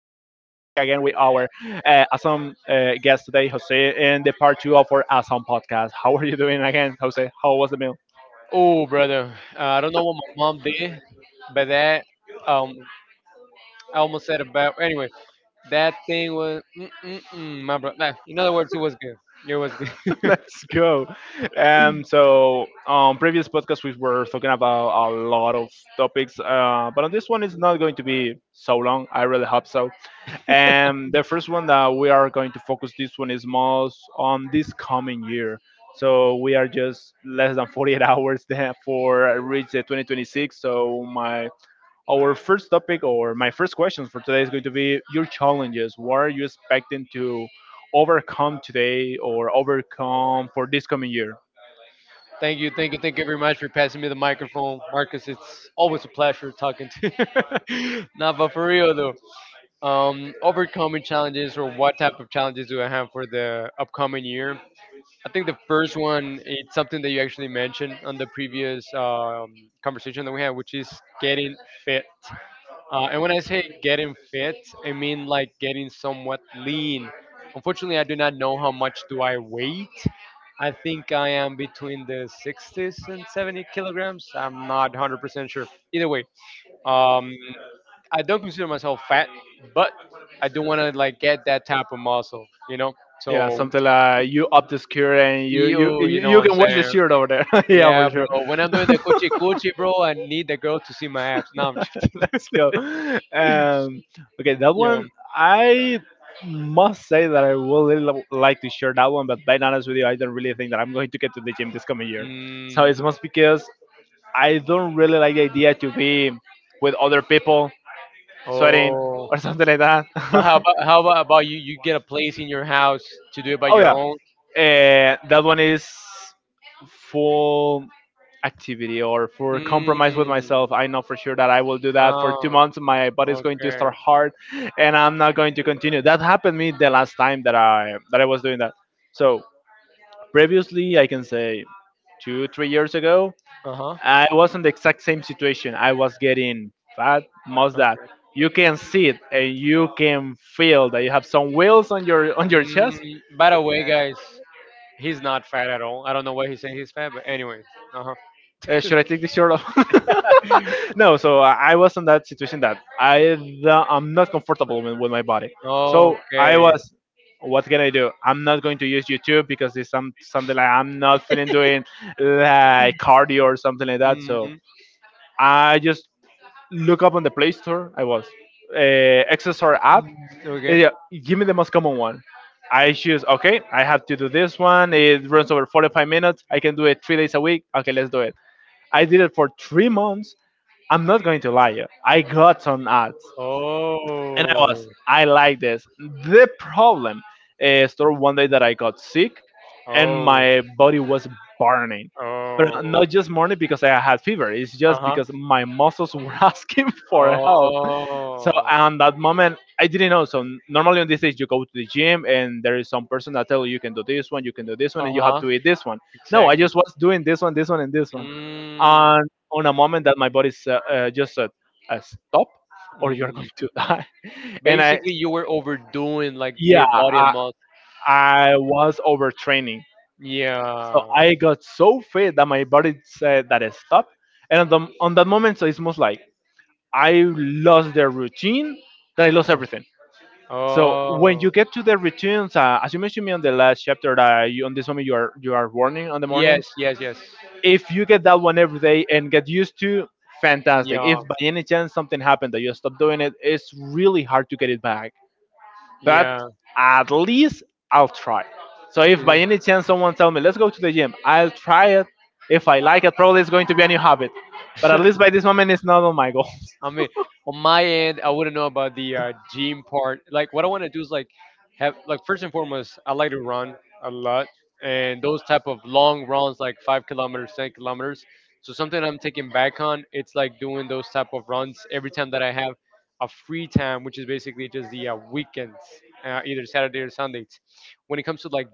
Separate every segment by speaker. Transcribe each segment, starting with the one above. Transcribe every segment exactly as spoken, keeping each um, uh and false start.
Speaker 1: with our uh, awesome uh, guest today, Jose, in the part two of our awesome podcast. How are you doing again, Jose? How was the meal?
Speaker 2: Oh, brother, uh, I don't know what my mom did, but that um, I almost said about anyway. That thing was mm mm mm, my brother. Nah, the words, it was good. It was good.
Speaker 1: Let's go. And so on previous podcasts we were talking about a lot of topics, uh, but on this one it's not going to be so long. I really hope so. And the first one that we are going to focus this one is most on this coming year. So we are just less than forty-eight hours there for uh, reach the twenty twenty-six. So my our first topic, or my first question for today, is going to be your challenges. What are you expecting to overcome today or overcome for this coming year?
Speaker 2: Thank you, thank you, thank you very much for passing me the microphone, Marcus. It's always a pleasure talking to. You. nah, but for real though, um, overcoming challenges or what type of challenges do I have for the upcoming year? I think the first one is something that you actually mentioned on the previous um, conversation that we had, which is getting fit. Uh, and when I say getting fit, I mean like getting somewhat lean. Unfortunately, I do not know how much do I weight. I think I am between the sixties and seventy kilograms. I'm not one hundred percent sure. Either way, um, I don't consider myself fat, but I do want to like get that type of muscle, you know?
Speaker 1: Yeah,
Speaker 2: So,
Speaker 1: something like you up the skirt and you you
Speaker 2: ew,
Speaker 1: you
Speaker 2: you know
Speaker 1: you
Speaker 2: what I'm
Speaker 1: can watch the
Speaker 2: saying?
Speaker 1: shirt over there. Yeah, for
Speaker 2: Yeah,
Speaker 1: sure.
Speaker 2: bro. When I'm doing the coochie coochie, bro, I need the girl to see my abs. No, I'm just,
Speaker 1: Let's go. Um, okay, that
Speaker 2: yo,
Speaker 1: one I must say that I would really lo- like to share that one, but being honest with you, I don't really think that I'm going to get to the gym this coming year. So it's
Speaker 2: mm,
Speaker 1: must because I don't really like the idea to be with other people sweating
Speaker 2: oh.
Speaker 1: or something like that.
Speaker 2: But how about how about, about you? You get a place in your house to do it by
Speaker 1: Oh
Speaker 2: your
Speaker 1: yeah.
Speaker 2: own.
Speaker 1: Eh, that one is full activity or for compromise with
Speaker 2: Mm,
Speaker 1: myself. I know for sure that I will do that for two
Speaker 2: oh,
Speaker 1: months. My body's going to
Speaker 2: okay.
Speaker 1: start hard, and I'm not going to continue. That happened to me the last time that I that I was doing that. So previously, I can say two three years ago,
Speaker 2: Uh huh.
Speaker 1: I was in the exact same situation. I was getting fat, most
Speaker 2: Okay.
Speaker 1: that you can see it and you can feel that you have some wheels on your on your chest.
Speaker 2: Mm, by the way, guys, he's not fat at all. I don't know why he's saying he's fat, but anyway. Uh huh.
Speaker 1: Uh, should I take this shirt off? No. So I I was in that situation that I don't- I'm not comfortable with, with my body. So I
Speaker 2: Okay.
Speaker 1: was. What can I do? I'm not going to use YouTube because it's some something like I'm not feeling doing like cardio or something like that. So
Speaker 2: Mm-hmm.
Speaker 1: I just look up on the Play Store. I was uh, X S R app.
Speaker 2: Mm-hmm,
Speaker 1: Eh,
Speaker 2: okay.
Speaker 1: yeah, give me the most common one. I choose, okay, I have to do this one. It runs over forty-five minutes. I can do it three days a week. Okay, let's do it. I did it for three months. I'm not going to lie you. I got some ads. And I was,
Speaker 2: Oh.
Speaker 1: I like this. The problem is there one day that I got sick and
Speaker 2: Oh.
Speaker 1: my body was burning.
Speaker 2: Oh.
Speaker 1: But not just burning because I had fever. It's
Speaker 2: Uh
Speaker 1: just
Speaker 2: huh.
Speaker 1: because my muscles were asking for help. So
Speaker 2: Oh.
Speaker 1: on that moment, I didn't know. So n- normally on these days, you go to the gym and there is some person that tell you you can do this one, you can do this one,
Speaker 2: Uh
Speaker 1: and you have
Speaker 2: huh.
Speaker 1: to eat this one. No, I
Speaker 2: Exactly.
Speaker 1: just was doing this one, this one, and this one.
Speaker 2: Mm.
Speaker 1: And on a moment that my body s- uh, uh, just said, uh, "Stop, or you're going
Speaker 2: Mm.
Speaker 1: to die." And I,
Speaker 2: Basically, you were overdoing like
Speaker 1: yeah,
Speaker 2: your body and
Speaker 1: I,
Speaker 2: muscle.
Speaker 1: I was overtraining. So
Speaker 2: Yeah.
Speaker 1: I got so fit that my body said that it stopped. And on, the, on that moment, so it's most like I lost the routine, then I lost everything. So when
Speaker 2: Oh.
Speaker 1: you get to the returns, uh, as you mentioned me on the last chapter, uh, you, on this one you are you are warning on the mornings.
Speaker 2: Yes, yes, yes.
Speaker 1: If you get that one every day and get used to, fantastic.
Speaker 2: Yeah,
Speaker 1: If by any chance something happened that you stop doing it, it's really hard to get it back. But
Speaker 2: yeah.
Speaker 1: at least I'll try. So if by any chance someone tell me let's go to the gym, I'll try it. If I like it, probably it's going to be a new habit. But at least by this moment, it's not on my goals.
Speaker 2: I mean, on my end, I wouldn't know about the uh, gym part. Like, what I want to do is like have like first and foremost, I like to run a lot, and those type of long runs, like five kilometers, ten kilometers. So something I'm taking back on, it's like doing those type of runs every time that I have a free time, which is basically just the uh, weekends, uh, either Saturday or Sundays. When it comes to like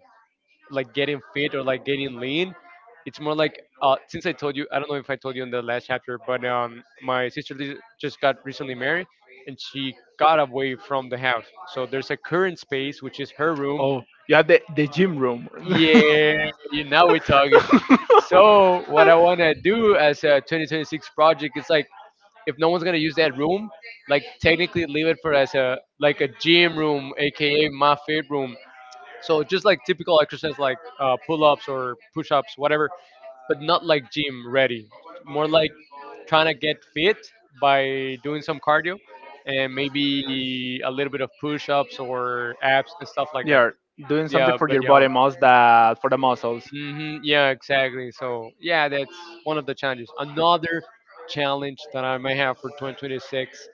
Speaker 2: like getting fit or like getting lean. It's more like uh, since I told you, I don't know if I told you in the last chapter, but um, my sister li- just got recently married, and she got away from the house. So there's a current space which is her room.
Speaker 1: Oh, yeah, the the gym room.
Speaker 2: Yeah, you now we're talking. So what I wanna do as a two thousand twenty-six project is like if no one's gonna use that room, like technically leave it for as a like a gym room, aka my fit room. So just like typical exercise like uh, pull-ups or push-ups, whatever, but not like gym ready. More like trying to get fit by doing some cardio and maybe a little bit of push-ups or abs and stuff like that.
Speaker 1: Yeah, doing something
Speaker 2: Yeah,
Speaker 1: for
Speaker 2: but
Speaker 1: your
Speaker 2: yeah,
Speaker 1: body most that for the muscles.
Speaker 2: hmm yeah, exactly. So yeah, that's one of the challenges. Another challenge that I may have for twenty twenty-six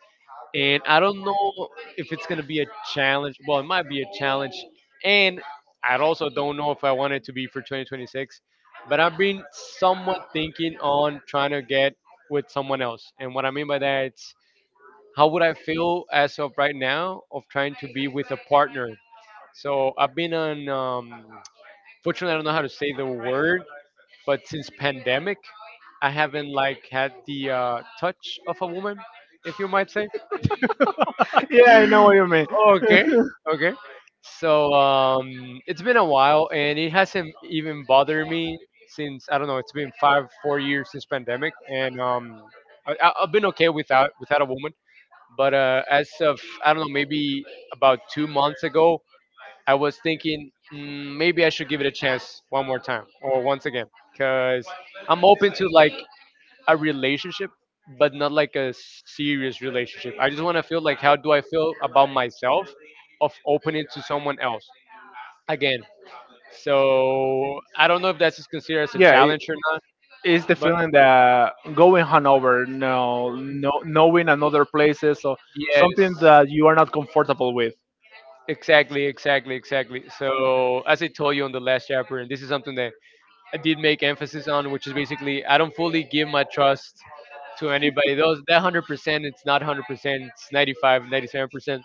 Speaker 2: and I don't know if it's gonna be a challenge. Well, it might be a challenge, and I also don't know if I want it to be for twenty twenty-six. But I've been somewhat thinking on trying to get with someone else, and what I mean by that, it's how would I feel as of right now of trying to be with a partner. So I've been on. Um, fortunately, I don't know how to say the word, but since pandemic, I haven't like had the uh, touch of a woman, if you might say
Speaker 1: Yeah, I know what you mean.
Speaker 2: okay, okay. So um, it's been a while, and it hasn't even bothered me since I don't know. It's been five, four years since pandemic, and um, I, I- I've been okay without without a woman. But uh, as of I don't know, maybe about two months ago, I was thinking mm, maybe I should give it a chance one more time or once again, because I'm open to like a relationship, but not like a serious relationship. I just want to feel like how do I feel about myself of opening to someone else again. So I don't know if that's considered as a
Speaker 1: Yeah, it,
Speaker 2: challenge or not,
Speaker 1: it's the
Speaker 2: but
Speaker 1: feeling that going hungover, no, no, knowing another places, so something
Speaker 2: yes,
Speaker 1: that you are not comfortable with.
Speaker 2: exactly, exactly, exactly. So as I told you on the last chapter, and this is something that I did make emphasis on, which is basically I don't fully give my trust to anybody. Those that one hundred percent, it's not one hundred percent, it's ninety five, ninety seven percent.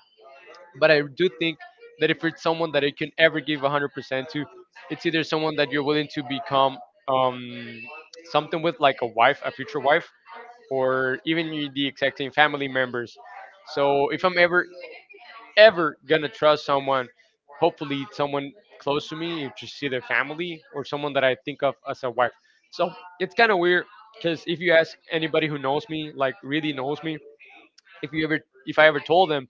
Speaker 2: But I do think that if it's someone that I can ever give one hundred percent to, it's either someone that you're willing to become um, something with, like a wife, a future wife, or even you- the exact same family members. So if I'm ever, ever gonna trust someone, hopefully it's someone close to me, which is either family or someone that I think of as a wife. So it's kind of weird because if you ask anybody who knows me, like really knows me, if you ever if I ever told them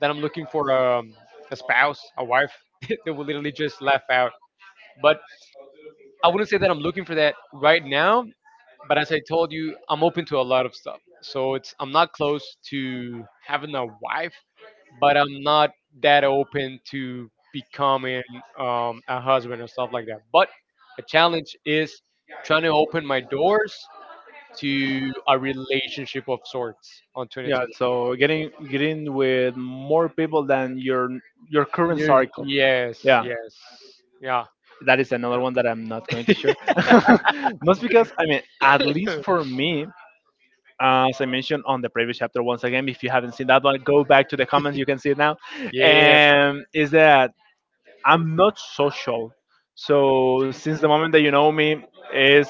Speaker 2: that I'm looking for um, a spouse, a wife, they will literally just laugh out. But I wouldn't say that I'm looking for that right now. But as I told you, I'm open to a lot of stuff. So it's I'm not close to having a wife, but I'm not that open to becoming um, a husband or stuff like that. But a challenge is trying to open my doors to a relationship of sorts on
Speaker 1: Yeah,
Speaker 2: twenty twenty-six.
Speaker 1: so getting getting with more people than your your current
Speaker 2: Yes,
Speaker 1: circle.
Speaker 2: yes,
Speaker 1: Yeah,
Speaker 2: yes. Yeah.
Speaker 1: that is another one that I'm not going to share. Most because, I mean, at least for me, uh, as I mentioned on the previous chapter, once again, if you haven't seen that one, go back to the comments, you can see it now.
Speaker 2: Yeah.
Speaker 1: And is that I'm not social. So, since the moment that you know me, is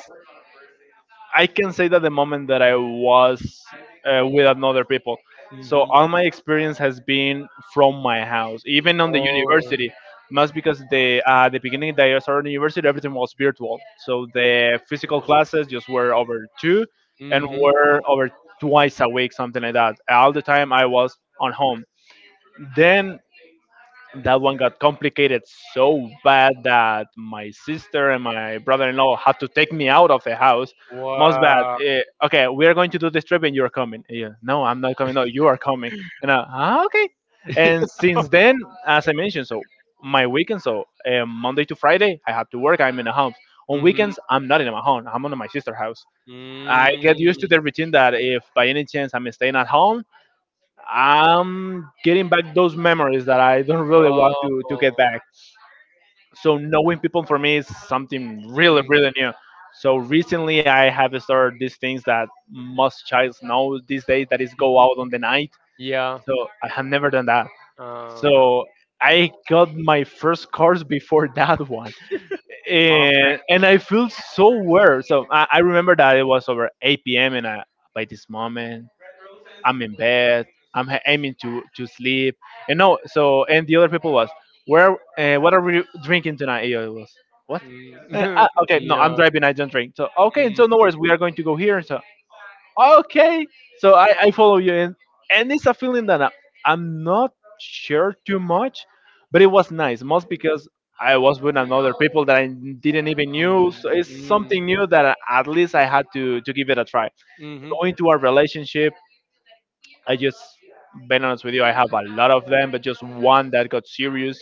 Speaker 1: I can say that the moment that I was uh, with another people. So
Speaker 2: Hmm.
Speaker 1: all my experience has been from my house, even on the
Speaker 2: Oh.
Speaker 1: university. Most because the uh, the beginning that I started university, everything was virtual. So the physical classes just were over two, and
Speaker 2: Hmm.
Speaker 1: were over twice a week, something like that. All the time I was on home. Then that one got complicated so bad that my sister and my brother-in-law had to take me out of the house. Most bad.
Speaker 2: Wow.
Speaker 1: Eh, okay, we are going to do this trip, and you're coming. Eh, yeah, no, I'm not coming. No, you are coming. And I, ah, okay. And since then, as I mentioned, so my weekend, so uh, Monday to Friday, I have to work. I'm in a home. On
Speaker 2: Hmm.
Speaker 1: weekends, I'm not in my home. I'm on my sister's house. I get used to the
Speaker 2: Mm.
Speaker 1: routine that if by any chance I'm staying at home, I'm getting back those memories that I don't really want to, to
Speaker 2: Oh.
Speaker 1: get back. So knowing people for me is something really,
Speaker 2: Mm.
Speaker 1: really new. So recently I have started these things that most childs know these days that is go out on the night.
Speaker 2: Yeah.
Speaker 1: So I have never done that.
Speaker 2: Uh,
Speaker 1: So I got my first course before that one.
Speaker 2: mom.
Speaker 1: And, and I feel so weird. So I, I remember that it was over eight p m and I, by this moment I'm in bed. I'm ha- aiming to to sleep. And no, so and the other people was where? Uh, what are we drinking tonight? And it was what?
Speaker 2: Mm.
Speaker 1: Uh, ah, okay, no, I'm
Speaker 2: yeah.
Speaker 1: driving. I don't drink. So okay, and so
Speaker 2: Mm.
Speaker 1: no worries. We are going to go here. So okay, so I I follow you in, and it's a feeling that I, I'm not sure too much, but it was nice. Most because. I was with another people that I didn't even knew. So it's
Speaker 2: Mm.
Speaker 1: something new that I- at least I had to, to give it a try.
Speaker 2: Mm-hmm.
Speaker 1: Going to our relationship, I just, being honest with you, I have a lot of them, but just one that got serious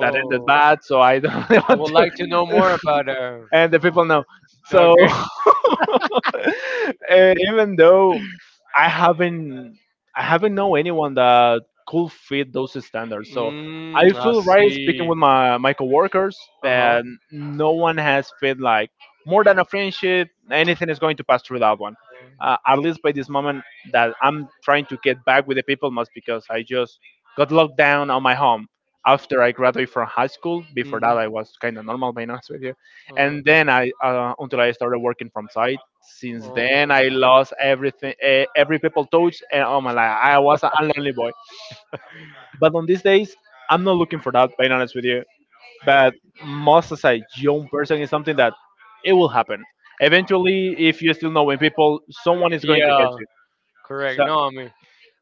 Speaker 1: that ended
Speaker 2: I
Speaker 1: bad. So I don't really want
Speaker 2: would
Speaker 1: to
Speaker 2: like to know more about her.
Speaker 1: and the people know. So
Speaker 2: Okay.
Speaker 1: eh, even though I haven't I haven't know anyone that could fit those standards. So I
Speaker 2: Mm, I
Speaker 1: feel right speaking
Speaker 2: see.
Speaker 1: with my my coworkers
Speaker 2: Uh
Speaker 1: that no one has fit like more than a friendship. Anything is going to pass through that one. Uh, at least by this moment that I'm trying to get back with the people, must because I just got locked down on my home after I graduated from high school. Before
Speaker 2: huh.
Speaker 1: that, I was kind of normal, being honest with you,
Speaker 2: Uh,
Speaker 1: and then I uh, until I started working from site. Since
Speaker 2: um,
Speaker 1: then, I lost everything, eh, every people touch, and oh my life, I was an lonely boy. But on these days, I'm not looking for that. Being honest with you, but most as a young person is something that it will happen eventually. If you're still knowing people, someone is going to get
Speaker 2: yeah,
Speaker 1: you.
Speaker 2: correct.
Speaker 1: So
Speaker 2: No, I mean,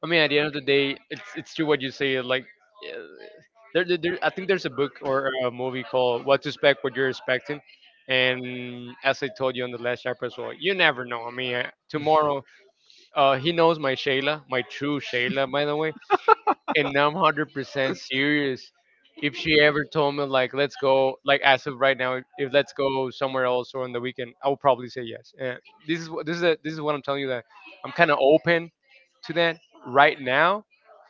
Speaker 2: I mean, at the end of the day, it's it's true what you say. Like, uh, there, there, there- I think there's a book or a movie called "What to Expect, What You're Expecting," and as I told you on the last chapter as well, you never know. I mean, uh, tomorrow, uh, he knows my Shayla, my true Shayla, by the way. And I'm one hundred percent serious. If she ever told me like let's go like as of right now, if, if let's go somewhere else or on the weekend, I would probably say yes. And this is what this is a, this is what I'm telling you that I'm kind of open to that right now,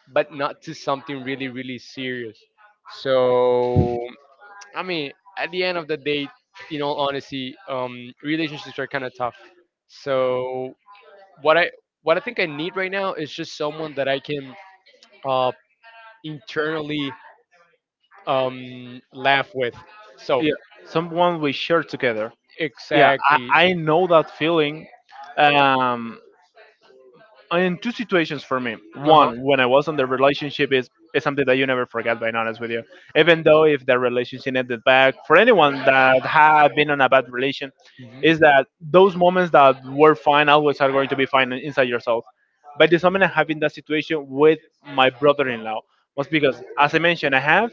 Speaker 2: but not to something really really serious. So I mean, at the end of the day, in all honesty, um, relationships are kind of tough. So what I what I think I need right now is just someone that I can uh, internally um, laugh with. So
Speaker 1: yeah, someone we share together. Yeah, I,
Speaker 2: exactly.
Speaker 1: I know that feeling. Um, in two situations for me.
Speaker 2: Uh huh.
Speaker 1: One, when I was on the relationship is, is something that you never forget, being honest with you. Even though if the relationship ended back, for anyone that have been on a bad relation,
Speaker 2: Hmm.
Speaker 1: is that those moments that were fine always are going to be fine inside yourself. But the moment I have in that situation with my brother-in-law was because, as I mentioned, I have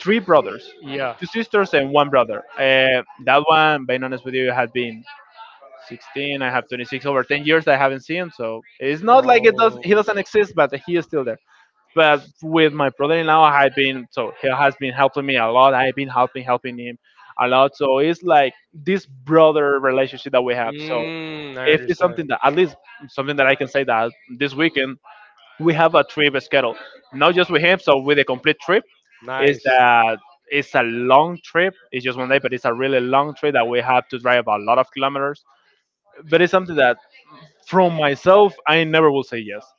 Speaker 1: three brothers,
Speaker 2: Yeah.
Speaker 1: two sisters and one brother. Uh, that one, being honest with you, had been sixteen. I have twenty-six over ten years. I haven't seen, so it's not like it does.
Speaker 2: Oh.
Speaker 1: He doesn't exist, but he is still there. But with my brother-in-law, I've been so he has been helping me a lot. I've been helping helping him a lot. So it's like this brother relationship that we have. So
Speaker 2: Mm, I
Speaker 1: if it's
Speaker 2: understand.
Speaker 1: something that at least something that I can say that this weekend we have a trip scheduled, not just with him, so with a complete trip is
Speaker 2: Nice.
Speaker 1: that it's a long trip. It's just one day, but it's a really long trip that we have to drive a lot of kilometers. But it's something that from myself, I never will say yes.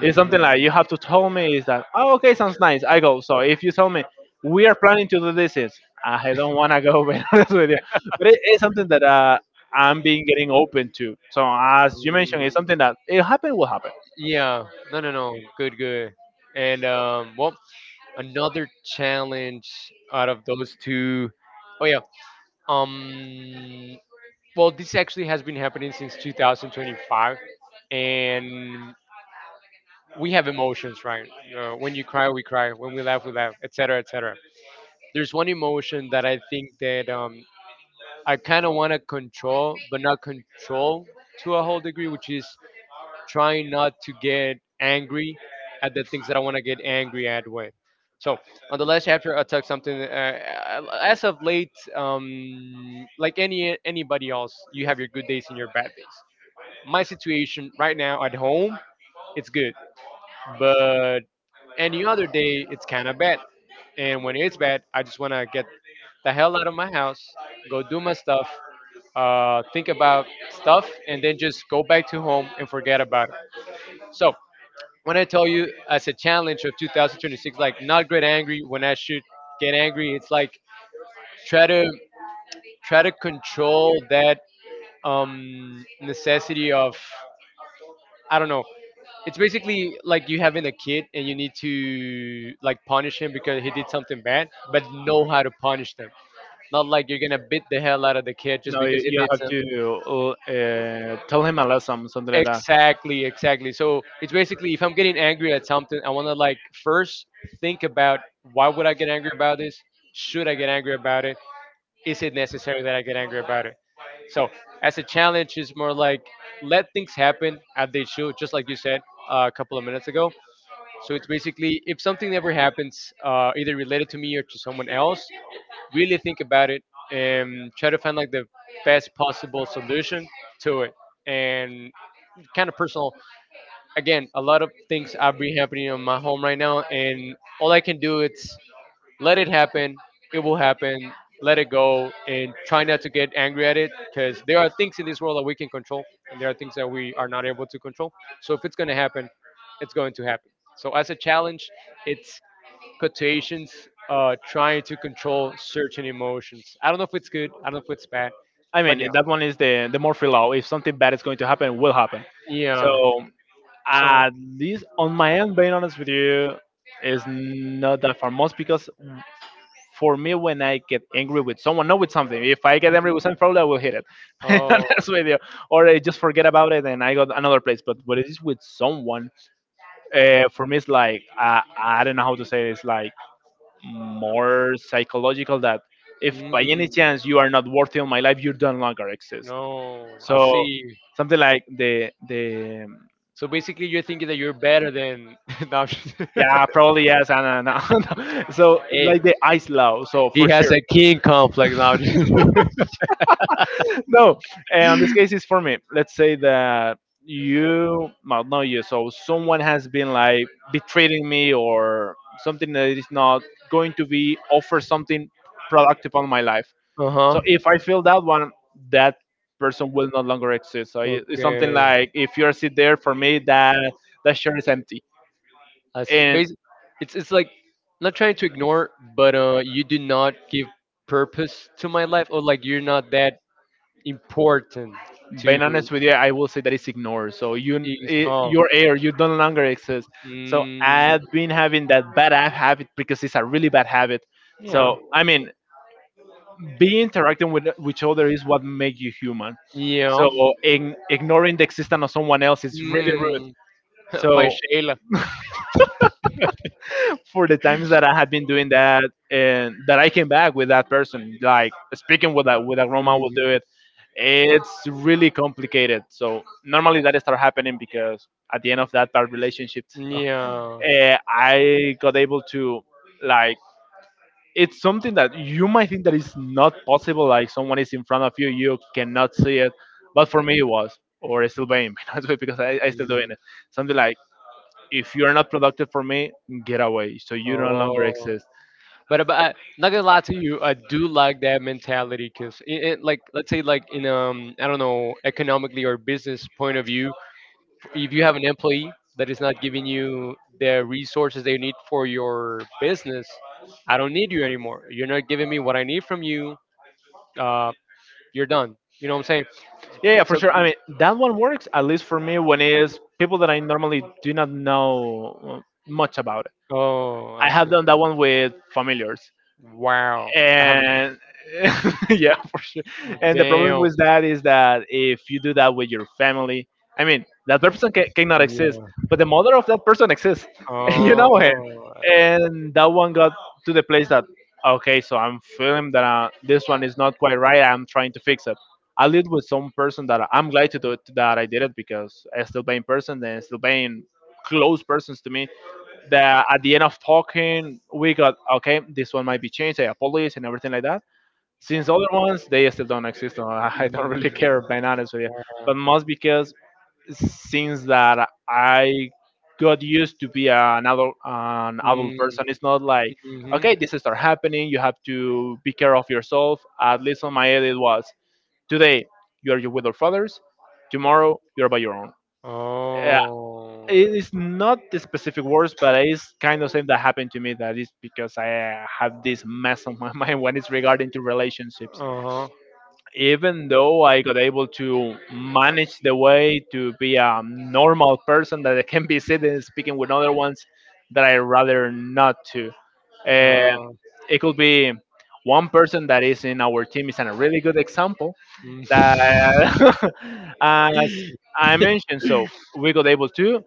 Speaker 1: It's something like you have to tell me is that oh okay sounds nice. I go. So if you tell me we are planning to do this, is I don't want to go. Be honest with you, but it is something that uh, I'm being getting open to. So as you mentioned, it's
Speaker 2: mm.
Speaker 1: something that it happen will happen.
Speaker 2: Yeah. No, no, no. Good, good. And um, well, another challenge out of those two. Oh yeah. Um. Well, this actually has been happening since twenty twenty-five, and we have emotions, right? Uh, when you cry, we cry. When we laugh, we laugh, et cetera, et cetera. There's one emotion that I think that um, I kind of want to control, but not control to a whole degree, which is trying not to get angry at the things that I want to get angry at with. So on the last chapter, I talked something. Uh, uh, as of late, um, like any anybody else, you have your good days and your bad days. My situation right now at home, it's good but any other day, it's kind of bad. And when it's bad, I just want to get the hell out of my house, go do my stuff, uh, think about stuff, and then just go back to home and forget about it. So when I tell you as a challenge of two thousand twenty-six, like not get angry when I should get angry, it's like try to try to control that um, necessity of I don't know It's basically like you having a kid and you need to like punish him because he did something bad, but know how to punish them. Not like you're gonna beat the hell out of the kid just
Speaker 1: No, you,
Speaker 2: because he
Speaker 1: you
Speaker 2: did
Speaker 1: have
Speaker 2: some.
Speaker 1: to uh, tell him a lesson, something like that.
Speaker 2: Exactly, exactly. So it's basically if I'm getting angry at something, I wanna like first think about why would I get angry about this? Should I get angry about it? Is it necessary that I get angry about it? So as a challenge, it's more like let things happen as they should, just like you said uh, a couple of minutes ago. So it's basically if something ever happens, uh, either related to me or to someone else, really think about it and try to find like the best possible solution to it. And kind of personal. Again, a lot of things are be happening on my home right now, and all I can do is let it happen. It will happen. Let it go and try not to get angry at it because there are things in this world that we can control, and there are things that we are not able to control. So if it's going to happen, it's going to happen. So as a challenge, it's quotations, uh, trying to control certain emotions. I don't know if it's good. I don't know if it's bad,
Speaker 1: I
Speaker 2: but yeah,
Speaker 1: mean, that one is the the Murphy law. If something bad is going to happen, will happen.
Speaker 2: yeah.
Speaker 1: So
Speaker 2: So
Speaker 1: at least on my end, being honest with you, it's not that far. Most because for me, when I get angry with someone, not with something, if I get angry with something, probably I will hit it. Be
Speaker 2: oh,
Speaker 1: honest with you, or I just forget about it and I got another place. But when it is with someone, uh, for me, it's like I, I don't know how to say it. It's like more psychological that if by any
Speaker 2: mm,
Speaker 1: chance you are not worthy of my life, you don't longer exist.
Speaker 2: no, I
Speaker 1: So
Speaker 2: see.
Speaker 1: something like the the
Speaker 2: So basically, you're thinking that you're better than. No, i.
Speaker 1: yeah, probably yes and no, no. So
Speaker 2: Hey,
Speaker 1: like the ice law, so
Speaker 2: he
Speaker 1: for
Speaker 2: has
Speaker 1: sure
Speaker 2: a king complex now.
Speaker 1: no, and this case is for me. Let's say that you, well, not you, so someone has been like betraying me or something that is not going to be offer something productive on my life.
Speaker 2: Uh huh.
Speaker 1: So if I feel that one, that person will no longer exist. So it- it's something
Speaker 2: Okay.
Speaker 1: like if you're sit there for me, that that shirt is empty.
Speaker 2: I see.
Speaker 1: And
Speaker 2: Basically, it's it's like not trying to ignore, but uh, you do not give purpose to my life, or like you're not that important to.
Speaker 1: being honest with you, I will say that it's ignored. So you,
Speaker 2: Is-
Speaker 1: it,
Speaker 2: oh.
Speaker 1: your air, you no longer exist. So
Speaker 2: Mm,
Speaker 1: I've been having that bad ha- habit because it's a really bad habit.
Speaker 2: yeah.
Speaker 1: So I mean, be interacting with each other is what makes you human. So
Speaker 2: Yeah.
Speaker 1: ign- ignoring the existence of someone else is really rude.
Speaker 2: Mm, my
Speaker 1: So
Speaker 2: Shayla.
Speaker 1: for the times that I had been doing that and that I came back with that person, like speaking with that with a Roma will
Speaker 2: Mm,
Speaker 1: do it. It's really complicated. So normally that start happening because at the end of that bad relationship,
Speaker 2: yeah.
Speaker 1: uh, I got able to like it's something that you might think that is not possible. Like someone is in front of you, you cannot see it. But for me, it was, or it's still being because I, I still doing
Speaker 2: Mm,
Speaker 1: it. Something like if you are not productive for me, get away. So you no longer
Speaker 2: oh.
Speaker 1: exist.
Speaker 2: But but I, not gonna lie to you, I do like that mentality because, it, it, like, let's say, like in um, I don't know, economically or business point of view, if you have an employee that is not giving you the resources they need for your business, I don't need you anymore. You're not giving me what I need from you. Uh, you're done. You know what I'm saying?
Speaker 1: Yeah, yeah, for
Speaker 2: So,
Speaker 1: sure. I mean, that one works at least for me when it is people that I normally do not know uh, much about.
Speaker 2: oh, I
Speaker 1: I have
Speaker 2: see.
Speaker 1: done that one with familiars
Speaker 2: Wow, I haven't.
Speaker 1: and yeah, for sure, and the problem
Speaker 2: Damn.
Speaker 1: with that is that if you do that with your family, I mean that person ca- cannot exist,
Speaker 2: Yeah.
Speaker 1: but the mother of that person exists. You know it.
Speaker 2: Oh.
Speaker 1: And that one got to the place that okay, so I'm feeling that uh, this one is not quite right, I'm trying to fix it. I live with some person that I'm glad to do it, that I did it because I still paying person and still paying close persons to me that at the end of talking, we got okay. This one might be changed. I apologize and everything like that. Since other ones, they still don't exist. So I I don't really
Speaker 2: Mm,
Speaker 1: care, being honest with you.
Speaker 2: wow.
Speaker 1: But most because since that I got used to be an adult, an adult
Speaker 2: Mm,
Speaker 1: person, it's not like
Speaker 2: mhm.
Speaker 1: okay, this is start happening. You have to be care of yourself. At least on my end, it was today you are with your fathers. Tomorrow you're by your own.
Speaker 2: Oh.
Speaker 1: It is not the specific words, but it's kind of same that happened to me. That is because I uh, have this mess on my mind when it's regarding to relationships.
Speaker 2: Uh-huh.
Speaker 1: Even though I got able to manage the way to be a normal person that I can be sitting and speaking with other ones, that I rather not to. Um
Speaker 2: Uh,
Speaker 1: it could be one person that is in our team is a really good example
Speaker 2: mm.
Speaker 1: that as I mentioned. So we got able to,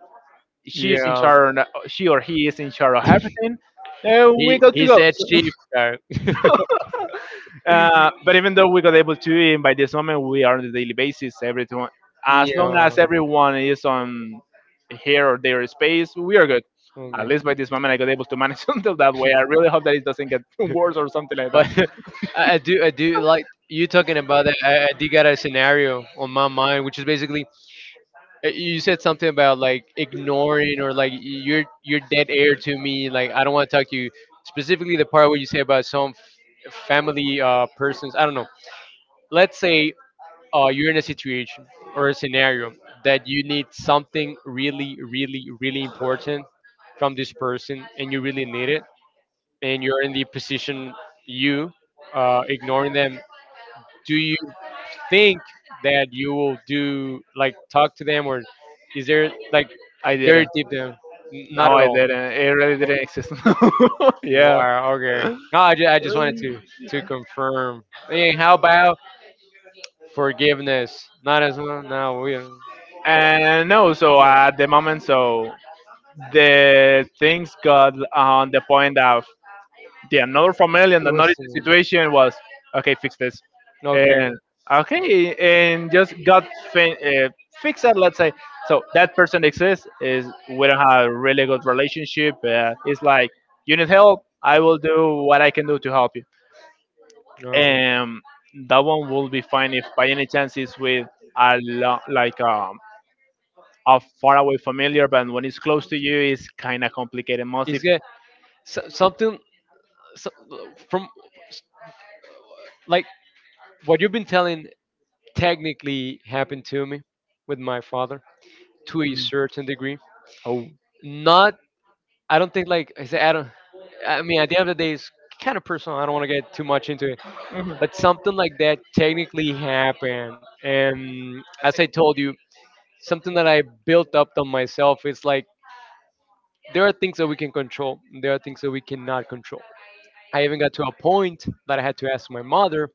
Speaker 1: she's in
Speaker 2: Yeah.
Speaker 1: charge, she or he is in charge of everything. Uh, we
Speaker 2: He
Speaker 1: got to
Speaker 2: he
Speaker 1: go.
Speaker 2: said sheep though.
Speaker 1: Uh, but even though we got able to in by this moment we are on a daily basis everyone as long
Speaker 2: Yeah.
Speaker 1: as everyone is on here or their space we are good. At
Speaker 2: Okay.
Speaker 1: least by this moment I got able to manage until that way I really hope that it doesn't get worse or something like
Speaker 2: But
Speaker 1: that.
Speaker 2: I, I do I do like you talking about that. I, I do got a scenario on my mind, which is basically, uh, you said something about like ignoring, or like you're you're dead air to me. Like I don't want to talk to you. Specifically, the part where you say about some f- family uh, persons. I don't know. Let's say uh, you're in a situation or a scenario that you need something really, really, really important from this person, and you really need it, and you're in the position you, uh, ignoring them. Do you think that you will do like talk to them, or is there like
Speaker 1: I
Speaker 2: very
Speaker 1: didn't.
Speaker 2: deep down? N-
Speaker 1: No,
Speaker 2: not at
Speaker 1: I
Speaker 2: all.
Speaker 1: didn't. It really
Speaker 2: Like,
Speaker 1: didn't exist. Yeah.
Speaker 2: wow, okay. No, I, ju- I just wanted to to confirm. Hey, how about forgiveness? Not as well. No, we. No,
Speaker 1: And no, so at the moment, so the things got on the point of the another family and
Speaker 2: it was
Speaker 1: another situation was okay, fix this,
Speaker 2: uh, okay.
Speaker 1: and okay, and just got fin- uh, fixed. It, let's say so that person exists is we don't have a really good relationship. Uh, it's like you need help. I will do what I can do to help you.
Speaker 2: Okay.
Speaker 1: Um, that one will be fine if by any chance it's with a lo- like um, a faraway familiar, but when it's close to you, it's kind of complicated. Mostly.
Speaker 2: Is that so, something so, from like what you've been telling technically happened to me with my father to a
Speaker 1: Mm.
Speaker 2: certain degree.
Speaker 1: Oh.
Speaker 2: Not I don't think like I say I don't. I mean, at the end of the day, it's kind of personal. I don't want to get too much into it,
Speaker 1: Mhm.
Speaker 2: but something like that technically happened. And as I told you, something that I built up on myself is like there are things that we can control, and there are things that we cannot control. I even got to a point that I had to ask my mother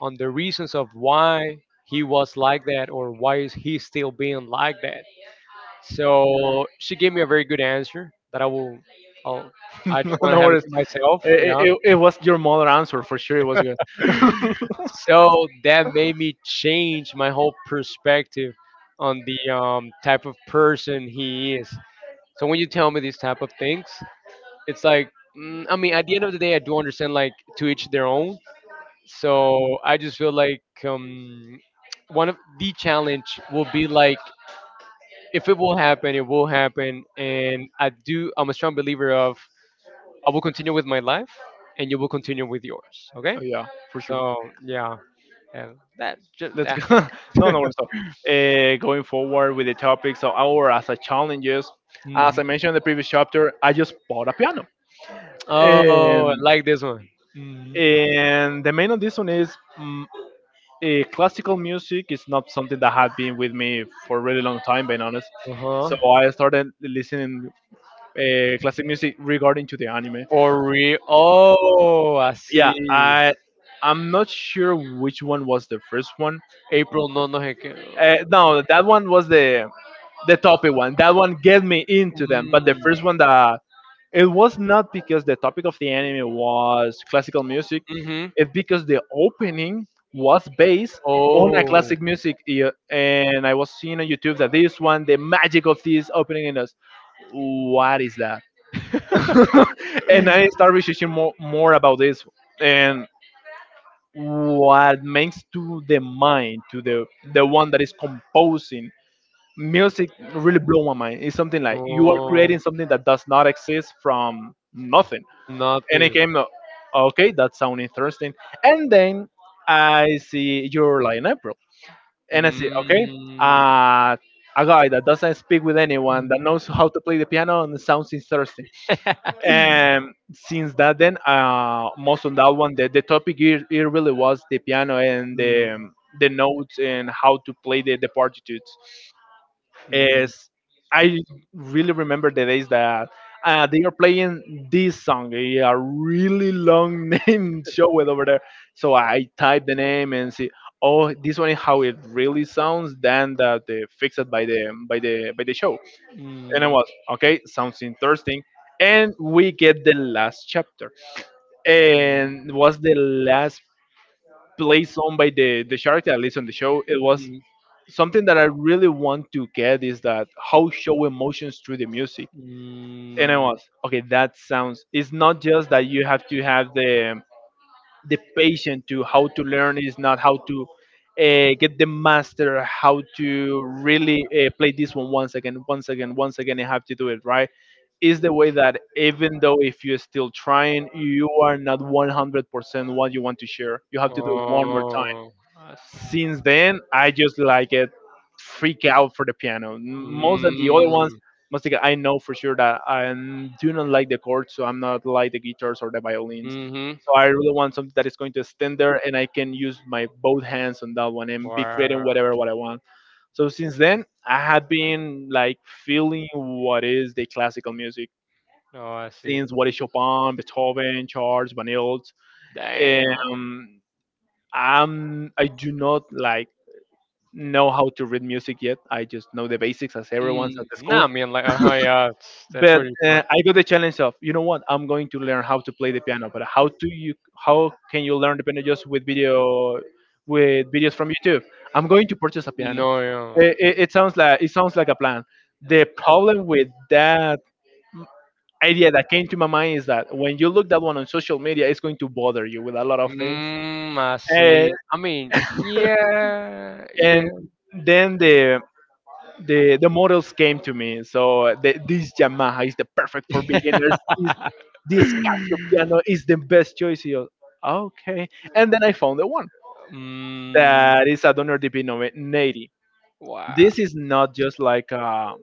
Speaker 2: on the reasons of why he was like that, or why is he still being like that. So she gave me a very good answer that I will, I'll, I just
Speaker 1: No,
Speaker 2: want to
Speaker 1: no
Speaker 2: have it
Speaker 1: worries.
Speaker 2: to myself.
Speaker 1: It,
Speaker 2: Yeah.
Speaker 1: it, it was your mother answer for sure. It was
Speaker 2: So that made me change my whole perspective on the um, type of person he is. So when you tell me these type of things, it's like, mm, I mean, at the end of the day, I do understand like to each their own. So I just feel like um, one of the challenge will be like if it will happen, it will happen. And I do. I'm a strong
Speaker 1: good.
Speaker 2: believer of I will continue with my life, and you will continue with yours. Okay?
Speaker 1: Oh, yeah, for sure.
Speaker 2: So yeah, and that just
Speaker 1: Let's
Speaker 2: yeah.
Speaker 1: go. No, no, so uh, going forward with the topics of our as a challenges. As
Speaker 2: Mhm.
Speaker 1: I mentioned in the previous chapter, I just bought a piano.
Speaker 2: Oh, I
Speaker 1: Um,
Speaker 2: like this one. Mhm.
Speaker 1: and the main on this one is mm, eh, classical music is not something that had been with me for a really long time, being honest.
Speaker 2: Uh huh.
Speaker 1: So I started listening uh, classic music regarding to the anime.
Speaker 2: For real. Oh, I
Speaker 1: yeah
Speaker 2: see.
Speaker 1: i i'm not sure which one was the first one.
Speaker 2: April no no sé qué.
Speaker 1: Uh, no, that one was the the topic one that one get me into them, but the
Speaker 2: Mm.
Speaker 1: first one that it was not because the topic of the anime was classical music,
Speaker 2: Mhm.
Speaker 1: it's because the opening was based on a
Speaker 2: Oh.
Speaker 1: classic music, yeah, and I was seeing on YouTube that this one the magic of this opening in us what is that. And I started researching more, more about this, and what makes to the mind to the the one that is composing music really blew my mind. It's something like you are creating
Speaker 2: oh.
Speaker 1: something that does not exist from nothing. And it
Speaker 2: Nothing.
Speaker 1: came uh, okay, that sounds interesting. And then I see your Lion April, and I see okay,
Speaker 2: Mm.
Speaker 1: uh a guy that doesn't speak with anyone that knows how to play the piano and sounds interesting. And since that then uh most on that one, the, the topic, it, it really was the piano and
Speaker 2: Mm.
Speaker 1: the um, the notes, and how to play the, the partitures.
Speaker 2: Mm.
Speaker 1: Is I really remember the days that uh, they are playing this song, eh, a really long name show it over there. So I type the name and see, oh this one is how it really sounds than that uh, fixed by the by the by the show.
Speaker 2: Mm,
Speaker 1: And I
Speaker 2: mm,
Speaker 1: was okay, sounds interesting. And we get the last chapter, and was the last place on by the the character, at least on the show. It was something that I really want to get, is that how show emotions through the music.
Speaker 2: mm,
Speaker 1: And I
Speaker 2: mm.
Speaker 1: was okay. That sounds. It's not just that you have to have the the patient to how to learn, is not how to uh, get the master, how to really uh, play this one once again, once again, once again, and have to do it right. Is the way that even though if you're still trying, you are not one hundred percent what you want to share, you have to do it one more.
Speaker 2: Oh, that's,
Speaker 1: Since then, I just like it, freak out for the piano. Most of the other ones,
Speaker 2: mm,
Speaker 1: most of the- I know for sure that I do not like the chords, so I'm not like the guitars or the violins.
Speaker 2: mm-hmm.
Speaker 1: So I really want something that is going to stand there, and I can use my both hands on that one and be creating
Speaker 2: Wow.
Speaker 1: whatever what I want. So since then, I had been like feeling what is the classical music,
Speaker 2: Oh, I see.
Speaker 1: since what is Chopin, Beethoven, Charles, Van Ilt.
Speaker 2: Damn.
Speaker 1: Um, I'm I do not like know how to read music yet. I just know the basics as everyone's
Speaker 2: Mm,
Speaker 1: at the
Speaker 2: nah,
Speaker 1: school.
Speaker 2: I mean, like, uh huh, yeah, it's- that's
Speaker 1: But
Speaker 2: where you
Speaker 1: uh,
Speaker 2: start.
Speaker 1: I got the challenge of, you know what? I'm going to learn how to play the piano. But how do you? How can you learn the piano just with video, with videos from YouTube? I'm going to purchase a piano.
Speaker 2: No, yeah.
Speaker 1: It, it, it sounds like it sounds like a plan. The problem with that idea that came to my mind is that when you look that one on social media, it's going to bother you with a lot of things.
Speaker 2: Mm, I
Speaker 1: And,
Speaker 2: see. I mean, yeah,
Speaker 1: and
Speaker 2: yeah.
Speaker 1: then the the the models came to me. So the, this Yamaha is the perfect for beginners. This this Casio piano is the best choice. You go, okay? And then I found the one
Speaker 2: mm,
Speaker 1: that is a Donor D P nine eight zero.
Speaker 2: wow.
Speaker 1: This is not just like a,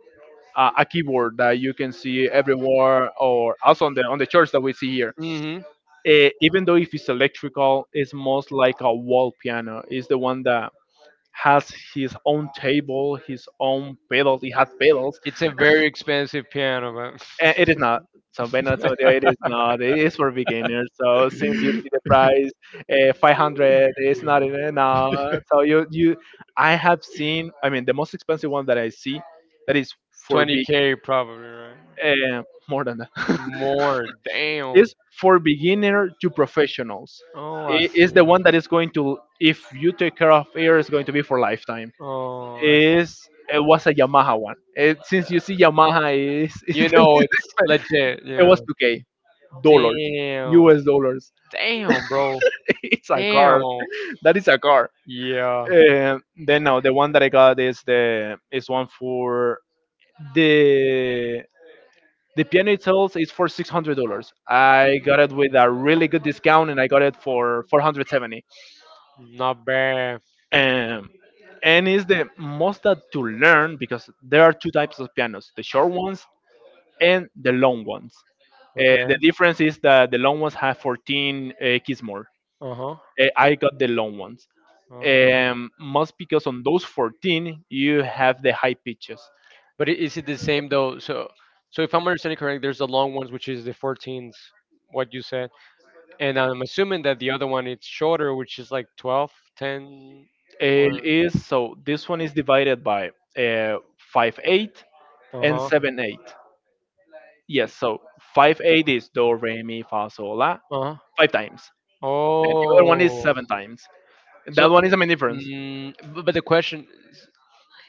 Speaker 1: a, a keyboard that you can see everywhere or also on the on the charts that we see here.
Speaker 2: Hmm.
Speaker 1: Eh, even though if it's electrical, it's most like a wall piano. It's the one that has his own table, his own pedals. It has pedals.
Speaker 2: It's a very expensive piano, man.
Speaker 1: Eh, It is not. So Venus Audio, it is not. It is for beginners. So since you see the price, uh, five hundred is not enough. So you you, I have seen. I mean, the most expensive one that I see, that is for big,
Speaker 2: twenty k probably, right?
Speaker 1: uh, more than that,
Speaker 2: More, damn.
Speaker 1: is for beginner to professionals.
Speaker 2: Oh, I
Speaker 1: It is
Speaker 2: see.
Speaker 1: the one that is going to, if you take care of it, is going to be for lifetime.
Speaker 2: Oh, I see.
Speaker 1: Is It was a Yamaha one. It, since you see Yamaha is
Speaker 2: You know, it's legit,
Speaker 1: it
Speaker 2: yeah.
Speaker 1: was two K dollars,
Speaker 2: Damn,
Speaker 1: U S dollars.
Speaker 2: damn, bro.
Speaker 1: It's a
Speaker 2: Damn.
Speaker 1: car. That is a car.
Speaker 2: Yeah.
Speaker 1: Uh, then no, the one that I got is the is one for the the piano itself is for six hundred dollars. I got it with a really good discount, and I got it for four hundred seventy.
Speaker 2: Not bad.
Speaker 1: Um, and it's the most that to learn because there are two types of pianos: the short ones and the long ones. Uh,
Speaker 2: Okay.
Speaker 1: the difference is that the long ones have fourteen uh, keys more.
Speaker 2: Uh huh.
Speaker 1: Eh, I got the long ones.
Speaker 2: Uh,
Speaker 1: Um, most because on those fourteen you have the high pitches.
Speaker 2: but i- is it the same though? So, so if I'm understanding correct, there's the long ones, which is the fourteens, what you said, and I'm assuming that the other one it's shorter, which is like twelve, ten,
Speaker 1: It
Speaker 2: or
Speaker 1: is so this one is divided by uh, five eight
Speaker 2: uh
Speaker 1: and
Speaker 2: huh,
Speaker 1: seven eight. Yes, so five eight is do, re, mi, fa, sol, la,
Speaker 2: uh huh.
Speaker 1: five times. And the other one is
Speaker 2: Oh,
Speaker 1: seven times.
Speaker 2: so,
Speaker 1: That one is the main difference.
Speaker 2: mm, b- but the question,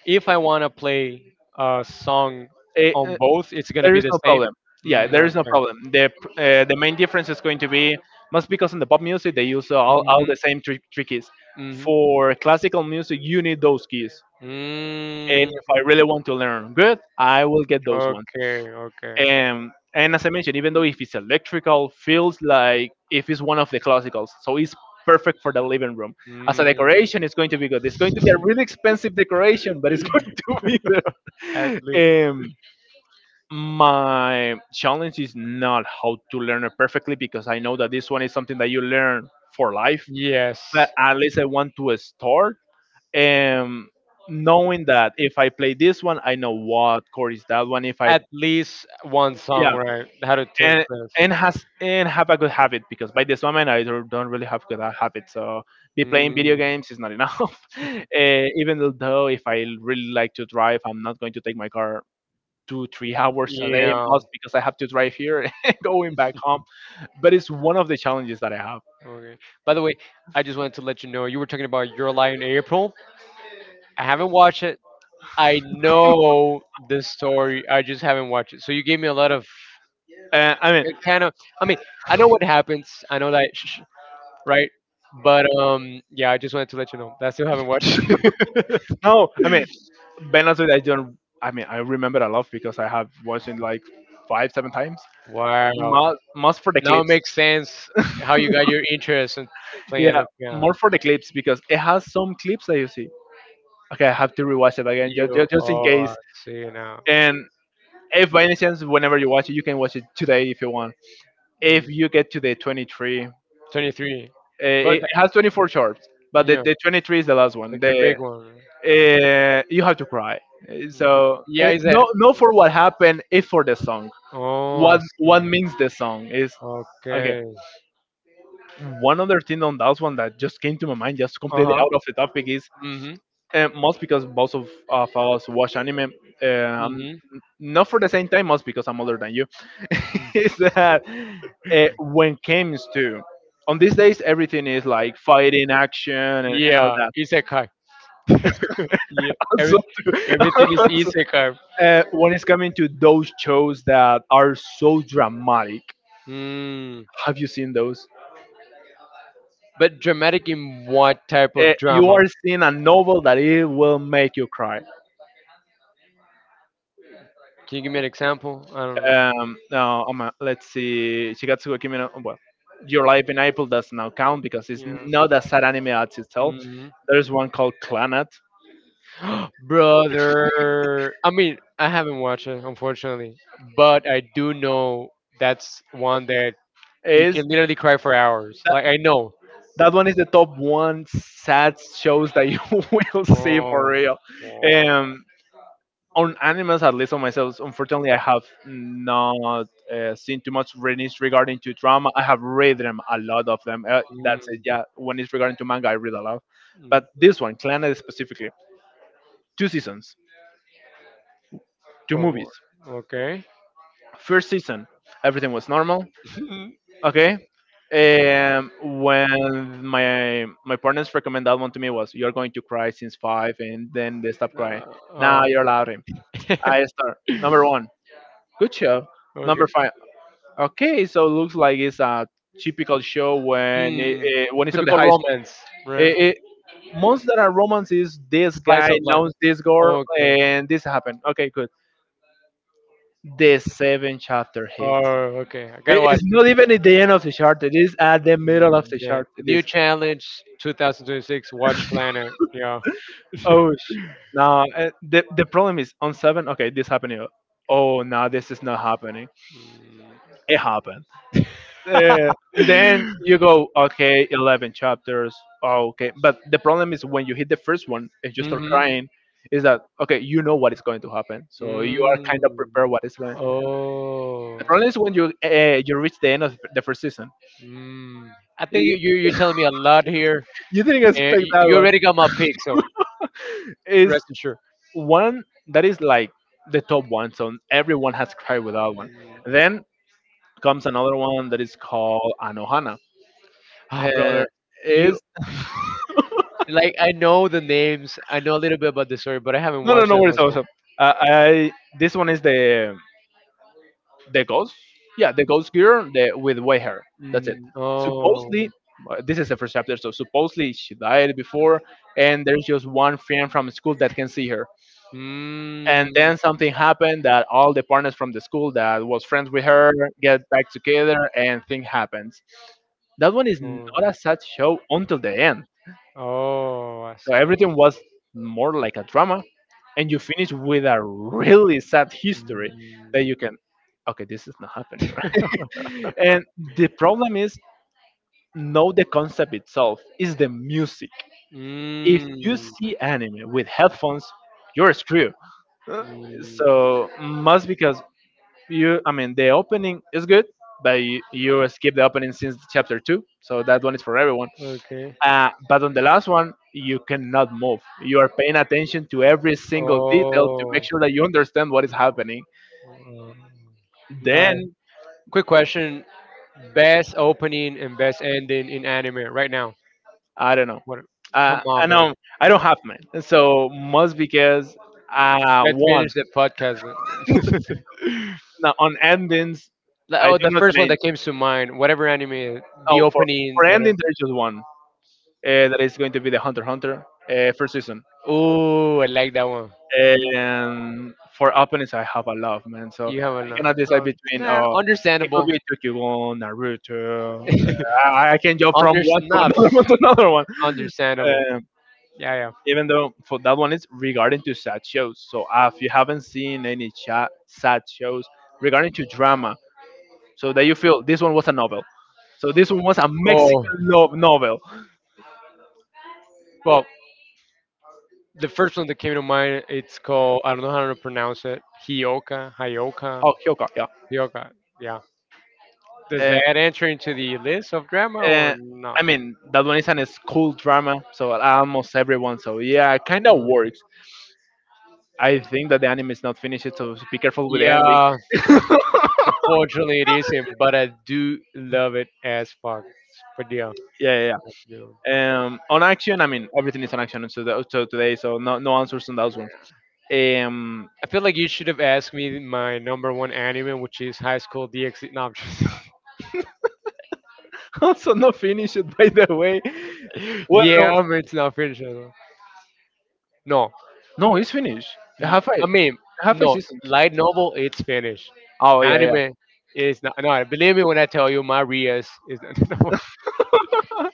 Speaker 2: if I want to play a song
Speaker 1: Eh,
Speaker 2: on both, it's gonna
Speaker 1: there
Speaker 2: be
Speaker 1: is
Speaker 2: the
Speaker 1: no
Speaker 2: same.
Speaker 1: problem. Yeah,
Speaker 2: Mm,
Speaker 1: there is no
Speaker 2: okay.
Speaker 1: problem. The p- uh, the main difference is going to be most because in the pop music they use all, all the
Speaker 2: Mhm.
Speaker 1: same three, three keys.
Speaker 2: Mhm.
Speaker 1: For classical music, you need those keys. And
Speaker 2: Mm,
Speaker 1: if I really want to learn good, I will get those ones.
Speaker 2: okay. Okay.
Speaker 1: And and as I mentioned, even though if it's electrical, feels like if it's one of the classicals, so it's perfect for the living room. As a
Speaker 2: Mm,
Speaker 1: decoration, it's going to be good. It's going to be a really expensive decoration, but it's going to be
Speaker 2: at least.
Speaker 1: there. Um, my challenge is not how to learn it perfectly because I know that this one is something that you learn for life. But
Speaker 2: Yes.
Speaker 1: at least I want to start and knowing that if I play this one, I know what chord is that one. If I
Speaker 2: At least one
Speaker 1: yeah,
Speaker 2: song, right? How to tip
Speaker 1: and
Speaker 2: this?
Speaker 1: and has and have a good habit because by this moment I don't don't really have good habit. So be playing video
Speaker 2: Mm,
Speaker 1: games is not enough. Uh, even though if I really like to drive, I'm not going to take my car two, three hours a day,
Speaker 2: yeah.
Speaker 1: most because I have to drive here and going back home. But it's one of the challenges that I have.
Speaker 2: Okay. By the way, I just wanted to let you know you were talking about Your Lion April. I haven't watched it. I know the story. I just haven't watched it. So you gave me a lot of
Speaker 1: And I mean,
Speaker 2: it kind of. I mean, I know what happens. I know that, sh- sh- right? But um, yeah, I just wanted to let you know that I still haven't watched.
Speaker 1: no, I mean, Benazir, I don't. I mean, I remember a lot because I have watched it like five, seven times.
Speaker 2: Wow.
Speaker 1: Most, most for the
Speaker 2: Now it
Speaker 1: clips.
Speaker 2: makes sense how you got your interest in playing
Speaker 1: Yeah,
Speaker 2: the
Speaker 1: more
Speaker 2: piano.
Speaker 1: for the clips because it has some clips that you see. Okay, I have to rewatch it again just,
Speaker 2: You
Speaker 1: just, just in
Speaker 2: oh, I
Speaker 1: case.
Speaker 2: see now.
Speaker 1: And if by any chance, whenever you watch it, you can watch it today if you want. If
Speaker 2: Mm.
Speaker 1: you get to the twenty-three, eh,
Speaker 2: Twenty-three, but
Speaker 1: it has twenty-four shorts, but
Speaker 2: th-
Speaker 1: the,
Speaker 2: yeah.
Speaker 1: the twenty-three is the last one.
Speaker 2: Like the
Speaker 1: The
Speaker 2: big one.
Speaker 1: uh, You have to cry. Uh,
Speaker 2: Mm.
Speaker 1: So
Speaker 2: Yeah,
Speaker 1: uh,
Speaker 2: is that?
Speaker 1: no, no, for what happened, it's for the song.
Speaker 2: Oh, I
Speaker 1: What what
Speaker 2: see.
Speaker 1: means the song is okay.
Speaker 2: Okay.
Speaker 1: One other thing on that one that just came to my mind, just
Speaker 2: Uh
Speaker 1: completely
Speaker 2: huh.
Speaker 1: out of the topic, is
Speaker 2: Mhm.
Speaker 1: uh, most because both of, of us watch anime. eh, Um,
Speaker 2: Mhm.
Speaker 1: Not for the same time, most because I'm older than you.
Speaker 2: Mm.
Speaker 1: is that uh, when comes to on these days everything is like fighting action and, and all
Speaker 2: Yeah,
Speaker 1: that.
Speaker 2: isekai. Yeah, every,
Speaker 1: Also,
Speaker 2: everything is isekai.
Speaker 1: Uh, when it's coming to those shows that are so dramatic,
Speaker 2: Mhm.
Speaker 1: have you seen those?
Speaker 2: But dramatic in what type
Speaker 1: Uh,
Speaker 2: of
Speaker 1: you
Speaker 2: drama?
Speaker 1: are seeing a novel that it will make you cry.
Speaker 2: Can you give me an example? I don't know.
Speaker 1: Um, no, um, uh, let's see. Shigatsu wa Kimi no, well, Your Life in April does not count because it's
Speaker 2: Yeah.
Speaker 1: not a sad anime as itself.
Speaker 2: Hmm.
Speaker 1: There's one called Clannad.
Speaker 2: Brother. I mean, I haven't watched it, unfortunately. But I do know that's one that you can
Speaker 1: Is
Speaker 2: literally cry for hours.
Speaker 1: that,
Speaker 2: Like, I know.
Speaker 1: that one is the top one sad shows that you will see for
Speaker 2: Oh,
Speaker 1: real.
Speaker 2: wow.
Speaker 1: Um, on animals, at least on myself, unfortunately, I have not uh, seen too much readings regarding to drama. I have read them a lot of them. Uh,
Speaker 2: Mm,
Speaker 1: that's it. Yeah, when it's regarding to manga, I read a lot.
Speaker 2: mm.
Speaker 1: But this one, Clannad specifically, two seasons, two
Speaker 2: Or
Speaker 1: movies.
Speaker 2: what? Okay.
Speaker 1: First season, everything was normal. Okay. Um, when my my partners recommend that one to me was you're going to cry since five, and then they stop
Speaker 2: Uh,
Speaker 1: crying. Now
Speaker 2: uh,
Speaker 1: you're allowed him. I start number one, good show.
Speaker 2: okay.
Speaker 1: Number five. Okay, so it looks like it's a typical show when it,
Speaker 2: Hmm.
Speaker 1: it, when it's on the
Speaker 2: Typical
Speaker 1: high school.
Speaker 2: romance, right?
Speaker 1: It, it, Most that are romance is this guy
Speaker 2: Slice of life.
Speaker 1: knows this girl
Speaker 2: Okay.
Speaker 1: and this happened. Okay, good. The seventh chapter hit.
Speaker 2: Oh. Okay. I gotta
Speaker 1: It-
Speaker 2: watch
Speaker 1: it's not
Speaker 2: it.
Speaker 1: even at the end of the chapter. It is at the middle of
Speaker 2: Mm,
Speaker 1: the
Speaker 2: yeah.
Speaker 1: chapter.
Speaker 2: New
Speaker 1: This
Speaker 2: challenge twenty twenty-six. Watch Planet. Yeah.
Speaker 1: Oh, sh- no. uh, The the problem is on seven. Okay, this happening. Oh no, this is not happening. It happened. Uh, then you go, okay, eleven chapters. Oh, okay, but the problem is when you hit the first one and you
Speaker 2: Mm.
Speaker 1: start
Speaker 2: mm-hmm.
Speaker 1: crying is that, okay, you know what is going to happen, so you are kind of
Speaker 2: Mm.
Speaker 1: prepared what is going.
Speaker 2: Oh.
Speaker 1: The problem is when you uh, you reach the end of the first season.
Speaker 2: Mm. I think
Speaker 1: you,
Speaker 2: you, you, you're telling me a lot here.
Speaker 1: you didn't
Speaker 2: And
Speaker 1: expect
Speaker 2: you,
Speaker 1: that
Speaker 2: you
Speaker 1: one.
Speaker 2: already got my pick, so
Speaker 1: Is
Speaker 2: rest assured.
Speaker 1: one that is like the top one, so everyone has cried with that one.
Speaker 2: Mm.
Speaker 1: Then comes another one that is called anohana,
Speaker 2: Ah,
Speaker 1: uh,
Speaker 2: brother.
Speaker 1: is
Speaker 2: You like I know the names. I know a little bit about the story, but I haven't
Speaker 1: No, no,
Speaker 2: watched
Speaker 1: no
Speaker 2: them
Speaker 1: worries.
Speaker 2: as
Speaker 1: Also,
Speaker 2: well.
Speaker 1: uh, I this one is the the ghost. Yeah, the ghost girl, the, with white hair. That's it.
Speaker 2: Mm. Oh.
Speaker 1: Supposedly, uh, this is the first chapter. So supposedly she died before, and there's just one friend from school that can see her. And then
Speaker 2: Mm.
Speaker 1: something happened that all the partners from the school that was friends with her get back together, and thing happens. That one is
Speaker 2: Oh.
Speaker 1: not a sad show until the end.
Speaker 2: Oh, I
Speaker 1: So
Speaker 2: see.
Speaker 1: everything was more like a drama, and you finish with a really sad history
Speaker 2: Mm.
Speaker 1: that you can, okay, this is not happening, right? And the problem is, know the concept itself is the music. If you
Speaker 2: Mm.
Speaker 1: see anime with headphones, you're screwed.
Speaker 2: Mm,
Speaker 1: So must because you, I mean, the opening is good, but you, you skip the opening since chapter two, so that one is for everyone.
Speaker 2: okay.
Speaker 1: Uh, but on the last one, you cannot move. You are paying attention to every single detail to
Speaker 2: Oh.
Speaker 1: make sure that you understand what is happening.
Speaker 2: Mm, nice.
Speaker 1: Then
Speaker 2: Quick question. Best opening and best ending in anime right now.
Speaker 1: I don't know.
Speaker 2: What? Come
Speaker 1: Uh, I
Speaker 2: on, bro.
Speaker 1: know I don't have mine, and so must because uh
Speaker 2: Let's
Speaker 1: one
Speaker 2: finish the podcast.
Speaker 1: now, on endings
Speaker 2: Like,
Speaker 1: I
Speaker 2: oh,
Speaker 1: don't
Speaker 2: the
Speaker 1: know the
Speaker 2: first one
Speaker 1: names.
Speaker 2: that came to mind, whatever anime, the
Speaker 1: Oh, for
Speaker 2: opening,
Speaker 1: for ending
Speaker 2: whatever.
Speaker 1: there's just one uh, that is going to be the Hunter x Hunter uh, first season.
Speaker 2: Ooh, I like that one.
Speaker 1: And for openings, I have a lot, man. So
Speaker 2: You have a
Speaker 1: I
Speaker 2: no.
Speaker 1: cannot decide
Speaker 2: Oh,
Speaker 1: between.
Speaker 2: nah,
Speaker 1: uh It could
Speaker 2: understandable.
Speaker 1: be Tokyo, Naruto. Uh,
Speaker 2: Under,
Speaker 1: I, I can jump from one to
Speaker 2: nah,
Speaker 1: another one to another one.
Speaker 2: understandable.
Speaker 1: Um,
Speaker 2: Yeah, yeah.
Speaker 1: Even though for that one is regarding to sad shows. So uh, if you haven't seen any cha- sad shows regarding to drama, so that you feel this one was a novel. So this one was a
Speaker 2: Oh,
Speaker 1: Mexican love novel.
Speaker 2: well, the first one that came to mind, it's called, I don't know how to pronounce it, Hioka, Hioka,
Speaker 1: Oh, Kyoka,
Speaker 2: Hioka, yeah. Does
Speaker 1: yeah.
Speaker 2: that enter into the list of drama
Speaker 1: Uh,
Speaker 2: or
Speaker 1: uh, I
Speaker 2: not?
Speaker 1: mean, that one is a school drama, so almost everyone. So yeah, it kind of
Speaker 2: Uh,
Speaker 1: works. I think that the anime is not finished, so be careful with the ending.
Speaker 2: yeah, unfortunately it isn't, but I do love it as fuck. But yeah,
Speaker 1: Yeah,
Speaker 2: that's a good one.
Speaker 1: yeah. Um, on action, I mean everything is on action so, the, so today, so no no answers on those ones. Um,
Speaker 2: I feel like you should have asked me my number one anime, which is High School DxD. No, I'm just-
Speaker 1: also not finished by the way. Well,
Speaker 2: yeah,
Speaker 1: no,
Speaker 2: I mean, it's not finished. I know. No,
Speaker 1: no, it's finished.
Speaker 2: n-
Speaker 1: Half a
Speaker 2: I mean,
Speaker 1: half a
Speaker 2: no,
Speaker 1: season.
Speaker 2: light novel, it's finished.
Speaker 1: Oh yeah,
Speaker 2: Anime is not. No, believe me when I tell you, my Rias is not.
Speaker 1: yeah.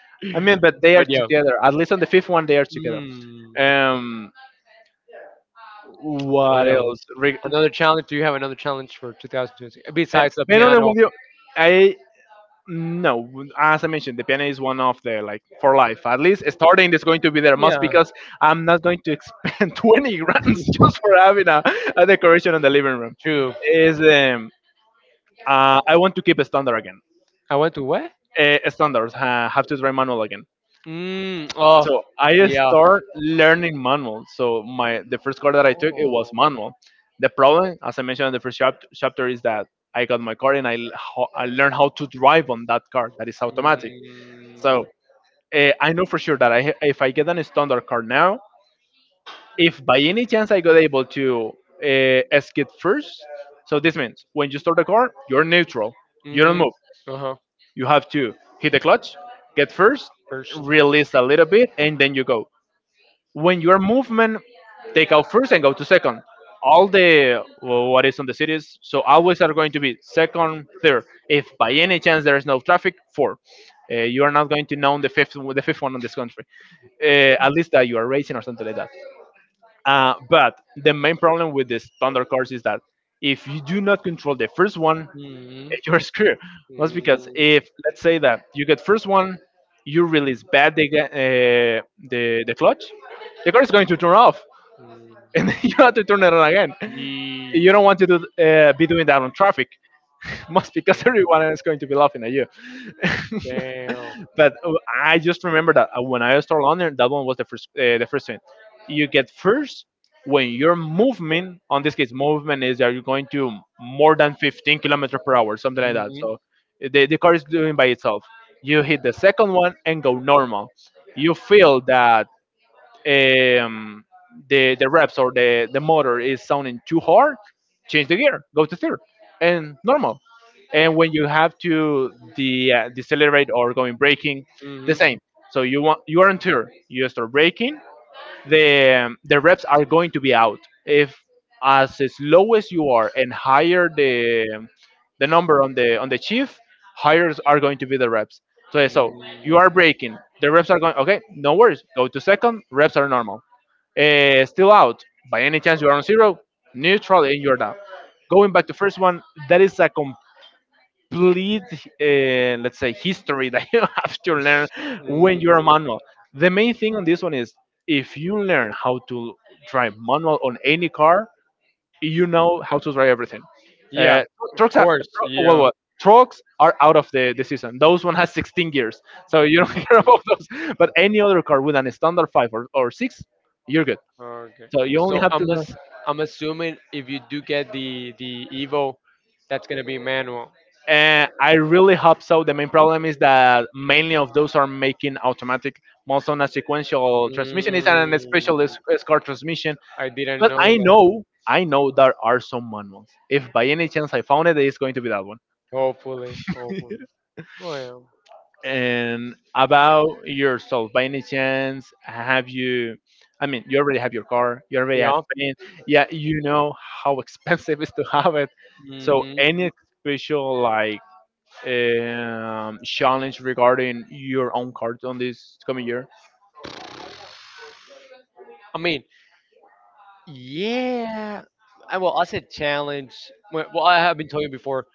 Speaker 1: I mean, but they are
Speaker 2: But yeah.
Speaker 1: together. At least on the fifth one, they are together.
Speaker 2: Hmm.
Speaker 1: Um,
Speaker 2: What
Speaker 1: what
Speaker 2: else?
Speaker 1: else? Re-
Speaker 2: Another challenge? Do you have another challenge for twenty twenty
Speaker 1: uh,
Speaker 2: besides the
Speaker 1: Man on the
Speaker 2: piano?
Speaker 1: One, you- I No, as I mentioned, the piano is one of the like for life. At least starting is going to be there must
Speaker 2: Yeah.
Speaker 1: because I'm not going to expend twenty grams just for having a, a decoration on the living room.
Speaker 2: True.
Speaker 1: Is um, uh, I want to keep a standard again.
Speaker 2: I went to what?
Speaker 1: Uh, standards uh, have to try manual again.
Speaker 2: Mm, oh,
Speaker 1: So I
Speaker 2: yeah.
Speaker 1: start learning manual. So my the first course that I took it was
Speaker 2: Oh.
Speaker 1: manual. The problem, as I mentioned in the first chap- chapter, is that I got my car and I l- ho- I learned how to drive on that car that is automatic.
Speaker 2: Mm,
Speaker 1: So Uh, I know for sure that I, if I get an standard card now, if by any chance I got able to uh, skip first, so this means when you start the car, you're neutral. You don't
Speaker 2: mhm.
Speaker 1: move.
Speaker 2: Uh huh.
Speaker 1: You have to hit the clutch, get first,
Speaker 2: First.
Speaker 1: release a little bit, and then you go. When your movement, take out first and go to second. All the well, what is on the cities, so always are going to be second, third. If by any chance there is no traffic, four. Uh, you are not going to know the fifth, the fifth one in this country uh, at least that you are racing or something like that. Uh, but the main problem with these Thunder cars is that if you do not control the first one,
Speaker 2: Mm,
Speaker 1: you're screwed. That's because
Speaker 2: mm,
Speaker 1: if let's say that you get first one, you release bad the ga- uh, the, the clutch, the car is going to turn off
Speaker 2: mm.
Speaker 1: and you have to turn it on again.
Speaker 2: Yee.
Speaker 1: You don't want to do, uh, be doing that on traffic, most because everyone is going to be laughing at you.
Speaker 2: Damn.
Speaker 1: but uh, I just remember that uh, when I started London, that one was the first, uh, the first thing. You get first when your movement, on this case, movement is that you're going to more than fifteen kilometers per hour, something like that.
Speaker 2: Mhm.
Speaker 1: So the, the car is doing by itself. You hit the second one and go normal. You feel that um, the the reps or the the motor is sounding too hard, change the gear, go to third, and normal. And when you have to de- uh, decelerate or going braking, the
Speaker 2: Mhm.
Speaker 1: same. So you want you are on third, you start braking, the the reps are going to be out. If as slow as you are and higher the the number on the on the chief, higher are going to be the reps. So so
Speaker 2: Mm.
Speaker 1: you are breaking. The reps are going okay. No worries. Go to second. Reps are normal. Uh, still out. By any chance you are on zero, neutral and you're down. Going back to first one, that is a com- complete, uh, let's say, history that you have to learn when
Speaker 2: Mm,
Speaker 1: you're a manual. The main thing on this one is if you learn how to drive manual on any car, you know how to drive everything. Uh,
Speaker 2: yeah, of
Speaker 1: Trucks are
Speaker 2: course.
Speaker 1: tru- well,
Speaker 2: Yeah.
Speaker 1: well, trucks are out of the, the season. Those one has sixteen gears, so you don't
Speaker 2: Mm,
Speaker 1: care about those. But any other car with an standard five or, or six, you're good.
Speaker 2: okay.
Speaker 1: So you only
Speaker 2: So
Speaker 1: have to
Speaker 2: I'm
Speaker 1: learn.
Speaker 2: ass- I'm assuming if you do get the the Evo, that's gonna be manual.
Speaker 1: And I really hope so. The main problem is that mainly of those are making automatic most on a sequential transmission is an special
Speaker 2: Mm,
Speaker 1: S- uh, SCAR transmission.
Speaker 2: I didn't
Speaker 1: But
Speaker 2: know
Speaker 1: I
Speaker 2: that.
Speaker 1: know, I know there are some manuals. If by any chance I found it, it's going to be that one.
Speaker 2: Hopefully, hopefully. Oh yeah.
Speaker 1: And about yourself, by any chance, have you? I mean, you already have your car. You already have
Speaker 2: Yeah.
Speaker 1: paint. Yeah, you know how expensive it is to have it. So
Speaker 2: Mhm.
Speaker 1: any special like um, challenge regarding your own card on this coming year?
Speaker 2: I mean, yeah. I, well, I said challenge. Well, well, I have been telling you before.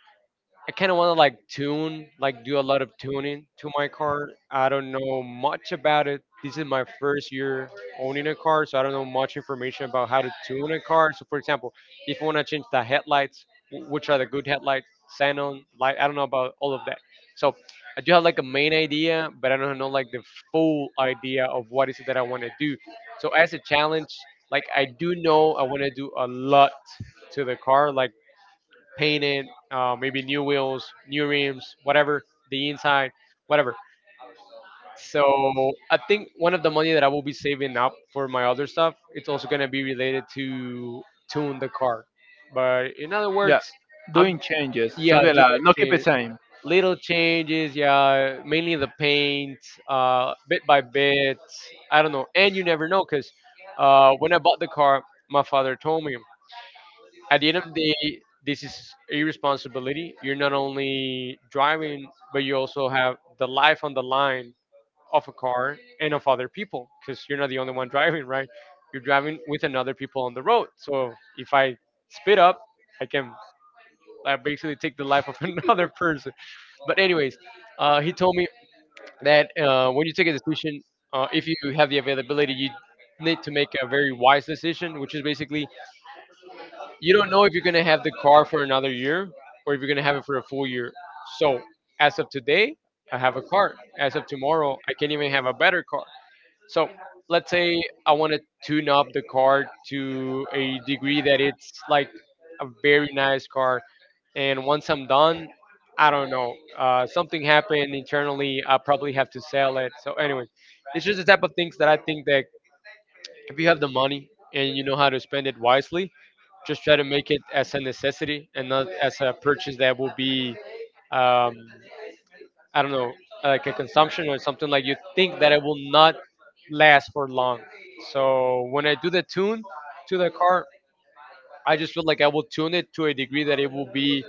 Speaker 2: I kind of want to like tune, like do a lot of tuning to my car. I don't know much about it. This is my first year owning a car, so I don't know much information about how to tune a car. So, for example, if I want to change the headlights, wh- which are the good headlights, xenon light, I don't know about all of that. So, I do have like a main idea, but I don't know like the full idea of what is it that I want to do. So, as a challenge, like I do know I want to do a lot to the car, like painted, uh, maybe new wheels, new rims, whatever, the inside, whatever. So I think one of the money that I will be saving up for my other stuff, it's also gonna be related to tune the car. But in other
Speaker 1: Yeah,
Speaker 2: words, I'm
Speaker 1: doing changes,
Speaker 2: yeah
Speaker 1: something like
Speaker 2: doing
Speaker 1: not keep it
Speaker 2: change,
Speaker 1: same.
Speaker 2: little changes. Yeah, mainly the paint, uh, bit by bit. I don't know, and you never know because uh, when I bought the car, my father told me at the end of the day, this is a responsibility. You're not only driving, but you also have the life on the line of a car and of other people because you're not the only one driving, right? You're driving with another people on the road. So if I spit up, I can I basically take the life of another person. But anyways, uh, he told me that uh, when you take a decision, uh, if you have the availability, you need to make a very wise decision, which is basically you don't know if you're gonna have the car for another year or if you're gonna have it for a full year. So as of today, I have a car. As of tomorrow, I can even have a better car. So let's say I want to tune up the car to a degree that it's like a very nice car, and once I'm done, I don't know, uh, something happened internally. I probably have to sell it. So anyway, it's just the type of things that I think that if you have the money and you know how to spend it wisely, just try to make it as a necessity and not as a purchase that will be um, I don't know, like a consumption or something, like you think that it will not last for long. So when I do the tune to the car, I just feel like I will tune it to a degree that it will be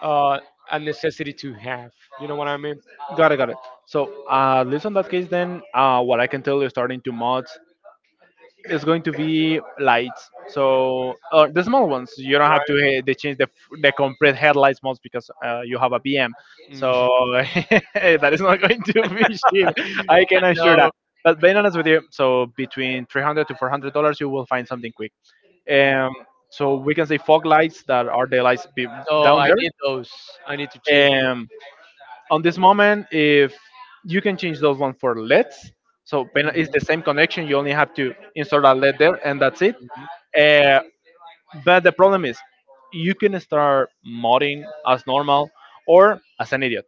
Speaker 2: uh, a necessity to have. You know what I mean?
Speaker 1: Got it, got it. So uh, at least on that case, then uh, what I can tell you, starting to mod is going to be lights. So uh, the small ones, you don't have to uh, they change the f- the complete headlights mods because uh, you have a B M.
Speaker 2: Mm.
Speaker 1: So that is not going to be cheap. I can
Speaker 2: No,
Speaker 1: assure that. But being honest with you, so between three hundred to four hundred dollars, you will find something quick. Um, so we can say fog lights that are the lights be-
Speaker 2: so
Speaker 1: down
Speaker 2: I need those. I need to change
Speaker 1: there.
Speaker 2: those.
Speaker 1: Um, on this moment, if you can change those ones for L E Ds, so when it's
Speaker 2: Mhm.
Speaker 1: the same connection. You only have to insert a L E D there, and that's it. Uh, but the problem is, you can start modding as normal
Speaker 2: Mhm.
Speaker 1: or as an idiot.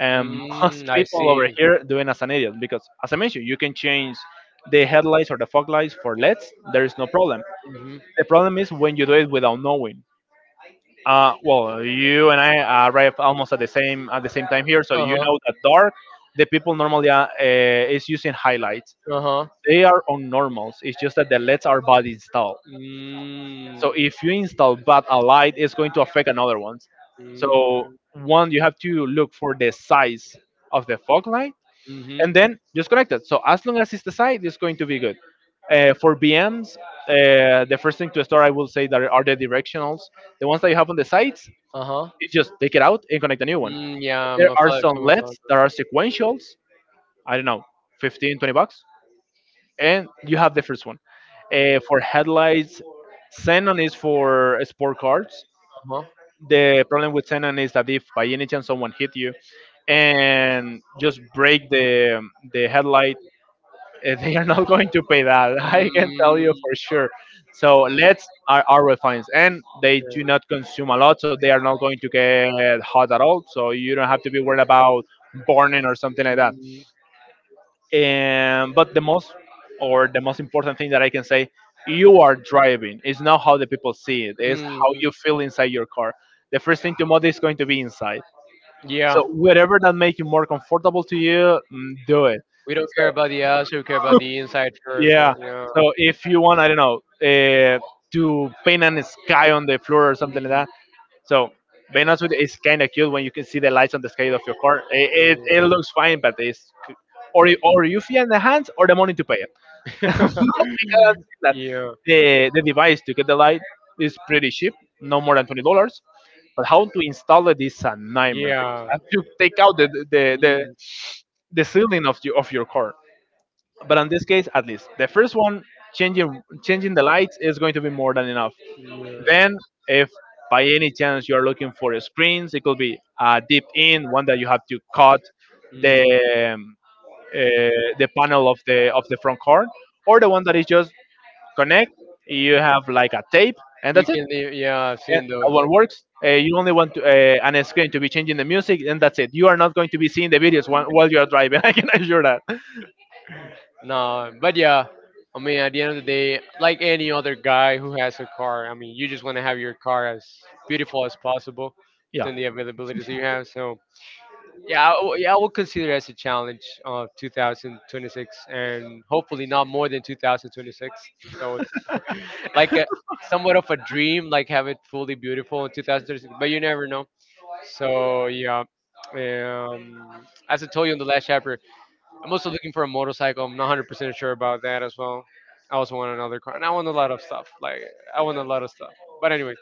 Speaker 1: And most
Speaker 2: Mm, I
Speaker 1: people over
Speaker 2: see.
Speaker 1: here doing as an idiot because, as I mentioned, you can change the headlights or the fog lights for L E Ds. There is no problem.
Speaker 2: Hmm.
Speaker 1: The problem is when you do it without knowing. Uh, well, you and I arrived almost at the same at the same time here, so
Speaker 2: Uh
Speaker 1: you
Speaker 2: huh.
Speaker 1: know that dark, the people normally uh, uh, is using highlights.
Speaker 2: Uh huh.
Speaker 1: They are on normals. It's just that the L E Ds are bad installed.
Speaker 2: Mm.
Speaker 1: So if you install bad a light, it's going to affect another ones. So one, you have to look for the size of the fog light,
Speaker 2: Mm-hmm.
Speaker 1: and then just connect it. So as long as it's the size, it's going to be good. Uh, for B Ms, uh, the first thing to store, I will say, that are the directionals, the ones that you have on the sides
Speaker 2: Uh huh.
Speaker 1: it's just take it out and connect a new one.
Speaker 2: Mm, yeah,
Speaker 1: There
Speaker 2: my
Speaker 1: are
Speaker 2: father
Speaker 1: some
Speaker 2: told me about
Speaker 1: L E Ds that are
Speaker 2: that.
Speaker 1: sequentials. I don't know, fifteen, twenty bucks, and you have the first one. Uh, for headlights, xenon is for sport cars. The problem with xenon is that if by any chance someone hit you and just break the the headlight uh, they are
Speaker 2: Uh
Speaker 1: not
Speaker 2: huh.
Speaker 1: going to pay that. I can tell you for
Speaker 2: Mm,
Speaker 1: sure. So leads are, are refined, and they
Speaker 2: okay.
Speaker 1: do not consume a lot, so they are not going to get hot at all. So you don't have to be worried about burning or something like that.
Speaker 2: Mm,
Speaker 1: And but the most or the most important thing that I can say, you are driving. It's not how the people see it. It's how
Speaker 2: mm,
Speaker 1: you feel inside your car. The first thing to mod is going to be inside.
Speaker 2: yeah.
Speaker 1: So whatever that make you more comfortable to you, mm, do it.
Speaker 2: We don't
Speaker 1: So,
Speaker 2: care about the outside. We care about the inside first.
Speaker 1: Yeah.
Speaker 2: uh, Yeah.
Speaker 1: So if you want, I don't know, uh, to paint an sky on the floor or something like that. So being honest with you, it's kind of cute when you can see the lights on the sky of your car. It,
Speaker 2: Mm,
Speaker 1: it, it looks fine, but it's or you- or you feel in the hands or the money to pay it.
Speaker 2: mm.
Speaker 1: Because that
Speaker 2: Yeah.
Speaker 1: the the device to get the light is pretty cheap, no more than twenty dollars. But how to install it is a nightmare. You
Speaker 2: Yeah. Mm.
Speaker 1: have to take
Speaker 2: Yeah.
Speaker 1: out the the the
Speaker 2: Mm.
Speaker 1: the ceiling of your of your car but in this case at least the first one changing changing the lights is going to be more than enough then if by any chance you're looking for screens it could be a deep in one that you have to cut the um, uh, the panel of the of the front card or the one that is just connect you have like a tape and
Speaker 2: You
Speaker 1: that's it
Speaker 2: can live. Yeah, I've
Speaker 1: yeah,
Speaker 2: seen
Speaker 1: that
Speaker 2: those.
Speaker 1: one works uh, you only want to, uh, an screen to be changing the music and that's it you are not going to be seeing the videos while while you are driving I can assure that
Speaker 2: No, but yeah, I mean, at the end of the day, like any other guy who has a car, I mean, you just want to have your car as beautiful as possible,
Speaker 1: yeah.
Speaker 2: than the availabilities that you have. So yeah, I, w- yeah, I will consider it as a challenge of two thousand twenty-six, and hopefully not more than two thousand twenty-six. So it's like a somewhat of a dream, like have it fully beautiful in two thousand twenty-six, but you never know. So yeah. Um, as I told you in the last chapter, I'm also looking for a motorcycle. I'm not one hundred percent sure about that as well. I also want another car, and I want a lot of stuff. Like I want a lot of stuff. But anyways,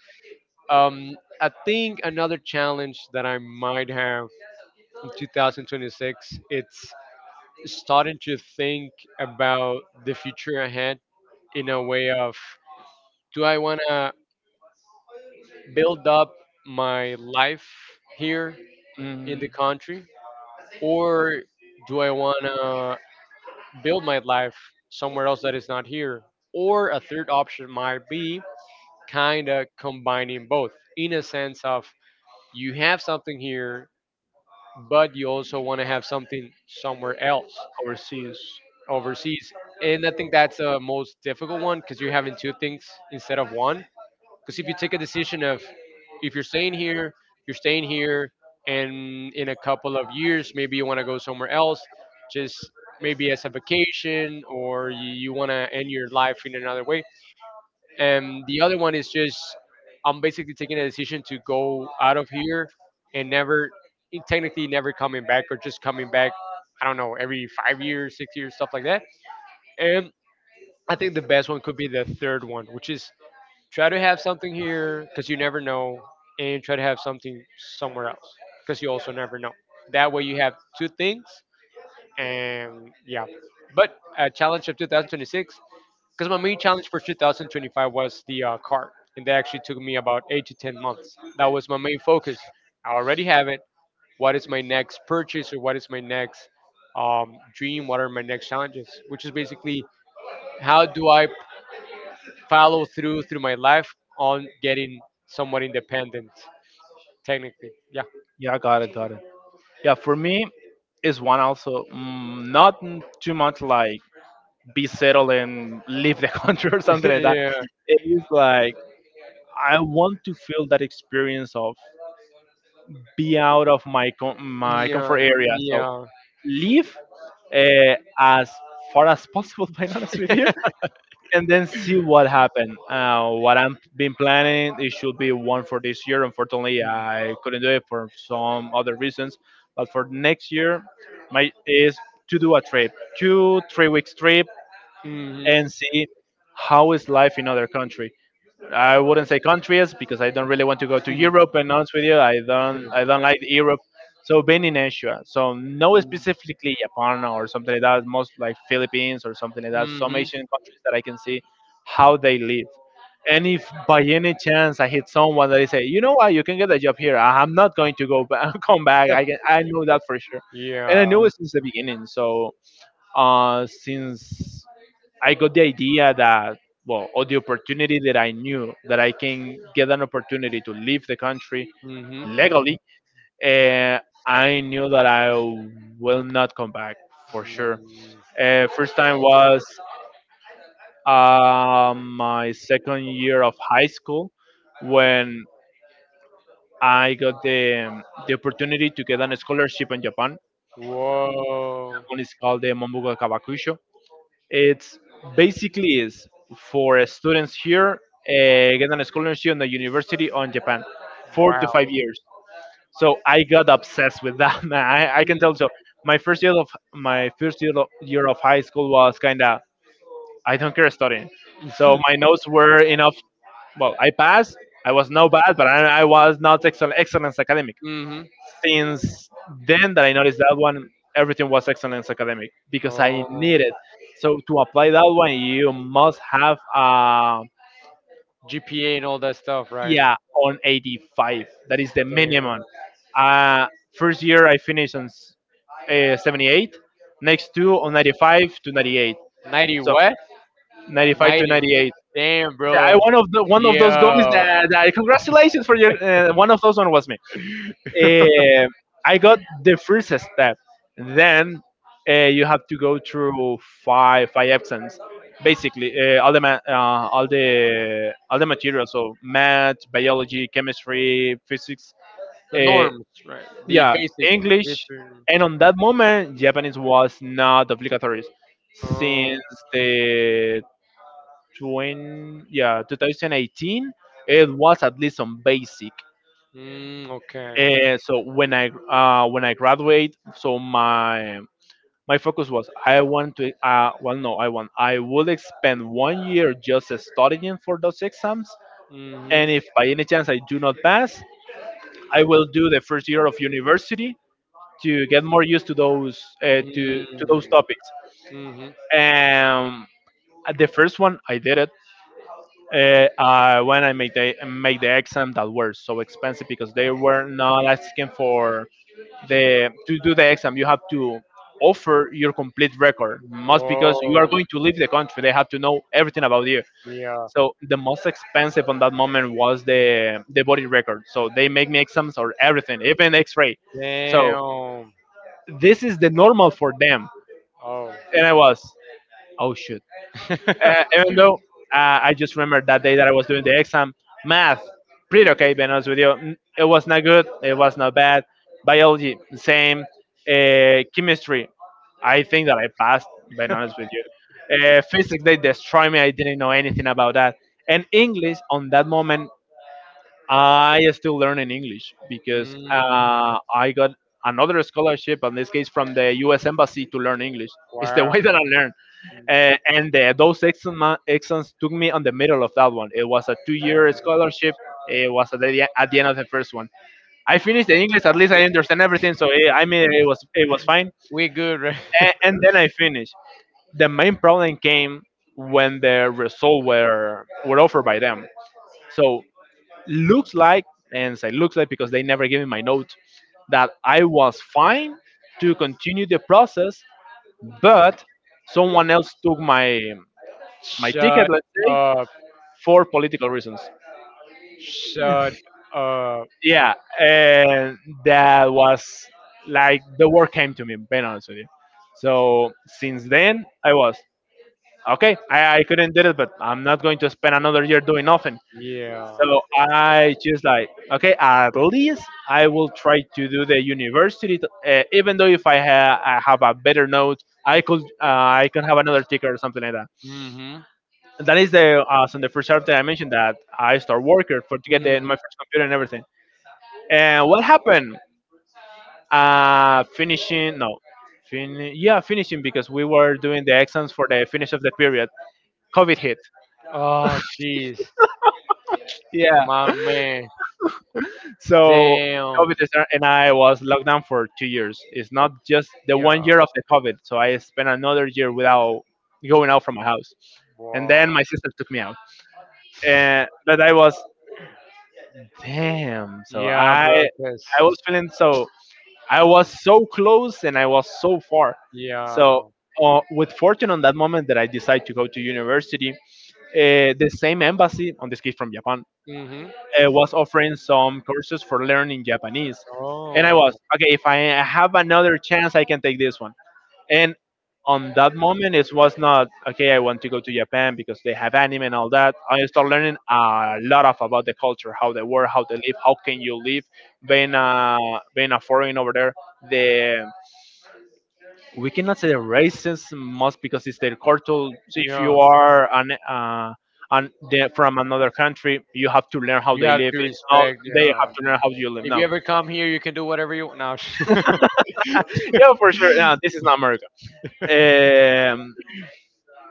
Speaker 2: um, I think another challenge that I might have in twenty twenty-six, it's starting to think about the future ahead, in a way of do I want to build up my life here in
Speaker 1: Mm.
Speaker 2: the country, or do I want to build my life somewhere else that is not here. Or a third option might be kind of combining both, in a sense of you have something here, but you also want to have something somewhere else
Speaker 1: Overseas.
Speaker 2: overseas. And I think that's the most difficult one because you're having two things instead of one. Because if you take a decision of if you're staying here, you're staying here, and in a couple of years, maybe you want to go somewhere else, just maybe as a vacation, or you, you want to end your life in another way. And the other one is just I'm basically taking a decision to go out of here and never, and technically never coming back, or just coming back, I don't know, every five years, six years, stuff like that. And I think the best one could be the third one, which is try to have something here because you never know, and try to have something somewhere else because you also never know. That way you have two things, and yeah. But a challenge of two thousand twenty-six, because my main challenge for two thousand twenty-five was the uh, car, and that actually took me about eight to ten months. That was my main focus. I already have it. What is my next purchase or what is my next um, dream? What are my next challenges? Which is basically how do I follow through through my life on getting somewhat independent, technically. Yeah.
Speaker 1: Yeah, got it, got it. Yeah, for me, is one also mm, not n- too much like be settled and leave the country or something like that. It is like I want to feel that experience of be out of my com- my
Speaker 2: Yeah,
Speaker 1: comfort
Speaker 2: yeah,
Speaker 1: area. So
Speaker 2: yeah.
Speaker 1: leave uh, as far as possible. By honest with you, and then see what happened. Uh, what I'm been planning, it should be one for this year. Unfortunately,
Speaker 2: Hmm.
Speaker 1: I couldn't do it for some other reasons. But for next year, my is to do a trip, two three weeks trip,
Speaker 2: Mm. Yeah.
Speaker 1: and see how is life in other country. I wouldn't say countries because I don't really want to go to Europe. And honest with you, I don't I don't like Europe. So been in Asia. So no specifically
Speaker 2: Mm.
Speaker 1: Japan or something like that. Most like Philippines or something like that. Some
Speaker 2: Hmm.
Speaker 1: Asian countries that I can see how they live. And if by any chance I hit someone that they say, you know what, you can get a job here. I- I'm not going to go back, come back. I can, I know that for sure, and I
Speaker 2: Yeah.
Speaker 1: know it since the beginning. So uh, since I got the idea that well, or the opportunity that I knew that I can get an opportunity to leave the country
Speaker 2: Hmm.
Speaker 1: legally, uh, I knew that I will not come back for sure.
Speaker 2: Mm.
Speaker 1: Uh, first time was uh, my second year of high school when I got the the opportunity to get an scholarship in Japan. That
Speaker 2: Whoa.
Speaker 1: one is called the Mombuka Kawakusho. It's basically is for students here uh, get a scholarship in the university on Japan, four to
Speaker 2: Wow.
Speaker 1: five years. So I got obsessed with that. Man. I, I can tell.
Speaker 2: Mm.
Speaker 1: So my first year of my first year of, year of high school was kind of I don't care studying. So
Speaker 2: Hmm.
Speaker 1: my notes were enough. Well, I passed. I was no bad, but I, I was not excellent, excellence academic since then that I noticed that one, everything was excellence academic because I
Speaker 2: Oh.
Speaker 1: needed. So to apply that one, you must have uh,
Speaker 2: G P A and all that stuff, right?
Speaker 1: yeah on eighty-five. That is the minimum.
Speaker 2: Damn.
Speaker 1: Uh, First year I finished on s- uh, seventy-eight. Next two on ninety-five to ninety-eight.
Speaker 2: ninety
Speaker 1: So
Speaker 2: what?
Speaker 1: ninety-five to
Speaker 2: ninety.
Speaker 1: ninety-eight.
Speaker 2: Damn,
Speaker 1: Yeah,
Speaker 2: bro.
Speaker 1: I one of the one of those goals
Speaker 2: Yeah.
Speaker 1: that, that congratulations for your uh, one of those one was me. Eh, I got the first step. Then uh, you have to go through five five exams, basically uh, all the ma- uh, all the all the materials. So math, biology, chemistry, physics.
Speaker 2: The
Speaker 1: Uh,
Speaker 2: norms, right? The
Speaker 1: yeah,
Speaker 2: basic
Speaker 1: English.
Speaker 2: history.
Speaker 1: And on that moment, Japanese was not obligatory since
Speaker 2: Oh,
Speaker 1: the twenty, yeah twenty eighteen. It was at least on basic.
Speaker 2: mm, okay.
Speaker 1: Uh, so when I uh, when I graduate, so my my focus was I want to uh, well no I want I will spend one year just studying for those exams,
Speaker 2: Hmm.
Speaker 1: and if by any chance I do not pass, I will do the first year of university to get more used to those uh, to to
Speaker 2: Mm.
Speaker 1: those topics.
Speaker 2: Hmm.
Speaker 1: Um, the first one I did it. Uh, uh, when I made the made the exam that were so expensive because they were not asking for the to do the exam you have to offer your complete record most because you are
Speaker 2: Oh,
Speaker 1: going to leave the country. They have to know everything about you.
Speaker 2: yeah.
Speaker 1: So the most expensive on that moment was the the body record. So they make me exams or everything, even x-ray. So
Speaker 2: Damn.
Speaker 1: this is the normal for them.
Speaker 2: Oh.
Speaker 1: And I was, oh shoot. Uh, even though, uh, I just remember that day that I was doing the exam, math, pretty okay, being honest with you. N- It was not good, it was not bad. Biology, same. Uh, chemistry, I think that I passed, being honest with you. Uh, physics, they destroyed me, I didn't know anything about that. And English, on that moment, I still learn in English because
Speaker 2: Mm,
Speaker 1: uh, I got another scholarship, in this case from the U S. Embassy, to learn English. It's the
Speaker 2: wow.
Speaker 1: way that I learn.
Speaker 2: Mm.
Speaker 1: Uh, and uh, those exam- ma- exams took me on the middle of that one. It was a two-year scholarship. It was at the, at the end of the first one. I finished the English. At least I understand everything. So eh, I mean, it was it was fine.
Speaker 2: We good, right?
Speaker 1: And, and then I finished. The main problem came when the result were were offered by them. So looks like, and say looks like because they never gave me my note that I was fine to continue the process, but someone else took my my ticket,
Speaker 2: Shut
Speaker 1: let's say,
Speaker 2: up.
Speaker 1: for political reasons.
Speaker 2: Shut up.
Speaker 1: Yeah, and that was like the word came to me, being honest with you. So since then, I was okay. I, I couldn't do it, but I'm not going to spend another year doing nothing.
Speaker 2: Yeah.
Speaker 1: So I just like, okay, at least I will try to do the university, t- uh, even though if I, ha- I have a better note, I could uh, I can have another ticket or something like that.
Speaker 2: Mm-hmm.
Speaker 1: And that is the uh, so the first job that I mentioned that I start working for to get the,
Speaker 2: Hmm.
Speaker 1: my first computer and everything. And what happened? Uh, finishing no, fin- yeah, finishing because we were doing the exams for the finish of the period. COVID hit.
Speaker 2: Oh, jeez.
Speaker 1: Yeah.
Speaker 2: My man.
Speaker 1: So
Speaker 2: Damn.
Speaker 1: COVID is there, and I was locked down for two years. It's not just the one
Speaker 2: Yeah.
Speaker 1: year of the COVID. So I spent another year without going out from my house, and then my
Speaker 2: Wow.
Speaker 1: sister took me out. And but I was, damn. So
Speaker 2: Yeah,
Speaker 1: I
Speaker 2: bro. Cause
Speaker 1: I was feeling so, I was so close and I was so far. So
Speaker 2: yeah.
Speaker 1: uh, with fortune on that moment that I decided to go to university, uh, the same embassy on this case from Japan
Speaker 2: Mhm.
Speaker 1: uh, was offering some courses for learning Japanese. And I
Speaker 2: Oh.
Speaker 1: was, okay, if I have another chance, I can take this one. And on that moment, it was not, okay, I want to go to Japan because they have anime and all that. I started learning a lot of about the culture, how they work, how they live, how can you live being a, being a foreigner over there, the we cannot say races must because it's their culture. So if you
Speaker 2: Yeah.
Speaker 1: are an uh, an they're from another country, you have to learn how
Speaker 2: You
Speaker 1: they
Speaker 2: have
Speaker 1: live.
Speaker 2: to
Speaker 1: It now
Speaker 2: respect.
Speaker 1: they
Speaker 2: Yeah.
Speaker 1: have to learn how you live
Speaker 2: If you
Speaker 1: now.
Speaker 2: ever come here, you can do whatever you want. Now.
Speaker 1: Yeah, for sure. Yeah, this is not America. Um,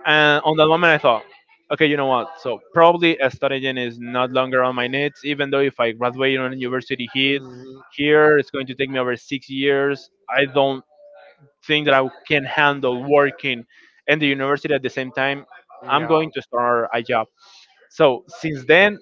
Speaker 1: and on that moment, I thought, okay, you know what? So probably a studying is not longer on my needs. Even though if I graduate on university here,
Speaker 2: Mhm.
Speaker 1: here it's going to take me over six years. I don't thing that I can handle working and the university at the same time, I'm
Speaker 2: Yeah.
Speaker 1: going to start a job. So since then,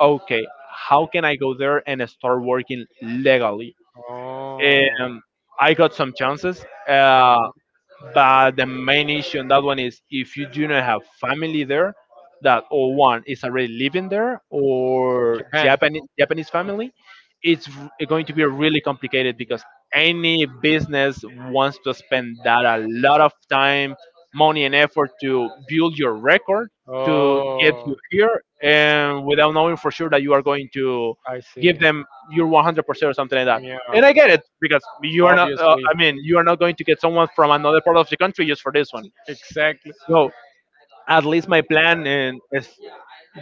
Speaker 1: okay, how can I go there and start working legally?
Speaker 2: Oh.
Speaker 1: Um, I got some chances, uh,
Speaker 2: Mhm.
Speaker 1: but the main issue on that one is if you do not have family there, that or one is already living there or
Speaker 2: Japan.
Speaker 1: Japanese Japanese family, it's r- going to be really complicated because any business wants to spend that a lot of time, money, and effort to build your record to get you
Speaker 2: Oh. Oh,
Speaker 1: here, and without knowing for sure that you are going to
Speaker 2: I
Speaker 1: give
Speaker 2: see.
Speaker 1: them your one hundred percent or something like that.
Speaker 2: Yeah,
Speaker 1: And I get it because you are not. Uh,
Speaker 2: obviously.
Speaker 1: I mean, you are not going to get someone from another part of the country just for this one.
Speaker 2: Exactly.
Speaker 1: So at least my plan and is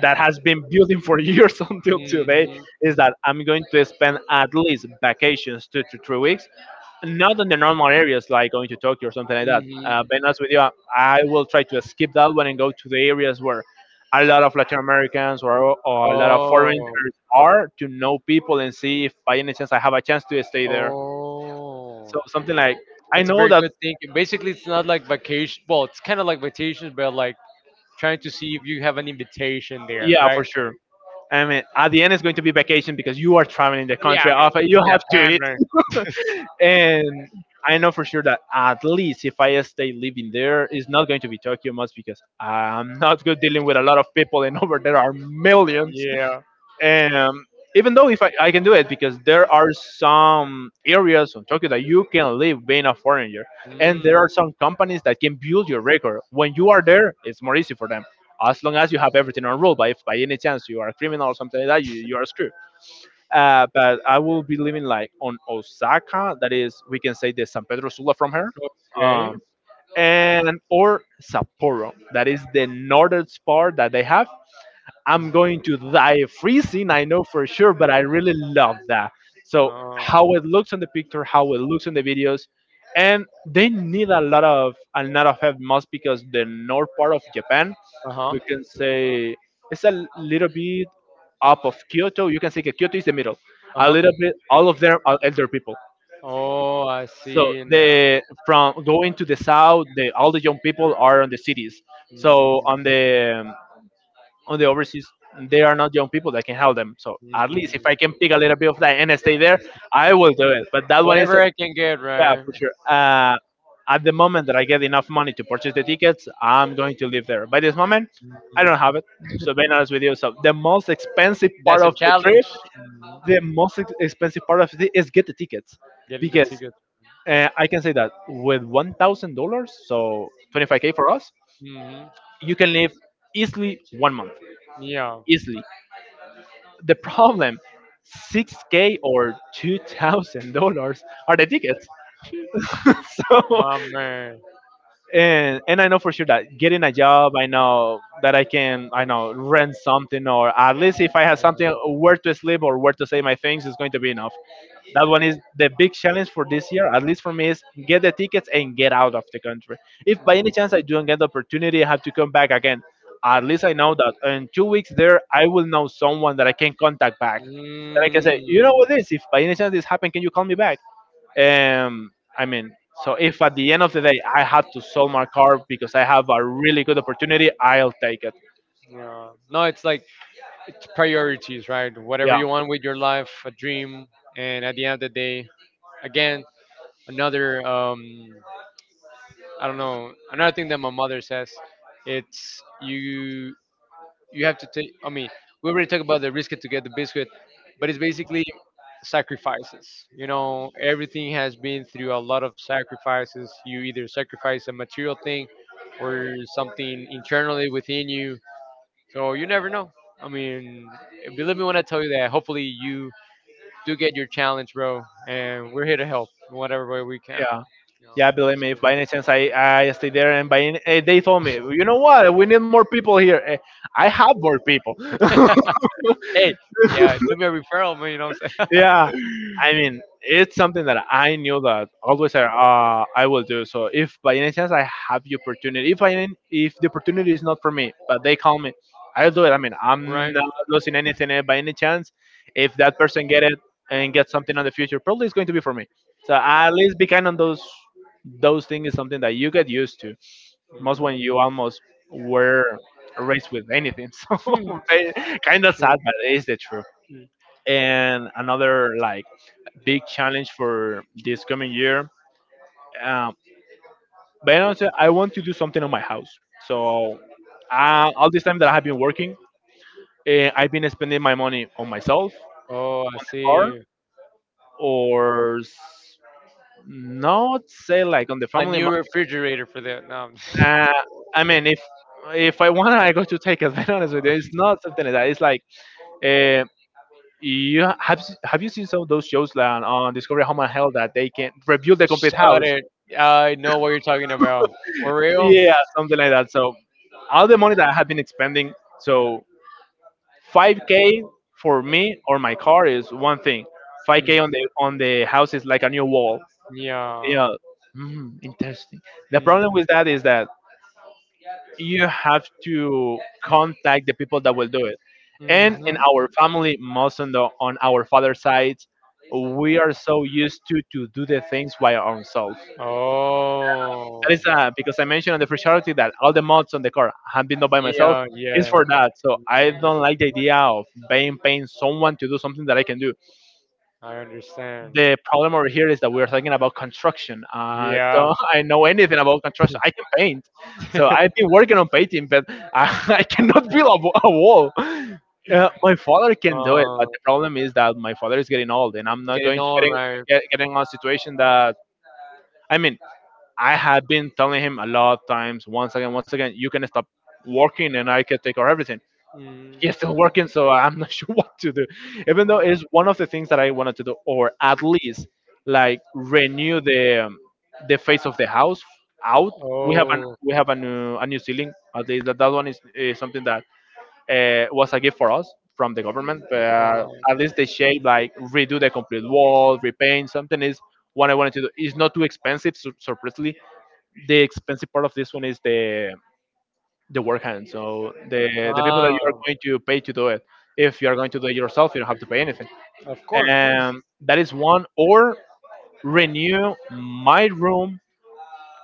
Speaker 1: that has been building for years until today,
Speaker 2: Hmm.
Speaker 1: is that I'm going to spend at least vacations two to three weeks, not in the normal areas like going to Tokyo or something like that.
Speaker 2: Hmm.
Speaker 1: Uh, being honest with you, I, I will try to skip that one and go to the areas where a lot of Latin Americans or, or a lot of
Speaker 2: Oh,
Speaker 1: foreigners are, to know people and see if by any chance I have a chance to stay there.
Speaker 2: oh.
Speaker 1: So something like I
Speaker 2: That's a
Speaker 1: know
Speaker 2: very
Speaker 1: that,
Speaker 2: good thing. Basically, it's not like vacation. Well, it's kind of like vacation, but like trying to see if you have an invitation there,
Speaker 1: yeah,
Speaker 2: right?
Speaker 1: for sure. I mean, at the end, it's going to be vacation because you are traveling the
Speaker 2: Yeah,
Speaker 1: country.
Speaker 2: I mean,
Speaker 1: Off, you
Speaker 2: in
Speaker 1: have to
Speaker 2: Japan,
Speaker 1: eat
Speaker 2: right?
Speaker 1: and I know for sure that at least if I stay living there, it's not going to be Tokyo much because I'm not good dealing with a lot of people, and over there are millions.
Speaker 2: Yeah.
Speaker 1: Um, Even though if I, I can do it because there are some areas in Tokyo that you can live being a foreigner, and
Speaker 2: Mm.
Speaker 1: there are some companies that can build your record. When you are there, it's more easy for them. As long as you have everything on rule, but if by any chance you are a criminal or something like that, you, you are screwed. Uh, but I will be living like on Osaka, that is, we can say the San Pedro Sula from her,
Speaker 2: Okay.
Speaker 1: um, and or Sapporo, that is the northern part that they have. I'm going
Speaker 2: Mm.
Speaker 1: to die freezing, I know for sure, but I really love that. So
Speaker 2: Uh,
Speaker 1: how it looks on the picture, how it looks in the videos, and they need a lot of a lot of help most because the north part of Japan,
Speaker 2: uh-huh.
Speaker 1: we can say it's a little bit up of Kyoto. You can say that Kyoto is the middle. A
Speaker 2: Uh-huh.
Speaker 1: little bit, all of them are elder people.
Speaker 2: Oh, I
Speaker 1: So
Speaker 2: see now.
Speaker 1: the from going to the south, the all the young people are on the cities. So
Speaker 2: Mm,
Speaker 1: on the on the overseas there are not young people that can help them. So at
Speaker 2: mm.
Speaker 1: least if I can pick a little bit of that and stay there, I will do it. But that one is,
Speaker 2: Whatever I can get,
Speaker 1: yeah,
Speaker 2: right?
Speaker 1: for sure. Uh, at the moment that I get enough money to purchase the tickets, I'm going to live there. By this moment, I don't
Speaker 2: Mm.
Speaker 1: have it. So being honest with you, so the most expensive part
Speaker 2: That's a
Speaker 1: of the trip,
Speaker 2: challenge. Mhm.
Speaker 1: the most ex- expensive part of it is get the tickets,
Speaker 2: Getting the
Speaker 1: because
Speaker 2: ticket.
Speaker 1: uh, I can say that with one thousand dollars, so twenty five k for us,
Speaker 2: Hmm.
Speaker 1: you can live easily one month,
Speaker 2: Yeah.
Speaker 1: easily the problem six k or two thousand dollars are the tickets. So
Speaker 2: My man.
Speaker 1: and and I know for sure that getting a job, I know that I can, I know rent something, or at least if I have something where to sleep or where to say my things is going to be enough. That one is the big challenge for this year, at least for me, is get the tickets and get out of the country. If
Speaker 2: Mm.
Speaker 1: by any chance I don't get the opportunity, I have to come back again. At least I know that in two weeks there, I will know someone that I can contact back, that I can
Speaker 2: Mm.
Speaker 1: say, you know what this? If by any chance this happened, can you call me back? Um, I mean, so if at the end of the day I had to sell my car because I have a really good opportunity, I'll take it.
Speaker 2: Yeah. No, it's like it's priorities, right? Whatever
Speaker 1: Yeah,
Speaker 2: you want with your life, a dream, and at the end of the day, again, another um, I don't know. Another thing that my mother says, it's you you have to take. I mean, we already talked about the risk it to get the biscuit, but it's basically sacrifices. You know, everything has been through a lot of sacrifices. You either sacrifice a material thing or something internally within you. So you never know. I mean, believe me when I tell you that. Hopefully, you do get your challenge, bro. And we're here to help in whatever way we can.
Speaker 1: yeah,
Speaker 2: You
Speaker 1: yeah. Believe me, if by any chance I I stay there, and by any, eh, they told me, you know what, we need more people here. Eh, I have more people.
Speaker 2: know. Hey, yeah, do me a referral, man. You know what I'm saying?
Speaker 1: Yeah, I mean, it's something that I knew that always, uh, I will do. So if by any chance I have the opportunity, if I didn't- if the opportunity is not for me but they call me, I'll do it. I mean, I'm
Speaker 2: Right.
Speaker 1: not losing anything, eh, by any chance. If that person get it and get something on the future, probably it's going to be for me. So at least be kind on those those things is something that you get used to most
Speaker 2: Mm.
Speaker 1: when you almost were raised with anything. So
Speaker 2: Hmm.
Speaker 1: kind of sad,
Speaker 2: Sure.
Speaker 1: but it is the truth. And another like big challenge for this coming year. Um, but also, I want to do something on my house. So uh, all this time that I have been working, uh, I've been spending my money on myself,
Speaker 2: Oh, I
Speaker 1: car,
Speaker 2: see.
Speaker 1: or s- not say like on the
Speaker 2: A
Speaker 1: family. mo-
Speaker 2: new refrigerator for that. No. I'm just-
Speaker 1: Uh, I mean, if if I wanna, I go to take it. Be honest with you, it's not something like that. It's like, uh, you have have you seen some of those shows like on Discovery Home and Health that they can review the complete
Speaker 2: Shut
Speaker 1: house?
Speaker 2: it. I know what you're talking about. For real?
Speaker 1: Yeah, something like that. So all the money that I have been expending. So five k for me or my car is one thing. five k
Speaker 2: Mm.
Speaker 1: on the on the house is like a new wall.
Speaker 2: Yeah.
Speaker 1: Yeah, mm, interesting. The
Speaker 2: Mm.
Speaker 1: problem with that is that you have to contact the people that will do it. And in
Speaker 2: Mhm.
Speaker 1: our family, most on the on our father's side, we are so used to to do the things by ourselves.
Speaker 2: Oh.
Speaker 1: That is, uh, because I mentioned on the free charity that all the mods on the car have been done by myself.
Speaker 2: Yeah,
Speaker 1: It's
Speaker 2: yeah.
Speaker 1: for that. So I
Speaker 2: Mm,
Speaker 1: don't like the idea of paying paying someone to do something that I can do.
Speaker 2: I understand.
Speaker 1: The problem over here is that we're talking about construction. Uh,
Speaker 2: Yeah.
Speaker 1: don't I know anything about construction. I can paint, so I've been working on painting, but I, I cannot build a, wa- a wall. Uh, my father can do it,
Speaker 2: uh,
Speaker 1: but the problem is that my father is getting old, and I'm not
Speaker 2: Getting
Speaker 1: going to get
Speaker 2: old,
Speaker 1: in,
Speaker 2: right?
Speaker 1: get, get in a situation that, I mean, I had been telling him a lot of times, once again, once again, you can stop working and I can take care of everything.
Speaker 2: Mm.
Speaker 1: He's still working, so I'm not sure what to do. Even though
Speaker 2: Wow.
Speaker 1: it's one of the things that I wanted to do, or at least like renew the um, the face of the house out. We have an
Speaker 2: Oh,
Speaker 1: we have a new a new ceiling. At least that, that one is, is something that, uh, was a gift for us from the government. But
Speaker 2: wow.
Speaker 1: at least the shape, like redo the complete wall, repaint something, is what I wanted to do. It's not too expensive, sur- surprisingly the expensive part of this one is the the work hand. So the the people that
Speaker 2: Ah,
Speaker 1: you are going to pay to do it. If you are going to do it yourself, you don't have to pay anything.
Speaker 2: of course.
Speaker 1: And that is one. Or renew my room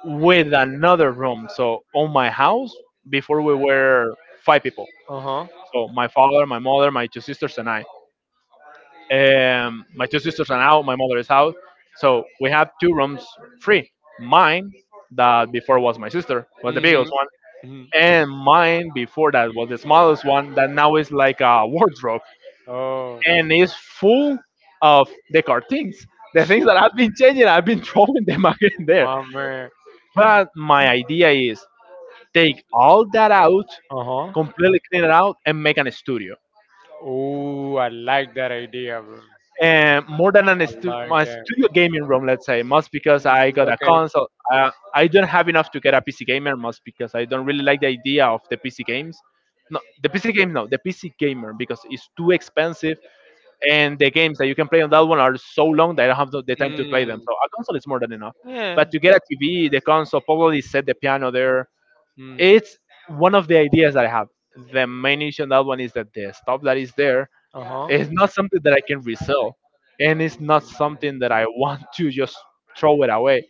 Speaker 1: with another room. So on my house, before we were five people.
Speaker 2: Uh huh.
Speaker 1: So my father, my mother, my two sisters, and I. Um, my two sisters are out. My mother is out. So we have two rooms free. Mine, that before was my sister, was the
Speaker 2: Mm-hmm.
Speaker 1: biggest, and mine before that was the smallest one that now is like a wardrobe
Speaker 2: Oh,
Speaker 1: and it's full of the cartoons, the things that I've been changing, I've been throwing them out in there.
Speaker 2: my man.
Speaker 1: But my idea is take all that out,
Speaker 2: Uh huh.
Speaker 1: completely clean it out and make an studio,
Speaker 2: Oh, I like that idea, bro.
Speaker 1: and more than an
Speaker 2: I
Speaker 1: stu-
Speaker 2: like
Speaker 1: my
Speaker 2: that.
Speaker 1: studio gaming room, let's say, most because I
Speaker 2: Mm,
Speaker 1: got a
Speaker 2: okay.
Speaker 1: console. Uh, I don't have enough to get a P C gamer, most because I don't really like the idea of the P C games. No, the P C game, no, the P C gamer because it's too expensive, and the games that you can play on that one are so long that I don't have the the time to play them.
Speaker 2: Mm,
Speaker 1: So a console is more than enough.
Speaker 2: yeah.
Speaker 1: But to get a T V, the console, probably set the piano there,
Speaker 2: Mm,
Speaker 1: it's one of the ideas that I have. The main issue on that one is that the stuff that is there
Speaker 2: uh huh.
Speaker 1: is not something that I can resell, and it's not something that I want to just throw it away.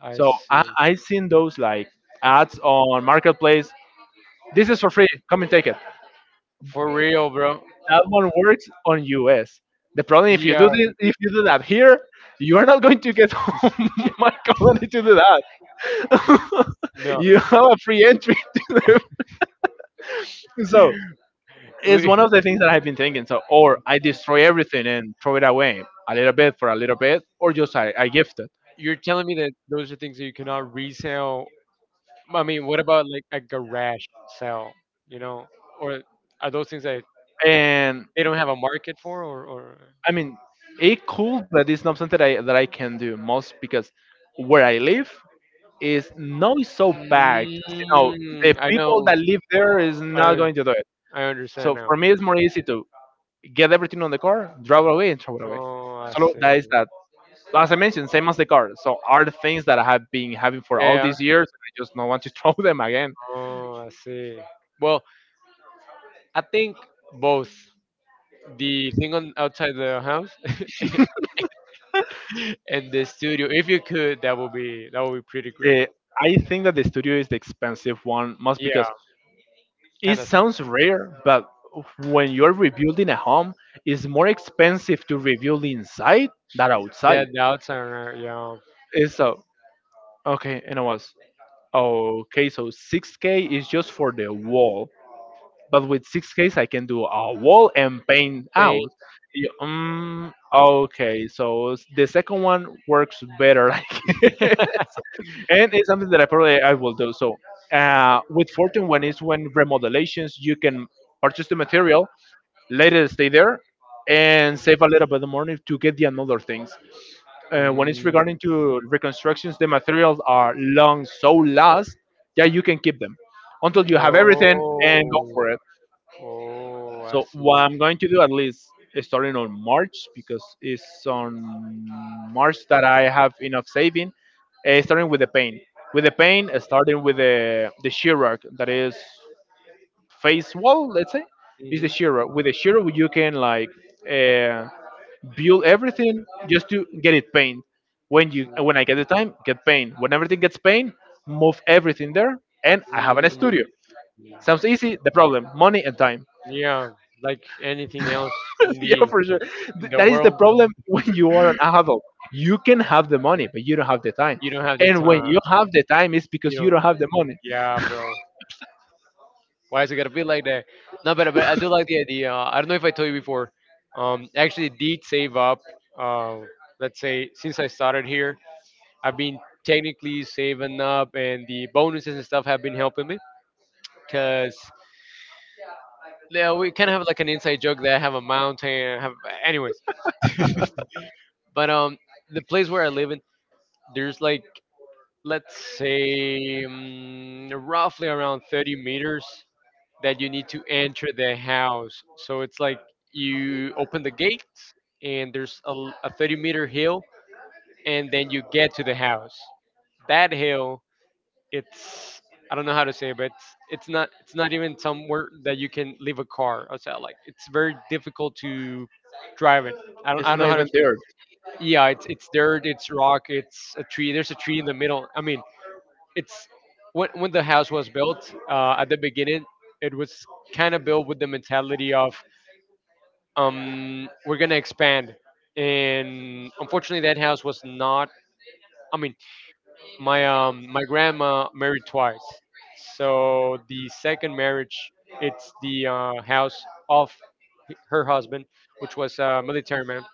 Speaker 2: I
Speaker 1: So I,
Speaker 2: see.
Speaker 1: I've seen those like ads on marketplace. This is for free. Come and take it.
Speaker 2: For real, bro.
Speaker 1: That one works on U S. The problem if you
Speaker 2: Yeah.
Speaker 1: do this, if you do that here, you are not going to get home my colony to do that.
Speaker 2: No.
Speaker 1: You have a free entry to them. So it's one of the things that I've been thinking. So, or I destroy everything and throw it away a little bit for a little bit, or just I, I gift it.
Speaker 2: You're telling me that those are things that you cannot resell. I mean, what about like a garage sale, you know? Or are those things that
Speaker 1: And
Speaker 2: they don't have a market for or, or...
Speaker 1: I mean, it cool, but it's not something that I that I can do, most because where I live is not so packed. You know,
Speaker 2: Mm,
Speaker 1: the
Speaker 2: I
Speaker 1: people
Speaker 2: know.
Speaker 1: that live there is not
Speaker 2: I
Speaker 1: going to do it.
Speaker 2: I understand
Speaker 1: So
Speaker 2: now.
Speaker 1: for me, it's more easy to get everything on the car, drive away, and throw it away.
Speaker 2: Oh, I
Speaker 1: So that is
Speaker 2: see.
Speaker 1: that. As I mentioned, same as the car, so are the things that I have been having for
Speaker 2: Yeah,
Speaker 1: all
Speaker 2: yeah.
Speaker 1: these years. I just don't want to throw them again.
Speaker 2: Oh, I see. Well, I think both the thing on outside the house and the studio. If you could, that would be that would be pretty great.
Speaker 1: The I think that the studio is the expensive one, most
Speaker 2: Yeah,
Speaker 1: because it
Speaker 2: kind of
Speaker 1: sounds rare, but when you're rebuilding a home, it's more expensive to rebuild inside than outside.
Speaker 2: that the outside, yeah.
Speaker 1: It's so okay, and it was okay. So six K is just for the wall, but with six K, I can do a wall and paint out. You- Um, okay, so s- the second one works better. Like, and it's something that I probably I will do. So uh, with Fortune, when it's when remodelations, you can purchase the material, let it stay there, and save a little bit of money to get the another things. Uh, when it's
Speaker 2: Mm,
Speaker 1: regarding to reconstructions, the materials are long, so last that you can keep them until you have everything and go
Speaker 2: no.
Speaker 1: for it.
Speaker 2: Oh, I
Speaker 1: So what
Speaker 2: see.
Speaker 1: I'm going to do at least, starting on March because it's on March that I have enough saving. Uh, starting with the paint, with the paint, uh, starting with the the shearer that is face wall. Let's say is the shearer.
Speaker 2: Hmm.
Speaker 1: With the shearer, you can like, uh, build everything just to get it paint. When you when I get the time, get paint. When everything gets paint, move everything there, and I have an studio.
Speaker 2: Mm,
Speaker 1: Sounds easy. The problem: money and time.
Speaker 2: yeah, like anything else in the
Speaker 1: Yeah, for
Speaker 2: in
Speaker 1: sure. Th-
Speaker 2: the
Speaker 1: That is the
Speaker 2: world,
Speaker 1: problem when you are an adult. You can have the money, but you don't have the time.
Speaker 2: you don't have the
Speaker 1: And when
Speaker 2: time.
Speaker 1: you have the time, it's
Speaker 2: You
Speaker 1: because you don't
Speaker 2: know.
Speaker 1: have the money.
Speaker 2: Yeah, bro. Why is it gotta be like that? No, but but I do like the idea. I don't know if I told you before. Um, actually did save up. Uh, let's say since I started here, I've been technically saving up, and the bonuses and stuff have been helping me. Cause yeah, we kind of have like an inside joke that I have a mountain. I have, anyways, but um, the place where I live in, there's like, let's say um, roughly around thirty meters that you need to enter the house. So it's like you open the gate and there's a, l- a thirty meter hill, and then you get to the house. That hill, it's, I don't know how to say it, but it's it's not it's not even somewhere that you can leave a car outside. Like it's very difficult to drive it. I don't I
Speaker 1: It's
Speaker 2: don't know
Speaker 1: not
Speaker 2: how to
Speaker 1: even
Speaker 2: explain it.
Speaker 1: there.
Speaker 2: Yeah, it's it's dirt, it's rock, it's a tree. There's a tree in the middle. I mean, it's when when the house was built uh, at the beginning, it was kind of built with the mentality of um we're gonna expand, and unfortunately that house was not. I mean, my um my grandma married twice, so the second marriage, it's the uh, house of h- her husband, which was a military man,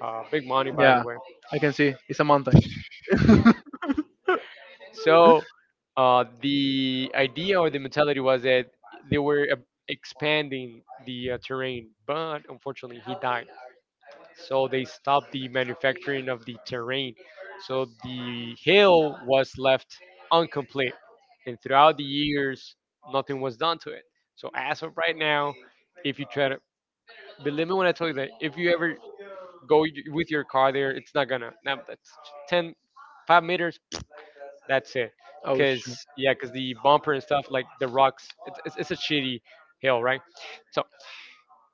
Speaker 2: uh, big money, by the
Speaker 1: Yeah,
Speaker 2: way.
Speaker 1: I can see. It's a mountain.
Speaker 2: So uh, the idea or the mentality was that they were uh, expanding the uh, terrain, but unfortunately he died, so they stopped the manufacturing of the terrain. So the hill was left incomplete, and throughout the years, nothing was done to it. So as of right now, if you try to believe me when I tell you that if you ever go y- with your car there, it's not gonna. Now that's ten, five meters. That's it. 'Cause yeah, 'cause the bumper and stuff like the rocks. It's, it's, it's a shitty hill, right? So.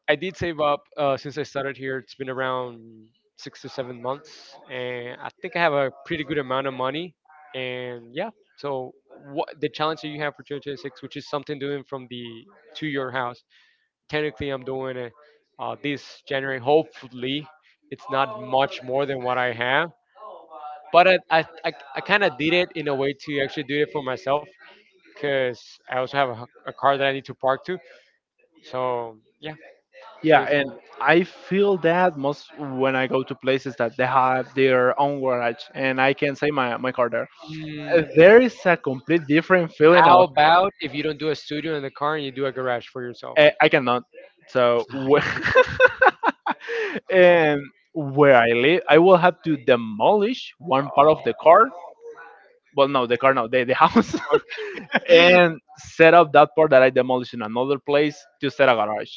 Speaker 2: I did save up uh, since I started here. It's been around six to seven months, and I think I have a pretty good amount of money. And yeah, so what the challenge that you have for twenty twenty-six, which is something doing from the to your house. Technically, I'm doing it uh, this January. Hopefully, it's not much more than what I have. But I I, I, I kind of did it in a way to actually do it for myself because I also have a, a car that I need to park to. So yeah,
Speaker 1: Yeah, and
Speaker 2: basically.
Speaker 1: I feel that most when I go to places that they have their own garage, and I can say my my car there. Uh,
Speaker 2: Mm,
Speaker 1: There is a complete different feeling
Speaker 2: How
Speaker 1: of.
Speaker 2: about if you don't do a studio in the car and you do a garage for yourself?
Speaker 1: Uh, I cannot. So where,
Speaker 2: You can-
Speaker 1: and where I live, I will have to demolish one part of the car. Well, no, the car, no, the, the house, and set up that part that I demolished in another place to set a garage.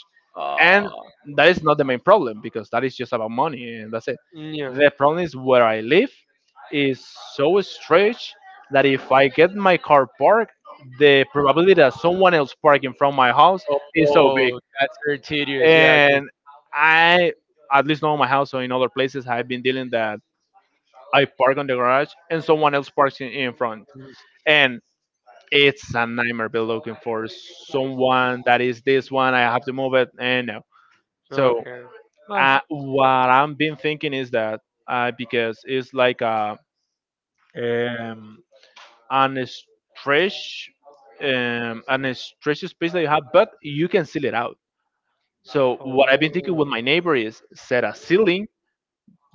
Speaker 1: And
Speaker 2: Oh,
Speaker 1: that is not the main problem because that is just about money and that's it.
Speaker 2: yeah.
Speaker 1: The problem is where I live is so stretched that if I get my car parked, the probability that someone else parking from my house is so big
Speaker 2: Oh, that's very tedious. Yeah, 'cause-
Speaker 1: and I, at least not in my house or in other places, I've been dealing that I park on the garage and someone else parks in, in front, and it's a nightmare. Be looking for someone that is this one. I have to move it, and no. So
Speaker 2: okay. Ah,
Speaker 1: uh, what I'm been thinking is that uh, because it's like a um, an stretch, um, an stretch space that you have, but you can seal it out. So
Speaker 2: oh,
Speaker 1: what I've been thinking with my neighbor is set a ceiling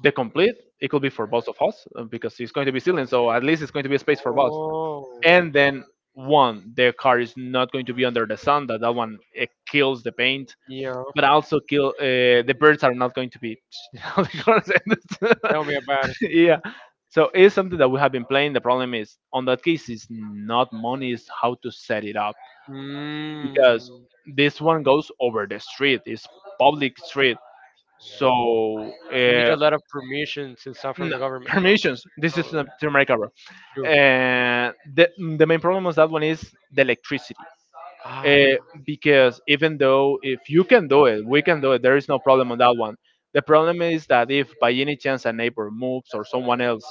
Speaker 1: the complete. It could be for both of us uh, because it's going to be ceiling, so at least it's going to be a space for both,
Speaker 2: oh,
Speaker 1: and then one the car is not going to be under the sun, that that one it kills the paint,
Speaker 2: yeah.
Speaker 1: but also kill uh, the birds are not going to be. How they gonna say this?
Speaker 2: Tell me about it.
Speaker 1: Yeah, so it's something that we have been playing. The problem is on that case is not money, is how to set it up,
Speaker 2: Mm.
Speaker 1: because
Speaker 2: You
Speaker 1: this one goes over the street, it's public street. So
Speaker 2: need
Speaker 1: uh,
Speaker 2: a lot of permissions and stuff from
Speaker 1: no,
Speaker 2: the government. No, no,
Speaker 1: permissions. This is
Speaker 2: eh.
Speaker 1: not to make arrow.
Speaker 2: True.
Speaker 1: And the, the main problem of that one is the electricity.
Speaker 2: Ah.
Speaker 1: Uh, because even though if you can do it, we can do it, there is no problem on that one. The problem is that if by any chance a neighbor moves or someone else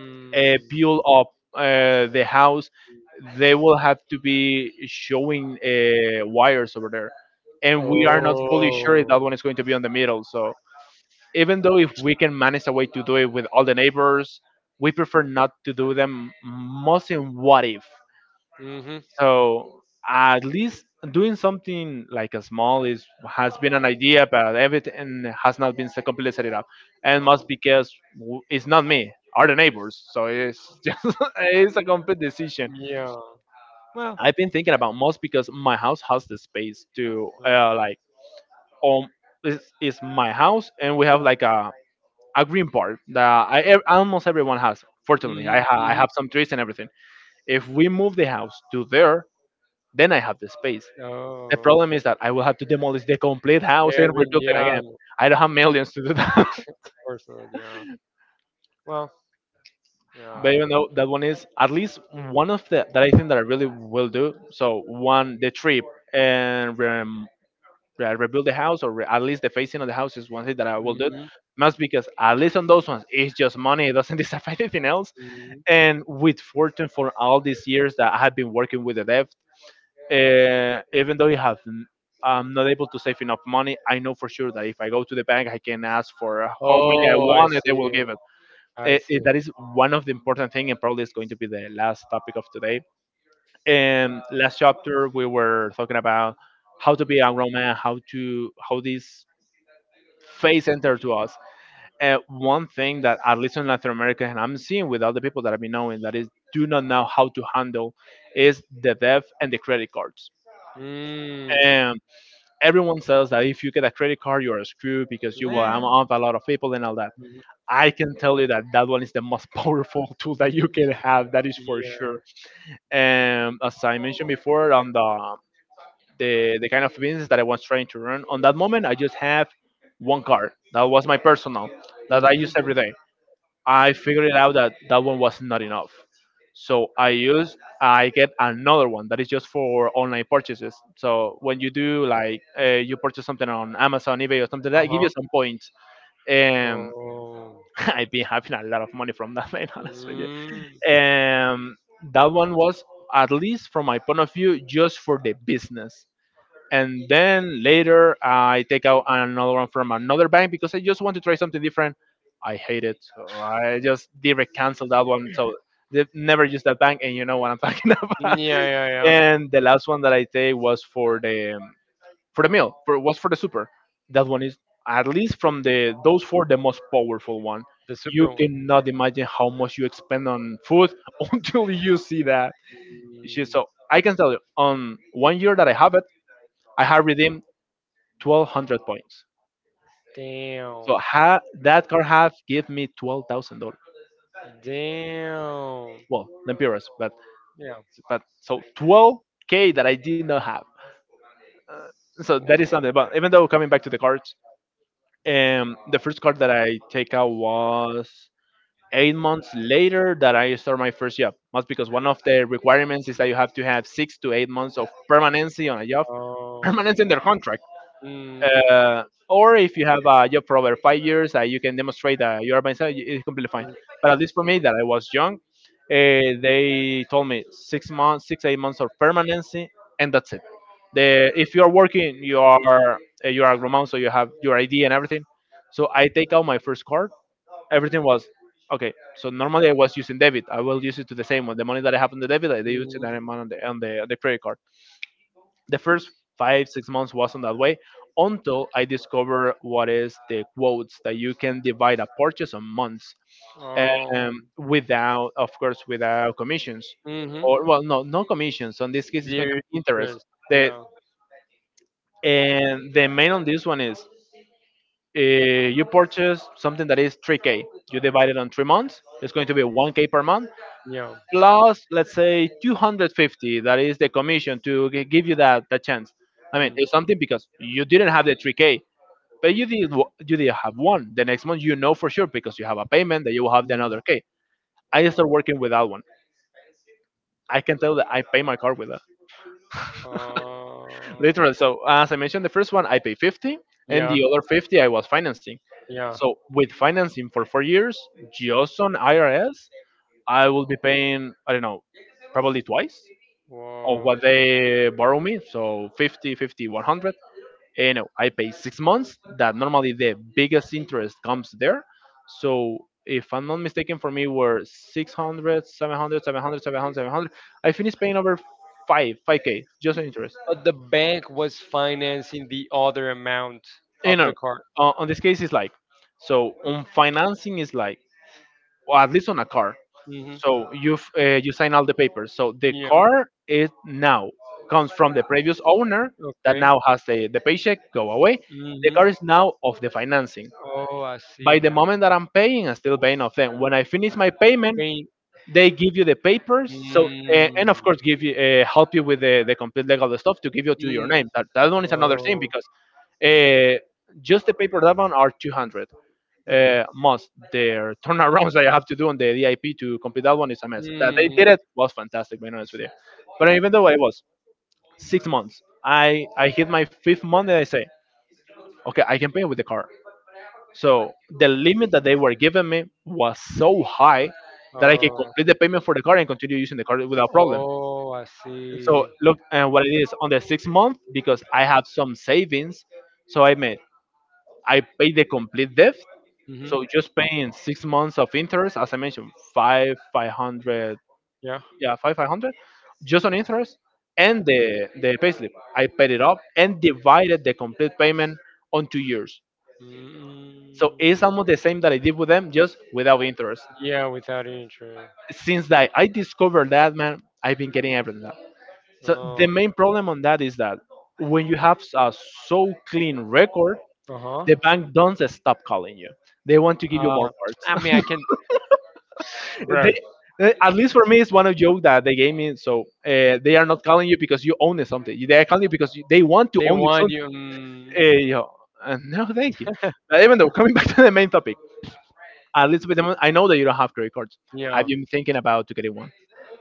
Speaker 2: Mm.
Speaker 1: uh, peel up uh, the house, they will have to be showing uh, wires over there. And we are not fully sure if
Speaker 2: Oh.
Speaker 1: that one is going to be on the middle. So even though if we can manage a way to do it with all the neighbors, we prefer not to do them most in what if.
Speaker 2: Mm-hmm.
Speaker 1: So at least doing something like a small is has been an idea, but everything has not been so completely set it up, and must
Speaker 2: Oh.
Speaker 1: because w- it's not me, are the neighbors. So it's just it's a complete decision.
Speaker 2: Yeah. Well.
Speaker 1: I've been thinking about most because my house has the space to uh, like um. It's, it's my house and we have like a a green part that I, ev- almost everyone has. Fortunately,
Speaker 2: Mm-hmm.
Speaker 1: I, ha- I
Speaker 2: Mm-hmm.
Speaker 1: have some trees and everything. If we move the house to there, then I have the space. The
Speaker 2: Oh.
Speaker 1: problem is that I will have to demolish the complete house and
Speaker 2: Every,
Speaker 1: rebuild it
Speaker 2: yeah.
Speaker 1: again.
Speaker 2: Of
Speaker 1: I don't have millions to do that.
Speaker 2: course. Lord, yeah. Well. Yeah.
Speaker 1: But even though that one is at least one of the that I think that I really will do. So one the trip and rem- re- rebuild the house or re- at least the facing of the house is one thing that I will do.
Speaker 2: Mm-hmm.
Speaker 1: Must because at least on those ones it's just money. It doesn't affect anything else.
Speaker 2: Hmm.
Speaker 1: And with fortune for all these years that I have been working with the left, uh, even though I have n- I'm not able to save enough money, I know for sure that if I go to the bank, I can ask for how many I
Speaker 2: Oh, I
Speaker 1: want, and they will
Speaker 2: see.
Speaker 1: give it.
Speaker 2: I
Speaker 1: Eh, eh,
Speaker 2: see.
Speaker 1: that is one of the important thing, and probably is going to be the last topic of today. And last chapter, we were talking about how to be a grown man, how to how this phase enter to us. Uh, one thing that at least in Latin America and I'm seeing with other people that I've been knowing that is do not know how to handle is the debt and the credit cards.
Speaker 2: Mm.
Speaker 1: And everyone says that if you get a credit card, you're a screw because you will
Speaker 2: Yeah.
Speaker 1: am off a lot of people and all that.
Speaker 2: Mhm.
Speaker 1: I can tell you that that one is the most powerful tool that you can have. That is for sure.
Speaker 2: Yeah.
Speaker 1: And as I mentioned before, on the the, the kind of business that I was trying to run, on that moment, I just have one card. That was my personal that
Speaker 2: Mm-hmm.
Speaker 1: I use every day. I figured it out that that one was not enough. So I use I get another one that is just for online purchases. So when you do like uh, you purchase something on Amazon, eBay, or something like that, give
Speaker 2: Uh-huh.
Speaker 1: you some points. Um,
Speaker 2: Oh.
Speaker 1: I've been having a lot of money from that, man. Honest with you.
Speaker 2: Mm.
Speaker 1: Um, that one was at least from my point of view just for the business, and then later I take out another one from another bank because I just want to try something different. I hate it. So I just direct cancel that one. So they've never used that bank, and you know what I'm talking about.
Speaker 2: Yeah, yeah, yeah.
Speaker 1: And the last one that I take was for the for the meal. For was for the super. That one is at least from the those four the most powerful one.
Speaker 2: The super
Speaker 1: You
Speaker 2: one.
Speaker 1: cannot imagine how much you expend on food until you see that.
Speaker 2: Mm.
Speaker 1: She- So I can tell you, on one year that I have it, I have redeemed twelve hundred points. So
Speaker 2: Damn.
Speaker 1: ha- that car have give me twelve thousand dollars.
Speaker 2: Damn.
Speaker 1: Well, Lempiras, but
Speaker 2: Yeah.
Speaker 1: but so twelve k that I did not have. Uh, so that is something. But even though coming back to the cards, um, the first card that I take out was eight months later that I start my first job. That's because one of the requirements is that you have to have six to eight months of permanency on a job,
Speaker 2: Oh.
Speaker 1: permanence in their contract.
Speaker 2: Mm.
Speaker 1: Uh, or if you have a job for over five years that you can demonstrate that you are by yourself, it's completely fine. But at least for me, that I was young, uh, they told me six months, six eight months of permanency, and that's it. The if you are working, you are uh, you are a grown man, so you have your I D and everything. So I take out my first card. Everything was okay. So normally I was using debit. I will use it to the same one. The money that I have on the debit, I use
Speaker 2: Mm.
Speaker 1: it on the on the, on the credit card the first five six months wasn't that way until I discovered what is the quotes that you can divide a purchase on months.
Speaker 2: Oh.
Speaker 1: Um, without of course without commissions,
Speaker 2: Mm-hmm.
Speaker 1: or well no no commissions, so in this case it's going to
Speaker 2: Their
Speaker 1: be interest.
Speaker 2: interest.
Speaker 1: The
Speaker 2: Yeah.
Speaker 1: And the main on this one is uh, you purchase something that is three k, you divide it on three months, it's going to be one k per month
Speaker 2: Yeah.
Speaker 1: plus let's say two hundred fifty that is the commission to gi- give you that that chance. I mean it's something because you didn't have the three k, but you did w- you did have one the next month you know for sure because you have a payment that you will have
Speaker 2: Mm.
Speaker 1: the
Speaker 2: Mm.
Speaker 1: another k. I start working with that one. I can tell that I pay my car with that.
Speaker 2: Uh,
Speaker 1: Literally, so as I mentioned the first one I pay fifty and
Speaker 2: yeah,
Speaker 1: the other fifty I was financing.
Speaker 2: yeah.
Speaker 1: So with financing for four years just on irs I will be paying I don't know, probably twice of
Speaker 2: Wow.
Speaker 1: what they borrow me, so fifty fifty one hundred, and no, I pay six months that normally the biggest interest comes there. So if I'm not mistaken for me were 600 700 700 700 seven hundred. I finished paying over five five k just on interest,
Speaker 2: But the bank was financing the other amount
Speaker 1: you
Speaker 2: of
Speaker 1: know.
Speaker 2: the car.
Speaker 1: Uh, on this case it's like so on financing is like, well, at least on a car.
Speaker 2: Hmm.
Speaker 1: So you've uh, you sign all the papers. So the
Speaker 2: Yeah.
Speaker 1: car is now comes from the previous owner that
Speaker 2: Okay.
Speaker 1: now has the, the paycheck go away. The
Speaker 2: Hmm.
Speaker 1: car is now of the financing.
Speaker 2: Oh, I see
Speaker 1: By the
Speaker 2: now.
Speaker 1: moment that I'm paying, I'm still paying off them. When I finish my payment,
Speaker 2: Paint.
Speaker 1: they give you the papers so uh,
Speaker 2: Mm,
Speaker 1: and of
Speaker 2: mm,
Speaker 1: course give you uh, help you with the, the complete legal stuff to give you to your name that, that one is another thing
Speaker 2: oh,
Speaker 1: because
Speaker 2: mm,
Speaker 1: uh, just the paper that one are two hundred uh, must their turnarounds that I have to do on the D I P to complete that one is a mess. That they
Speaker 2: mm,
Speaker 1: did it was fantastic, being honest with you. But even though I was six months, I I hit my fifth month and I say, okay, I can pay with the car. So the limit that they were giving me was so high that I could complete the payment for the card and continue using the card without problem.
Speaker 2: oh, oh, I
Speaker 1: And so
Speaker 2: see.
Speaker 1: look, and what it is on the sixth month because I have some savings, so I made I paid the complete debt.
Speaker 2: Hmm.
Speaker 1: So just paying six months of interest, as I mentioned, five five hundred,
Speaker 2: Yeah.
Speaker 1: yeah, five five hundred, just on interest and the the payslip. I paid it off and divided the complete payment on two years.
Speaker 2: Mm.
Speaker 1: So it's almost the same that I did with them, just without interest.
Speaker 2: Yeah, without interest.
Speaker 1: Since that I discovered that, man, I've been getting everything up. So the
Speaker 2: Oh.
Speaker 1: main problem on that is that when you have a so clean record,
Speaker 2: Uh-huh.
Speaker 1: the bank doesn't stop calling you. They want to give you more
Speaker 2: Uh, I
Speaker 1: cards.
Speaker 2: mean, I can, bro.
Speaker 1: they, eh, at least for me, it's one of joke that they gave me. So uh, they are not calling you because you own something. They are calling you because you- they want to
Speaker 2: They
Speaker 1: own you
Speaker 2: want
Speaker 1: something.
Speaker 2: you. Um,
Speaker 1: Eh, yo, uh, no, thank you. But even though, coming back to the main topic, at least with the month, I know that you don't have credit cards. I've
Speaker 2: yeah.
Speaker 1: been thinking about to getting one.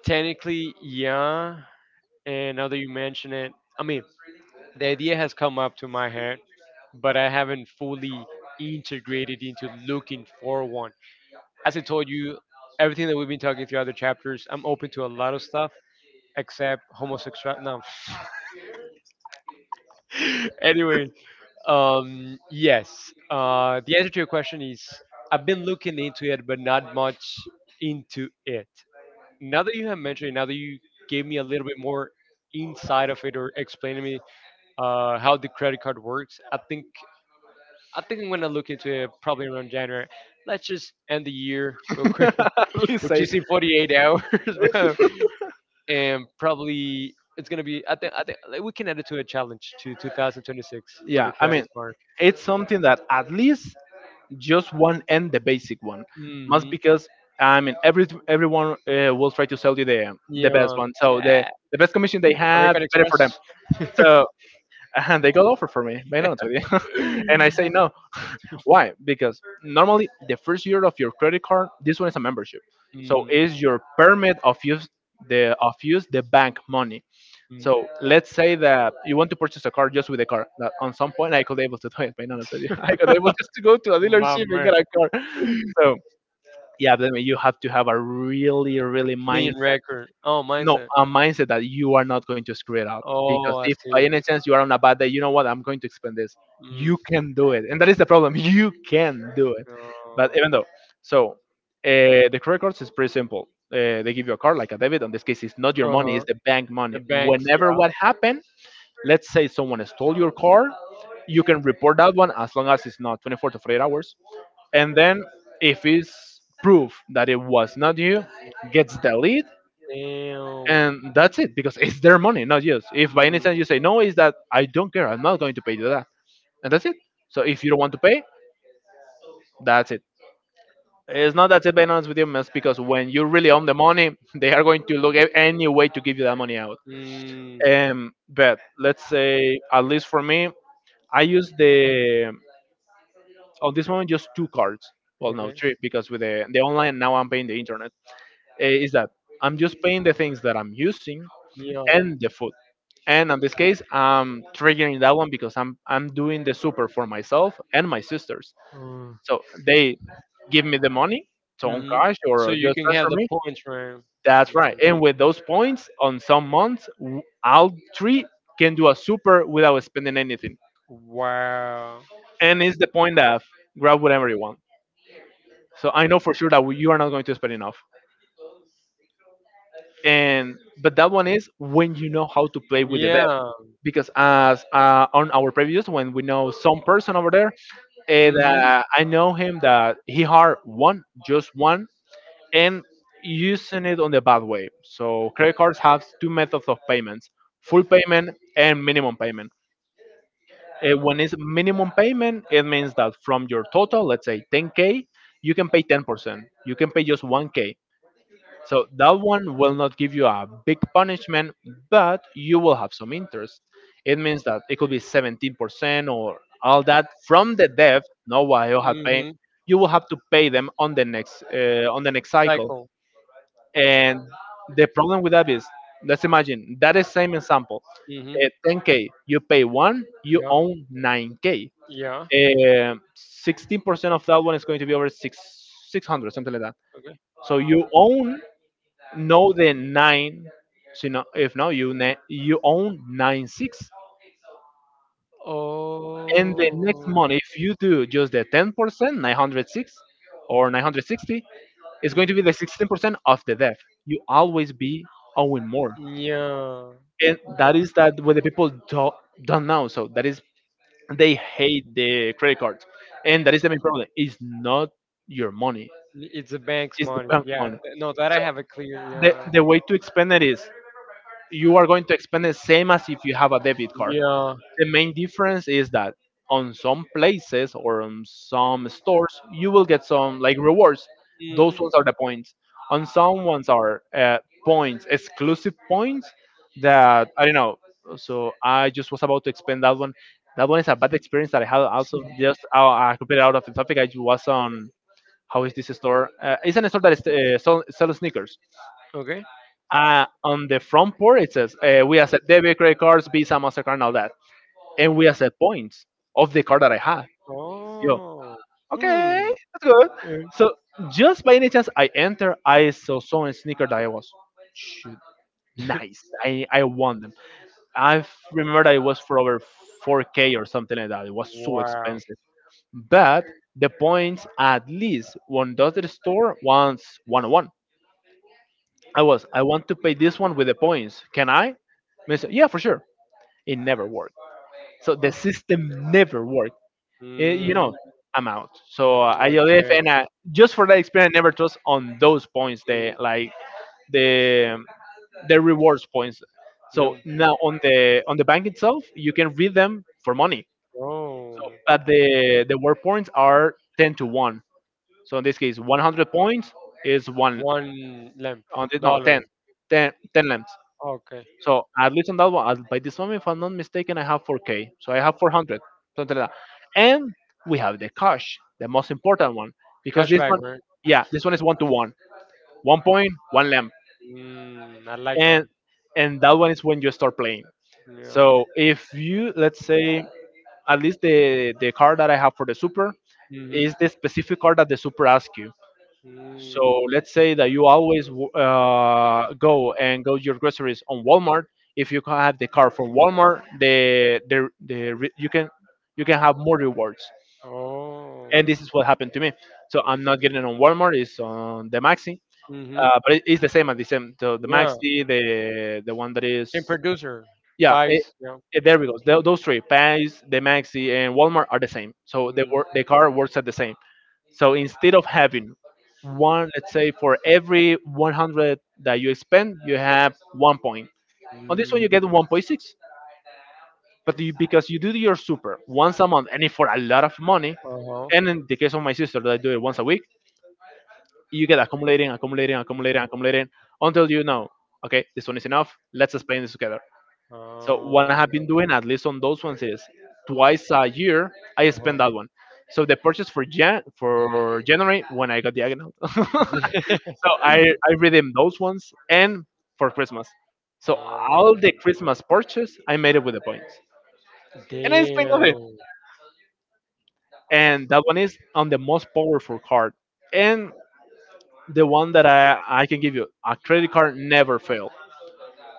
Speaker 2: Technically, yeah. And now that you mention it, I mean, the idea has come up to my head, but I haven't fully integrated into looking for. As I told you, everything that we've been talking throughout the chapters, I'm open to a lot of stuff except homosexual. No. Anyway, um, yes. Uh, the answer to your question is I've been looking into it, but not much into it. Now that you have mentioned it, now that you gave me a little bit more inside of it or explained to me uh, how the credit card works, I think I think I'm gonna look into it probably around January. Let's just end the year real quick,
Speaker 1: At least
Speaker 2: which
Speaker 1: save.
Speaker 2: is in forty-eight hours. Man. And probably it's gonna be. I think I think like, we can add it to a challenge to two thousand twenty-six for the
Speaker 1: Yeah, I
Speaker 2: credit
Speaker 1: mean,
Speaker 2: card.
Speaker 1: it's something that at least just one and the basic one, must,
Speaker 2: Hmm.
Speaker 1: because I mean every everyone uh, will try to sell you the the best
Speaker 2: Yeah,
Speaker 1: one. So the
Speaker 2: yeah.
Speaker 1: the best commission they have,
Speaker 2: American
Speaker 1: better
Speaker 2: Express.
Speaker 1: for them. So and they got offer for me, being honest with you, and I say no. Why? Because normally the first year of your credit card, this one is a membership. So
Speaker 2: Mm,
Speaker 1: is your permit of use, the of use the bank money.
Speaker 2: mm.
Speaker 1: So let's say that you want to purchase a car just with a car. That on some point I could able to do it, but not, I could able just to go to a
Speaker 2: My
Speaker 1: dealership and
Speaker 2: man.
Speaker 1: get a car. So yeah, then you have to have a really, really
Speaker 2: Clean
Speaker 1: mindset,
Speaker 2: record. Oh,
Speaker 1: no,
Speaker 2: mindset.
Speaker 1: a mindset that you are not going to screw it up, because
Speaker 2: Oh, I
Speaker 1: if by
Speaker 2: see.
Speaker 1: any chance you are on a bad day, you know what, I'm going to expend this,
Speaker 2: Mm.
Speaker 1: you can do it, and that is the problem. You can do it. But even
Speaker 2: Uh
Speaker 1: though, so uh, the credit cards is pretty simple. Uh, they give you a card like a debit. In this case, it's not your money,
Speaker 2: huh.
Speaker 1: it's the bank
Speaker 2: The
Speaker 1: money.
Speaker 2: banks.
Speaker 1: Whenever
Speaker 2: Yeah.
Speaker 1: what happened, let's say someone stole your card, you can report that one as long as it's not twenty four to forty eight hours, and then if it's proof that it was not you, gets deleted,
Speaker 2: Damn.
Speaker 1: and that's it, because it's their money, not yours. If by any
Speaker 2: Mm.
Speaker 1: chance you say no, is that I don't care, I'm not going to pay you that, and that's it. So if you don't want to pay, that's it. It's not that it, being honest with you, Miss, because when you really own the money, they are going to look at any way to give you that money out.
Speaker 2: Mm.
Speaker 1: Um, but let's say, at least for me, I use the, on this moment, just two cards. Well, no,
Speaker 2: Okay.
Speaker 1: three, because with the the online now I'm paying the internet. Eh, is that I'm just paying the things that I'm using
Speaker 2: Yeah.
Speaker 1: and the food. And in this case, I'm triggering that one because I'm I'm doing the super for myself and my sisters. So they give me the money, so on
Speaker 2: Mm-hmm.
Speaker 1: cash
Speaker 2: So
Speaker 1: or
Speaker 2: you
Speaker 1: just
Speaker 2: can have
Speaker 1: transfer
Speaker 2: the
Speaker 1: me.
Speaker 2: points, right?
Speaker 1: That's right. And with those points, on some months, w- all three can do a super without spending anything.
Speaker 2: Wow.
Speaker 1: And it's the point that grab whatever you want. So I know for sure that you are not going to spend enough. And but that one is when you know how to play with the dev,
Speaker 2: Yeah.
Speaker 1: because as uh, on our previous when we know some person over there, and
Speaker 2: Mm-hmm.
Speaker 1: uh, I know him that he hard one just one and using it on the bad way. So credit cards have two methods of payments, full payment and minimum payment. Uh, when it's minimum payment, it means that from your total, let's say ten k, you can pay ten percent, you can pay just one k, so that one will not give you a big punishment, but you will have some interest. It means that it could be seventeen percent or all that from the debt. No, while you have paying,
Speaker 2: Mm-hmm.
Speaker 1: you will have to pay them on the next uh, on the next cycle.
Speaker 2: Cycle.
Speaker 1: And the problem with that is, let's imagine that is same example.
Speaker 2: Mm-hmm.
Speaker 1: Uh, ten k, you pay one, you
Speaker 2: Yeah.
Speaker 1: own nine k.
Speaker 2: Yeah.
Speaker 1: Um, sixteen percent of that one is going to be over six 600, something like that.
Speaker 2: Okay.
Speaker 1: So you own know the nine. So you, if now you ne- you own nine six,
Speaker 2: Oh.
Speaker 1: and the next
Speaker 2: Mm.
Speaker 1: month if you do just the ten percent, nine hundred six or nine hundred sixty, it's going to be the sixteen percent of the debt. You always be owing more,
Speaker 2: Yeah.
Speaker 1: and
Speaker 2: But
Speaker 1: that is that what the people do, don't know. So that is, they hate the credit card, and that is the main problem. It's not your money,
Speaker 2: it's the bank's
Speaker 1: it's the
Speaker 2: money.
Speaker 1: bank
Speaker 2: Yeah.
Speaker 1: money.
Speaker 2: th- No, that I
Speaker 1: So
Speaker 2: have a clear.
Speaker 1: the,
Speaker 2: Yeah.
Speaker 1: the way to expend it is, you are going to expend the same as if you have a debit card.
Speaker 2: Yeah.
Speaker 1: The main difference is that on some places or on some stores, you will get some like rewards. Those ones are the points. On some ones are uh, points, exclusive points that I don't know. So I just was about to explain that one. That one is a bad experience that I had.
Speaker 2: Mm.
Speaker 1: Also, just uh, I completely out of the topic. I was on, how is this store? Uh, it's an store that is uh, sell, sell sneakers.
Speaker 2: Okay.
Speaker 1: Uh, on the front port, it says uh, we accept debit, credit cards, Visa, Mastercard, and all that, and we accept points of the card that I have. Yo,
Speaker 2: Oh. Hmm.
Speaker 1: okay, that's good.
Speaker 2: Eh.
Speaker 1: So just by any chance I enter, I saw some sneaker that I was, nice, I, I want them. I remember that it was for over four K or something like that. It was so
Speaker 2: Wow.
Speaker 1: expensive. But the points, at least one does the store wants one on one. I was, I want to pay this one with the points. Can I? They said, yeah, for sure. It never worked. So the system never worked. Eh, you
Speaker 2: Mm,
Speaker 1: know, I'm out. So uh, I left,
Speaker 2: okay.
Speaker 1: and uh, just for that experience, I never trust on those points.
Speaker 2: Mm,
Speaker 1: The like the the rewards points.
Speaker 2: yeah.
Speaker 1: So now on the on the bank itself, you can read them for money.
Speaker 2: Oh.
Speaker 1: So, but the the reward points are ten to one. So in this case, one hundred points is one.
Speaker 2: One lamp.
Speaker 1: On this, no,
Speaker 2: Dollar.
Speaker 1: ten, ten, ten 10,
Speaker 2: Okay.
Speaker 1: so at least on that one, at- by this one, if I'm not mistaken, I have four K. So I have four hundred, something like that. And we have the cash, the most important one, because this
Speaker 2: Cashback,
Speaker 1: one,
Speaker 2: right?
Speaker 1: yeah, this one is one to one, one point, one lamp,
Speaker 2: Mm, I like that.
Speaker 1: and and that one is when you start playing.
Speaker 2: Yeah.
Speaker 1: So if you, let's say, at least the the card that I have for the super
Speaker 2: Mhm.
Speaker 1: is the specific card that the super asks you. So
Speaker 2: Mm.
Speaker 1: let's say that you always w- uh, go and go your groceries on Walmart. If you can have the card from Walmart, the, the, the re- you can, you can have more rewards.
Speaker 2: Oh.
Speaker 1: And this is what happened to me. So I'm not getting it on Walmart. It's on the Maxi,
Speaker 2: Mhm.
Speaker 1: uh, but it- it's the same as the same. So the
Speaker 2: Yeah.
Speaker 1: Maxi, the the one that is,
Speaker 2: Same producer.
Speaker 1: yeah. It,
Speaker 2: Pies. Yeah.
Speaker 1: it- there we go. Tho- Those three, Pays, the Maxi, and Walmart are the same. So the
Speaker 2: Mm.
Speaker 1: wor- the car works at the same. So instead of having one, let's say for every one hundred that you spend, you have one point. On this one, you
Speaker 2: Mm.
Speaker 1: get one point six, but you, because you do your super once a month and it's for a lot of money,
Speaker 2: Uh-huh. Mm.
Speaker 1: and in the case of my sister that I do it once a week, you get accumulating, accumulating, accumulating, accumulating, until you know, okay, this one is enough. Let's explain this together. So
Speaker 2: Oh.
Speaker 1: what I have been doing, at least on those ones, is twice a year I spend that one. So the purchase for Jan for January when I got diagnosed So
Speaker 2: Uh-huh.
Speaker 1: I, I redeemed those ones and for Christmas. So all
Speaker 2: Oh.
Speaker 1: the Christmas purchase, I made it with the points. And I spent nothing.
Speaker 2: Damn.
Speaker 1: And that one is on the most powerful card. And the one that I, I can give you, a credit card never fail.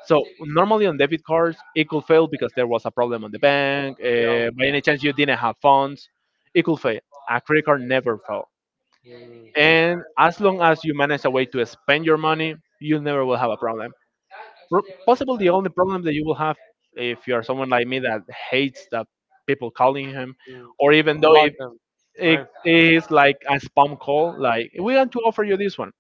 Speaker 1: So normally on debit cards, it could fail because there was a problem on the bank. Uh,
Speaker 2: Yo.
Speaker 1: by any chance you didn't have funds, it could fail. A credit card never fail.
Speaker 2: Mm,
Speaker 1: And as long as you manage a way to spend your money, you never will have a problem. Pro- possibly the only problem that you will have if you are someone like me that hates that people calling him,
Speaker 2: mm.
Speaker 1: or even though
Speaker 2: Block
Speaker 1: if
Speaker 2: them.
Speaker 1: it
Speaker 2: Right.
Speaker 1: is like a spam call, like we want to offer you this one.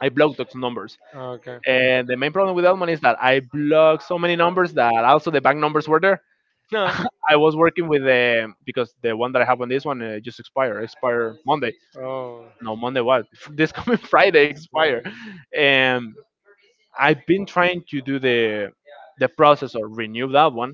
Speaker 1: I block those numbers,
Speaker 2: Okay.
Speaker 1: and the main problem with Elmon is that I block so many numbers that also the bank numbers were there.
Speaker 2: No.
Speaker 1: I was working with the because the one that I have on this one uh, just expired. Expire Monday.
Speaker 2: Oh,
Speaker 1: No, Monday what? This coming Friday expire,
Speaker 2: man.
Speaker 1: and I've been trying to do the the process or renew that one.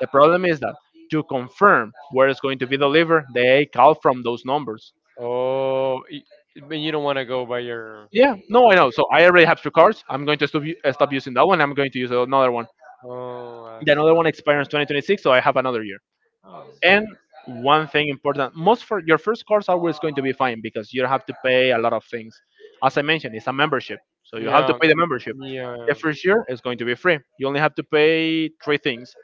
Speaker 1: The problem is that to confirm where it's going to be delivered, they call from those numbers.
Speaker 2: Oh, y- but you don't want to go by your.
Speaker 1: Yeah, no, I know. So I already have two cards. I'm going to stop, u- uh, stop using that one. I'm going to use another one.
Speaker 2: Oh, I
Speaker 1: The another one
Speaker 2: see.
Speaker 1: expires twenty twenty-six, so I have another year. And one thing important, most for your first course always going to be fine because you have to pay a lot of things. As I mentioned, it's a membership, so you have to
Speaker 2: Yeah,
Speaker 1: pay the membership. The
Speaker 2: yeah.
Speaker 1: first year is going to be free. You only have to pay three things: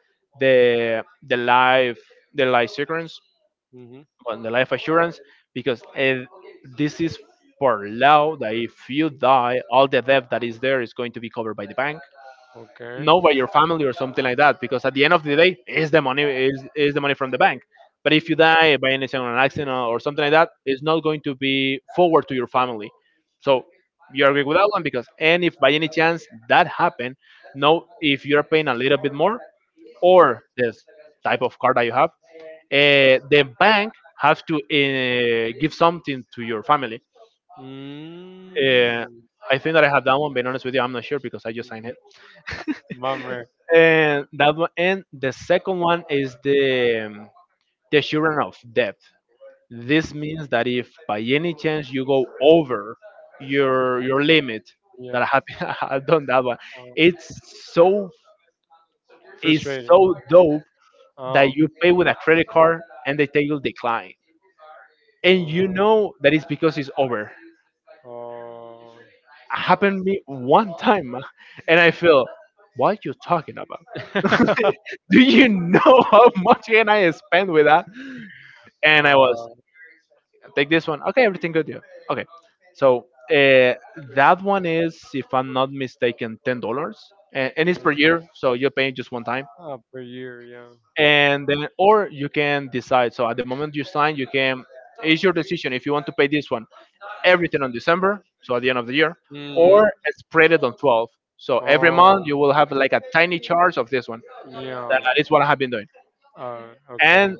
Speaker 1: the the life, the life assurance,
Speaker 2: Hmm.
Speaker 1: well, the life assurance, because eh, this is for law that if you die, all the debt that is there is going to be covered by the bank
Speaker 2: Okay.
Speaker 1: know by your family or something like that, because at the end of the day it's the money is, is the money from the bank. But if you die by any chance on an accident or something like that, it's not going to be forward to your family. So you agree with that one because, and if by any chance that happened, know, if you're paying a little bit more or this type of card that you have, uh, the bank have to uh, give something to your family. uh,
Speaker 2: Mm.
Speaker 1: I think that I have that one, being honest with you, I'm not sure because I just signed it.
Speaker 2: Bummer.
Speaker 1: And that one, and the second one is the um, the assurance of debt. This means that if by any chance you go over your your limit,
Speaker 2: Yeah.
Speaker 1: that I have I've done that one.
Speaker 2: Um,
Speaker 1: it's so it's
Speaker 2: frustrated.
Speaker 1: so dope that
Speaker 2: Oh.
Speaker 1: you pay with a credit card and they take your decline and you
Speaker 2: Oh,
Speaker 1: know that it's because it's over.
Speaker 2: oh,
Speaker 1: Happened to me one time and I feel, what are you talking about?
Speaker 2: oh,
Speaker 1: Do you know how much can I spend with that? And I was, take this one. Okay, everything good. Yeah. Okay, so uh, that one is, if I'm not mistaken, ten dollars, and, and it's
Speaker 2: mm,
Speaker 1: per year, so you pay just one time,
Speaker 2: ah, per year, yeah.
Speaker 1: and then, or you can decide. So at the moment you sign, you can. It's your decision if you want to pay this one everything on December, so at the end of the year,
Speaker 2: Mm,
Speaker 1: or spread it on twelve. So every month
Speaker 2: oh,
Speaker 1: you will have like a tiny charge of this one. That
Speaker 2: yeah.
Speaker 1: is what I have been doing.
Speaker 2: Uh, okay.
Speaker 1: And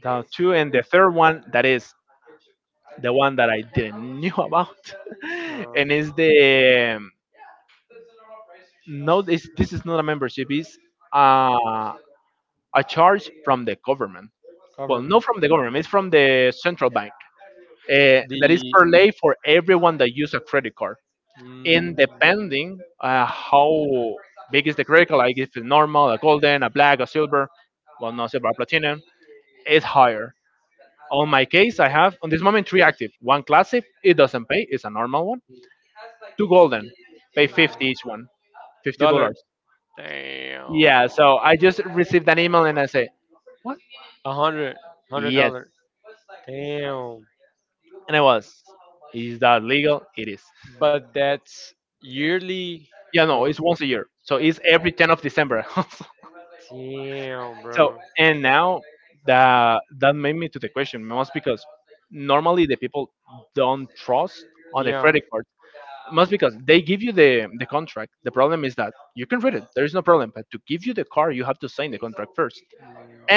Speaker 1: the two, and the third one that is the one that I didn't knew about,
Speaker 2: Uh,
Speaker 1: and it's the um, no. This this is not a membership. It's uh, a charge from the government. Well, not
Speaker 2: government.
Speaker 1: from the government. It's from the central bank. Uh,
Speaker 2: The
Speaker 1: that is per lay for everyone that use a credit card.
Speaker 2: mm,
Speaker 1: And depending uh, how big is the credit card, like if it's normal, a golden, a black, a silver, well, not silver, a platinum, it's higher. On my case, I have on this moment three active. One classic, it doesn't pay, it's a normal, two golden, pay fifty
Speaker 2: mm.
Speaker 1: each one, fifty dollars.
Speaker 2: Dollars. Damn.
Speaker 1: Yeah, so I just received an email and I say, what?
Speaker 2: A hundred, hundred
Speaker 1: Yes,
Speaker 2: dollar. Damn.
Speaker 1: and I was. Is that legal? It is.
Speaker 2: But that's yearly.
Speaker 1: Yeah, no,
Speaker 2: Or
Speaker 1: it's once a year, so it's every tenth of December.
Speaker 2: damn,
Speaker 1: So,
Speaker 2: bro.
Speaker 1: and now that that made me to the question most, because normally the people don't trust on the
Speaker 2: Yeah.
Speaker 1: credit card, most because they give you the the contract. The problem is that you can read it. There is no problem, but to give you the card, you have to sign the contract first.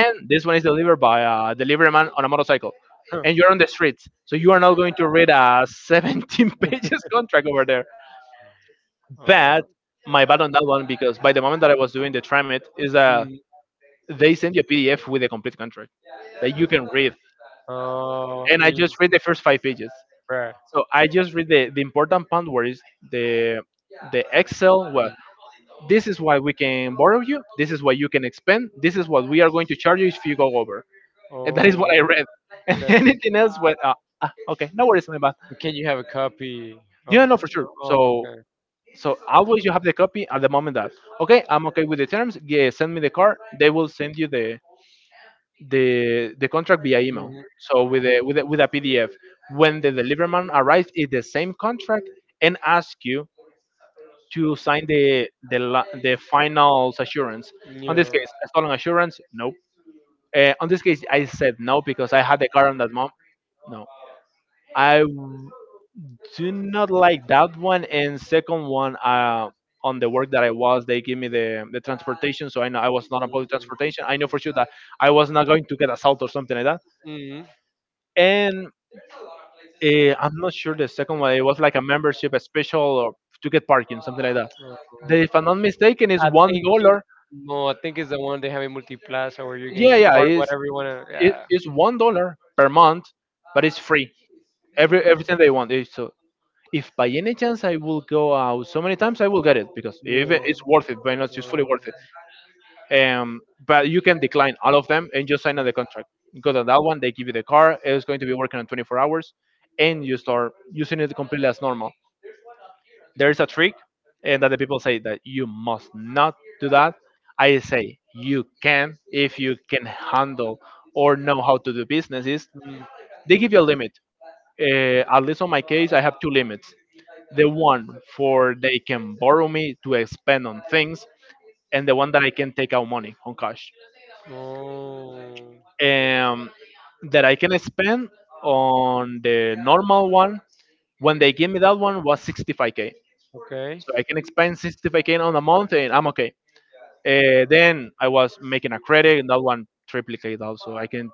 Speaker 1: And this one is delivered by a delivery man on a motorcycle,
Speaker 2: Huh.
Speaker 1: and you're on the streets, so you are not going to read a seventeen pages contract over there. But
Speaker 2: Uh,
Speaker 1: my bad on that one, because by the moment that I was doing the tramit is that
Speaker 2: mm,
Speaker 1: they send you a PDF with a complete contract that you can read.
Speaker 2: uh, mm,
Speaker 1: And I just read the first five pages,
Speaker 2: right.
Speaker 1: so I just read the, the important part, where is the the excel, well,
Speaker 2: Mm.
Speaker 1: this is why we can borrow you, this is what you can expend, this is what we are going to charge you if you go over. And that is what
Speaker 2: Oh,
Speaker 1: I read. And
Speaker 2: that's.
Speaker 1: anything else went, uh, ah, okay, no worries, my bad.
Speaker 2: Can you have a copy of
Speaker 1: Yeah, no, for
Speaker 2: it?
Speaker 1: sure.
Speaker 2: Oh,
Speaker 1: So,
Speaker 2: okay.
Speaker 1: so always you have the copy at the moment that, okay, I'm okay with the terms. Yeah, send me the card. They will send you the the the contract via email.
Speaker 2: Hmm.
Speaker 1: So with a with a, with a P D F. When the deliverman arrives, it's the same contract and ask you to sign the the la- the final assurance.
Speaker 2: Oh,
Speaker 1: On this
Speaker 2: yeah.
Speaker 1: case, I stolen assurance. No. Uh, on this case, I said no because I had the car on that mom. No. I do not like that one, and second one, uh, on the work that I was, they give me the, the transportation, so I know I was not on public transportation, I know for sure that I was not going to get assault or something like that.
Speaker 2: Mm.
Speaker 1: And uh, I'm not sure, the second one it was like a membership, a special, or to get parking something like that. The- if I'm not mistaken is
Speaker 2: I
Speaker 1: one
Speaker 2: think it-
Speaker 1: dollar
Speaker 2: no, I think it's the one they have in Multiplaza where you
Speaker 1: Yeah,
Speaker 2: can
Speaker 1: yeah,
Speaker 2: park
Speaker 1: it's
Speaker 2: whatever you wanna.
Speaker 1: it,
Speaker 2: Yeah.
Speaker 1: it's one dollar per month, but it's free. Every everything they want it's, so, if by any chance I will go out so many times, I will get it because if
Speaker 2: Yeah.
Speaker 1: it- it's worth it, why not? It's fully worth it. Um, but you can decline all of them and just sign on the contract. Because on that one, they give you the car. It's going to be working on twenty-four hours, and you start using it completely as normal. There is a trick, and that the people say that you must not do that. I say you can if you can handle or know how to do businesses. They give you a limit. Uh, at least on my case, I have two limits, the one for they can borrow me to spend on things, and the one that I can take out money on cash.
Speaker 2: Uh, mm. Oh.
Speaker 1: um, that I can spend on the normal one, when they give me that one was sixty-five k,
Speaker 2: Okay.
Speaker 1: so I can spend sixty-five k on a month and I'm okay. Uh, then I was making a credit and that one triplicate, also I can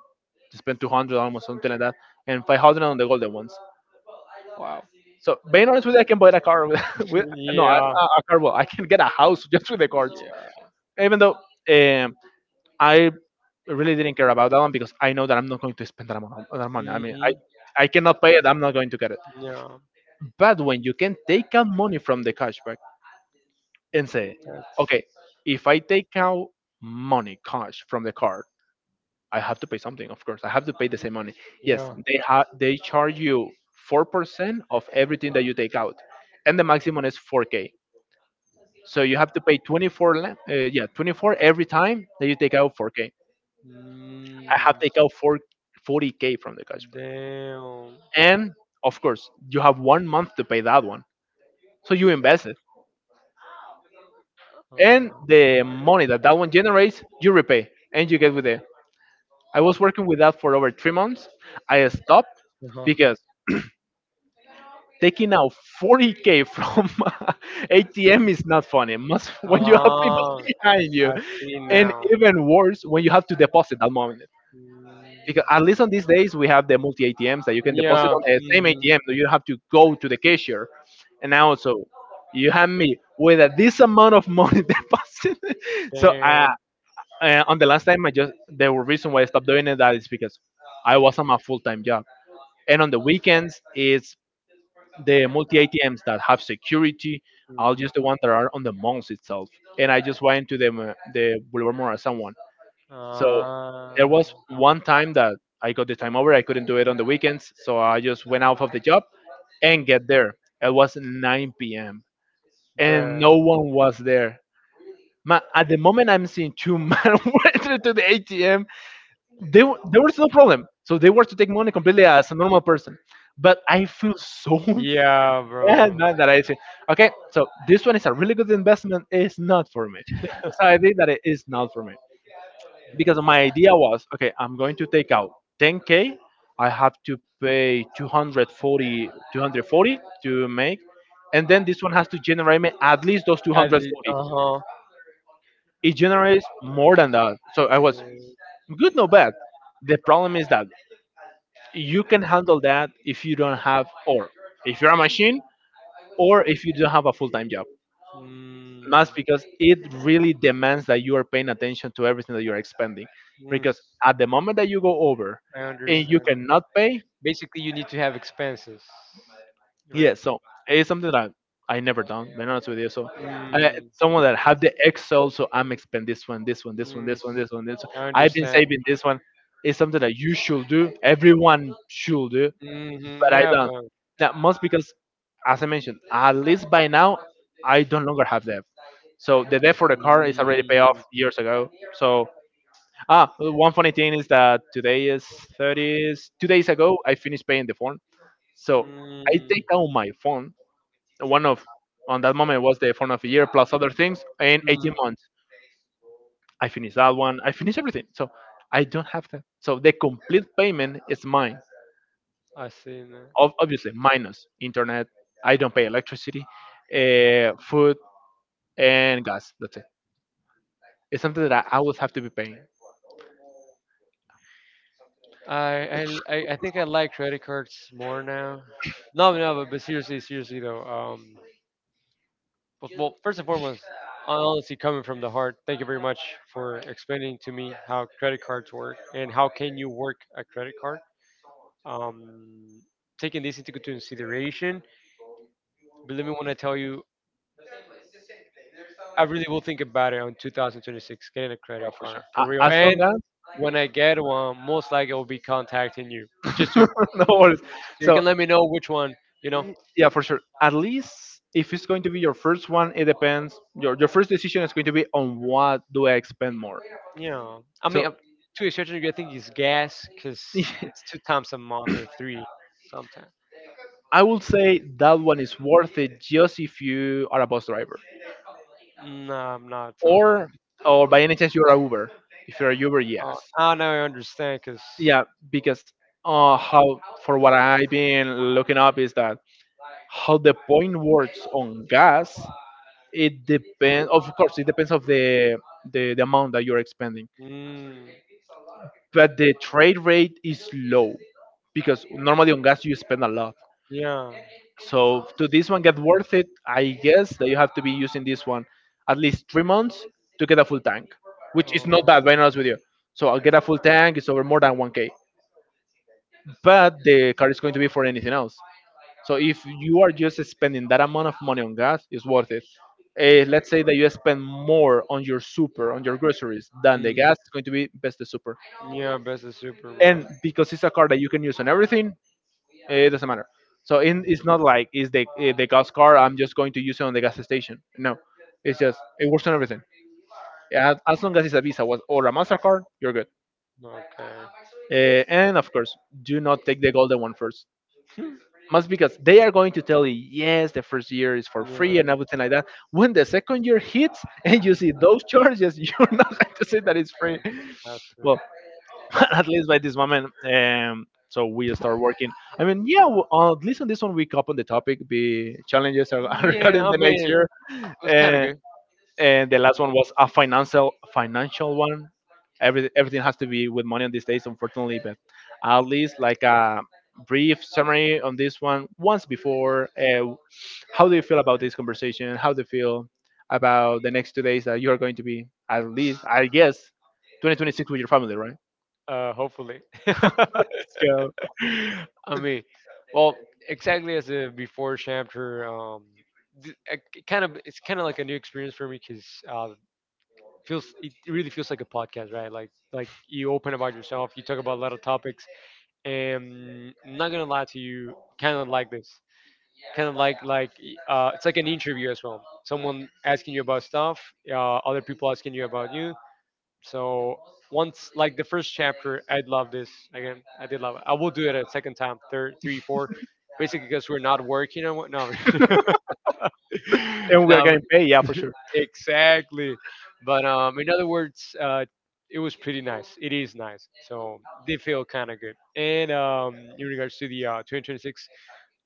Speaker 1: spend two hundred, almost, something like that, and five hundred on the golden ones. So being honest with you, I can buy a car with, with no I,
Speaker 2: Yeah.
Speaker 1: a a car, well, I can get a house just with the cards,
Speaker 2: Yeah.
Speaker 1: even though um, I really didn't care about that one because I know that I'm not going to spend that amount that money. I mean,
Speaker 2: Hmm.
Speaker 1: I I cannot pay it. I'm not going to get it.
Speaker 2: Yeah.
Speaker 1: But when you can take out money from the cashback and say,
Speaker 2: That's
Speaker 1: okay, if I take out money cash from the card, I have to pay something. Of course, I have to pay the same money. Yes,
Speaker 2: yeah.
Speaker 1: they have they charge you four percent of everything that you take out, and the maximum is four k. So you have to pay twenty-four, le- uh, yeah, twenty-four every time that you take out four k.
Speaker 2: Mm.
Speaker 1: I have taken out four, forty k from the cash back.
Speaker 2: Damn.
Speaker 1: And of course, you have one month to pay that one. So you invest it. And the money that that one generates, you repay and you get with it. I was working with that for over three months. I stopped because taking out forty k from A T M is not funny. Must
Speaker 2: Uh,
Speaker 1: when you have people
Speaker 2: uh-huh.
Speaker 1: behind
Speaker 2: Ah,
Speaker 1: you,
Speaker 2: I see
Speaker 1: and
Speaker 2: now.
Speaker 1: even worse when you have to deposit that money.
Speaker 2: Mm.
Speaker 1: because at least on these days we have the multi A T Ms that you can deposit
Speaker 2: Yeah.
Speaker 1: on the same
Speaker 2: Mhm.
Speaker 1: A T M. so you don't have to go to the cashier, and now also you have me with a, this amount of money deposit. so I,
Speaker 2: Damn.
Speaker 1: uh, on the last time I just the reason why I stopped doing it that is because I was on my full time job, and on the weekends it's the multi A T Ms that have security.
Speaker 2: Mm.
Speaker 1: I'll use the ones that are on the malls itself, and I just went to the uh, the Boulevard Mora someone. So
Speaker 2: Ah.
Speaker 1: there was one time that I got the time over. I couldn't do it on the weekends, so I just went off of the job and get there. It was nine p m and
Speaker 2: Bruh.
Speaker 1: no one was there. Ma, at the moment I'm seeing two men went to the A T M. They, w- there was no problem. So they were to take money completely as a normal person. But I feel so
Speaker 2: Yeah,
Speaker 1: bad
Speaker 2: bro.
Speaker 1: man, that I say, okay, so this one is a really good investment. It's not for me. So I think that it is not for me. because my
Speaker 2: Yeah.
Speaker 1: idea was okay, I'm going to take out ten k. I have to pay two hundred forty, two hundred forty to make, and then this one has to generate me at least those
Speaker 2: I did,
Speaker 1: two hundred forty.
Speaker 2: uh-huh.
Speaker 1: It generates more than that, so I was good, no, bad. The problem is that you can handle that if you don't have, or if you're a machine, or if you don't have a full-time job.
Speaker 2: Mm,
Speaker 1: Must because it really demands that you are paying attention to everything that you are expending.
Speaker 2: mm,
Speaker 1: Because at the moment that you go over
Speaker 2: I
Speaker 1: and you
Speaker 2: understand.
Speaker 1: cannot pay,
Speaker 2: Basically, you need to have expenses,
Speaker 1: yeah,
Speaker 2: right?
Speaker 1: so it's something that I never done, being honest with you. So I,
Speaker 2: Mm,
Speaker 1: someone that have the Excel, so I'm expend this one, this one, this one,
Speaker 2: mm,
Speaker 1: this one, this one, this one.
Speaker 2: I
Speaker 1: I've been
Speaker 2: understand.
Speaker 1: saving this one. It's something that you should do. Everyone should do. but
Speaker 2: hmm
Speaker 1: I
Speaker 2: yeah,
Speaker 1: don't.
Speaker 2: but.
Speaker 1: That most because, as I mentioned, at least by now, I don't longer have debt. So the debt for the car is already paid off
Speaker 2: Mm,
Speaker 1: years ago. So ah, one funny thing is that today is thirties. Two days ago, I finished paying the phone. So
Speaker 2: mm,
Speaker 1: I take out my phone. One of on that moment was the phone of a year plus other things in eighteen
Speaker 2: mm,
Speaker 1: months. I finished that one. I finished everything. So I don't have that. So the complete payment is mine.
Speaker 2: I see. Now.
Speaker 1: ob- obviously minus internet. I don't pay electricity, uh, food, and gas. That's it. It's something that I always have to be paying. Yeah,
Speaker 2: I, I l- I I think I like credit cards more now. No, no, but, but seriously, seriously though, um, But, well, first and foremost, honestly, coming from the heart, thank you very much for explaining to me how credit cards work and how can you work a credit card. Um, taking this into consideration, believe me when I tell you, I really will think about it on two thousand twenty-six, getting a credit
Speaker 1: for
Speaker 2: card
Speaker 1: sure.
Speaker 2: for
Speaker 1: A-
Speaker 2: real.
Speaker 1: As long
Speaker 2: And
Speaker 1: as
Speaker 2: when I get one, most likely I will be contacting you just to
Speaker 1: no worries.
Speaker 2: you can
Speaker 1: So
Speaker 2: let me know which one you know.
Speaker 1: y- yeah, for sure. At least if it's going to be your first one, it depends. Your your first decision is going to be on what do I expend more.
Speaker 2: Yeah, I mean,
Speaker 1: So
Speaker 2: uh, to a certain degree, I think it's gas because it's two times a month or three sometimes.
Speaker 1: I would say that one is worth it just if you are a bus driver
Speaker 2: No, I'm not. So no.
Speaker 1: or or by any chance you're a Uber. If you're a Uber,
Speaker 2: Oh,
Speaker 1: yes.
Speaker 2: oh, now I understand because.
Speaker 1: Yeah, because uh how for what I've been looking up is that how the point works on gas, it depends. Of course it depends of the the, the amount that you're expending.
Speaker 2: Mm,
Speaker 1: But the trade rate is low because normally on gas you spend a lot.
Speaker 2: yeah.
Speaker 1: So to this one get worth it, I guess that you have to be using this one at least three months to get a full tank, which is not bad, very honest with you. So I'll get a full tank, it's over more than one k. But the card is going to be for anything else. So if you are just spending that amount of money on gas, it's worth it. Eh, let's say that you spend more on your super, on your groceries,
Speaker 2: Oh.
Speaker 1: than the
Speaker 2: Mm.
Speaker 1: gas, it's going to be best the super.
Speaker 2: Yeah, best is
Speaker 1: And
Speaker 2: Superman.
Speaker 1: because it's a car that you can use on everything, eh, it doesn't matter. So in, it's
Speaker 2: Mm,
Speaker 1: not like it's the eh, the gas car. I'm just going to use it on the gas station. No, it's just it works on everything. As, as long as it's a Visa was- or a Mastercard, you're good.
Speaker 2: okay.
Speaker 1: Eh, and of course, do not take the golden one first. Must because they are going to tell you yes the first year is for
Speaker 2: Yeah. Mm,
Speaker 1: free and
Speaker 2: okay.
Speaker 1: everything like that. When the second year hits and you see those charges you're not going to say that it's free.
Speaker 2: That's it.
Speaker 1: Well at least by this moment um so we start working. I mean, yeah, w- uh, at least on this one we up on the topic be challenges are- are regarding
Speaker 2: Yeah, I
Speaker 1: the next
Speaker 2: mean,
Speaker 1: year.
Speaker 2: it was kind of
Speaker 1: Uh,
Speaker 2: good.
Speaker 1: and the last one was a financial financial one. Every, everything has to be with money on these days, unfortunately. But at least like a brief summary on this one. Once before, uh, how do you feel about this conversation? How do you feel about the next two days that you are going to be at least, I guess, twenty twenty-six with your family, right?
Speaker 2: Uh, hopefully.
Speaker 1: Let's go.
Speaker 2: I mean, well, exactly as the before chapter, um, th- I- it kind of it's kind of like a new experience for me because uh, feels it really feels like a podcast, right? Like like you open about yourself, you talk about a lot of topics, and I'm not gonna lie to you, kind of like this, kind of like like uh, it's like an interview as well. Someone asking you about stuff, uh, other people asking you about you, so once like the first chapter, I love this again. I did love it. I will do it a second time, third, three, four, basically because we're not working on what. No,
Speaker 1: And we are
Speaker 2: no,
Speaker 1: getting paid, yeah, for sure.
Speaker 2: exactly. But um, in other words, uh, it was pretty nice. It is nice. So they feel kind of good. And um, in regards to the uh, two thousand twenty-six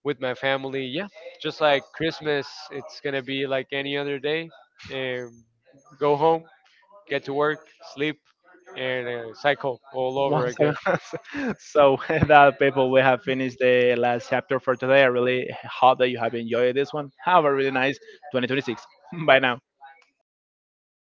Speaker 2: with my family, yeah, just like Christmas, it's gonna be like any other day. And go home, get to work, sleep and uh, cycle all over
Speaker 1: Once
Speaker 2: again.
Speaker 1: again. So with that people we have finished the last chapter for today. I really hope that you have enjoyed this one. Have a really nice twenty twenty-six bye now.